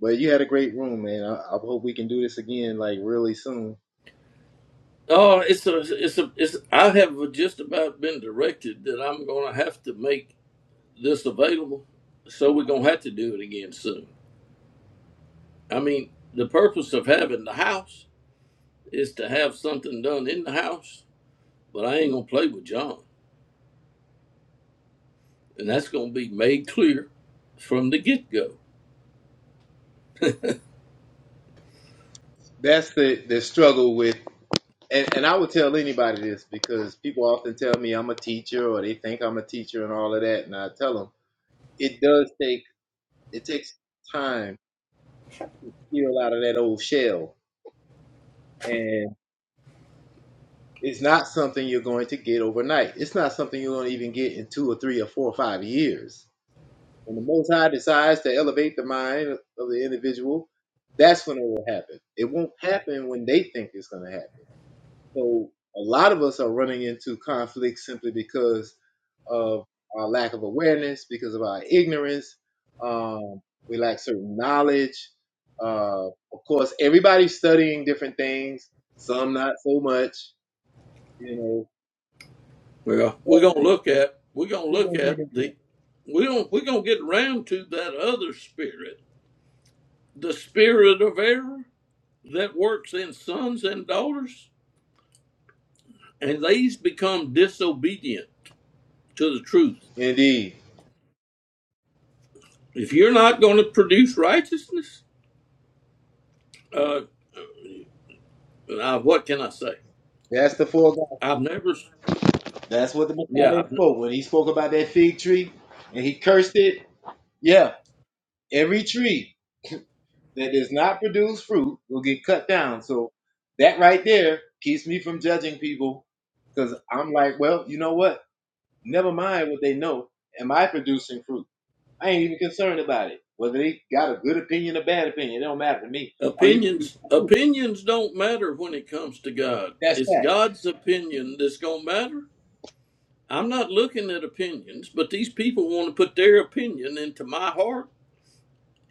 [SPEAKER 2] But you had a great room, man. I, I hope we can do this again, like really soon.
[SPEAKER 1] Oh, it's a, it's a, it's. I have just about been directed that I'm going to have to make this available, so we're going to have to do it again soon. I mean, the purpose of having the house is to have something done in the house, but I ain't going to play with John, and that's going to be made clear from the get go.
[SPEAKER 2] That's the, the struggle with, and, and I would tell anybody this because people often tell me I'm a teacher or they think I'm a teacher and all of that. And I tell them it does take, it takes time to peel out of that old shell and. It's not something you're going to get overnight. It's not something you're going to even get in two or three or four or five years. When the Most High decides to elevate the mind of the individual, that's when it will happen. It won't happen when they think it's going to happen. So a lot of us are running into conflict simply because of our lack of awareness, because of our ignorance. Um, we lack certain knowledge. Uh, of course, everybody's studying different things. Some not so much. You know,
[SPEAKER 1] Well, we're gonna look at we're gonna
[SPEAKER 2] We're
[SPEAKER 1] look
[SPEAKER 2] gonna
[SPEAKER 1] at
[SPEAKER 2] get
[SPEAKER 1] the we're gonna we're gonna get around to that other spirit, the spirit of error that works in sons and daughters, and these become disobedient to the truth.
[SPEAKER 2] it. Indeed.
[SPEAKER 1] If you're not gonna produce righteousness, uh, uh, what can I say?
[SPEAKER 2] That's the four guys.
[SPEAKER 1] I've never,
[SPEAKER 2] That's what the
[SPEAKER 1] yeah,
[SPEAKER 2] Messiah
[SPEAKER 1] I've,
[SPEAKER 2] spoke. When he spoke about that fig tree and he cursed it. Yeah. Every tree that does not produce fruit will get cut down. So that right there keeps me from judging people. Cause I'm like, well, you know what? Never mind what they know. Am I producing fruit? I ain't even concerned about it. Whether they got a good opinion or bad opinion, it don't matter to me. Are you?
[SPEAKER 1] opinions opinions don't matter when it comes to God.
[SPEAKER 2] That's
[SPEAKER 1] It's
[SPEAKER 2] that.
[SPEAKER 1] God's opinion that's gonna matter I'm not looking at opinions, but these people want to put their opinion into my heart,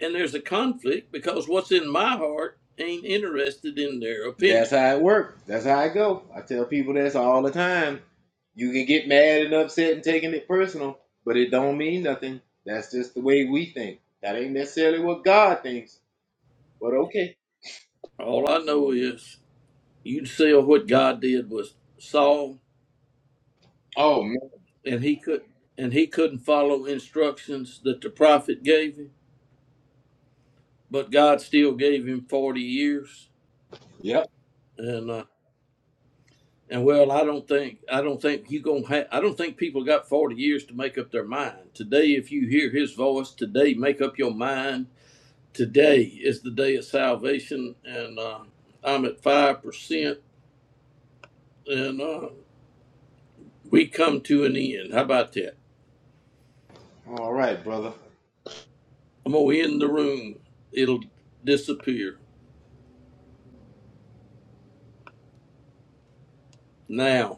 [SPEAKER 1] and there's a conflict because what's in my heart ain't interested in their
[SPEAKER 2] That's
[SPEAKER 1] opinion.
[SPEAKER 2] how it works. That's how I go. I tell people this all the time. You can get mad and upset and taking it personal, but it don't mean nothing. That's just the way we think. That ain't necessarily what God thinks. But okay.
[SPEAKER 1] All I know is you'd sell what God did was Saul,
[SPEAKER 2] Oh man.
[SPEAKER 1] and he could and he couldn't follow instructions that the prophet gave him, but God still gave him forty years,
[SPEAKER 2] Yep.
[SPEAKER 1] and. uh, And well, I don't think I don't think you gonna ha I don't think people got forty years to make up their mind. Today, if you hear His voice, today make up your mind. Today is the day of salvation, and uh, I'm at five percent, and uh, we come to an end. How about that?
[SPEAKER 2] All right, brother.
[SPEAKER 1] I'm gonna end the room. It'll disappear now.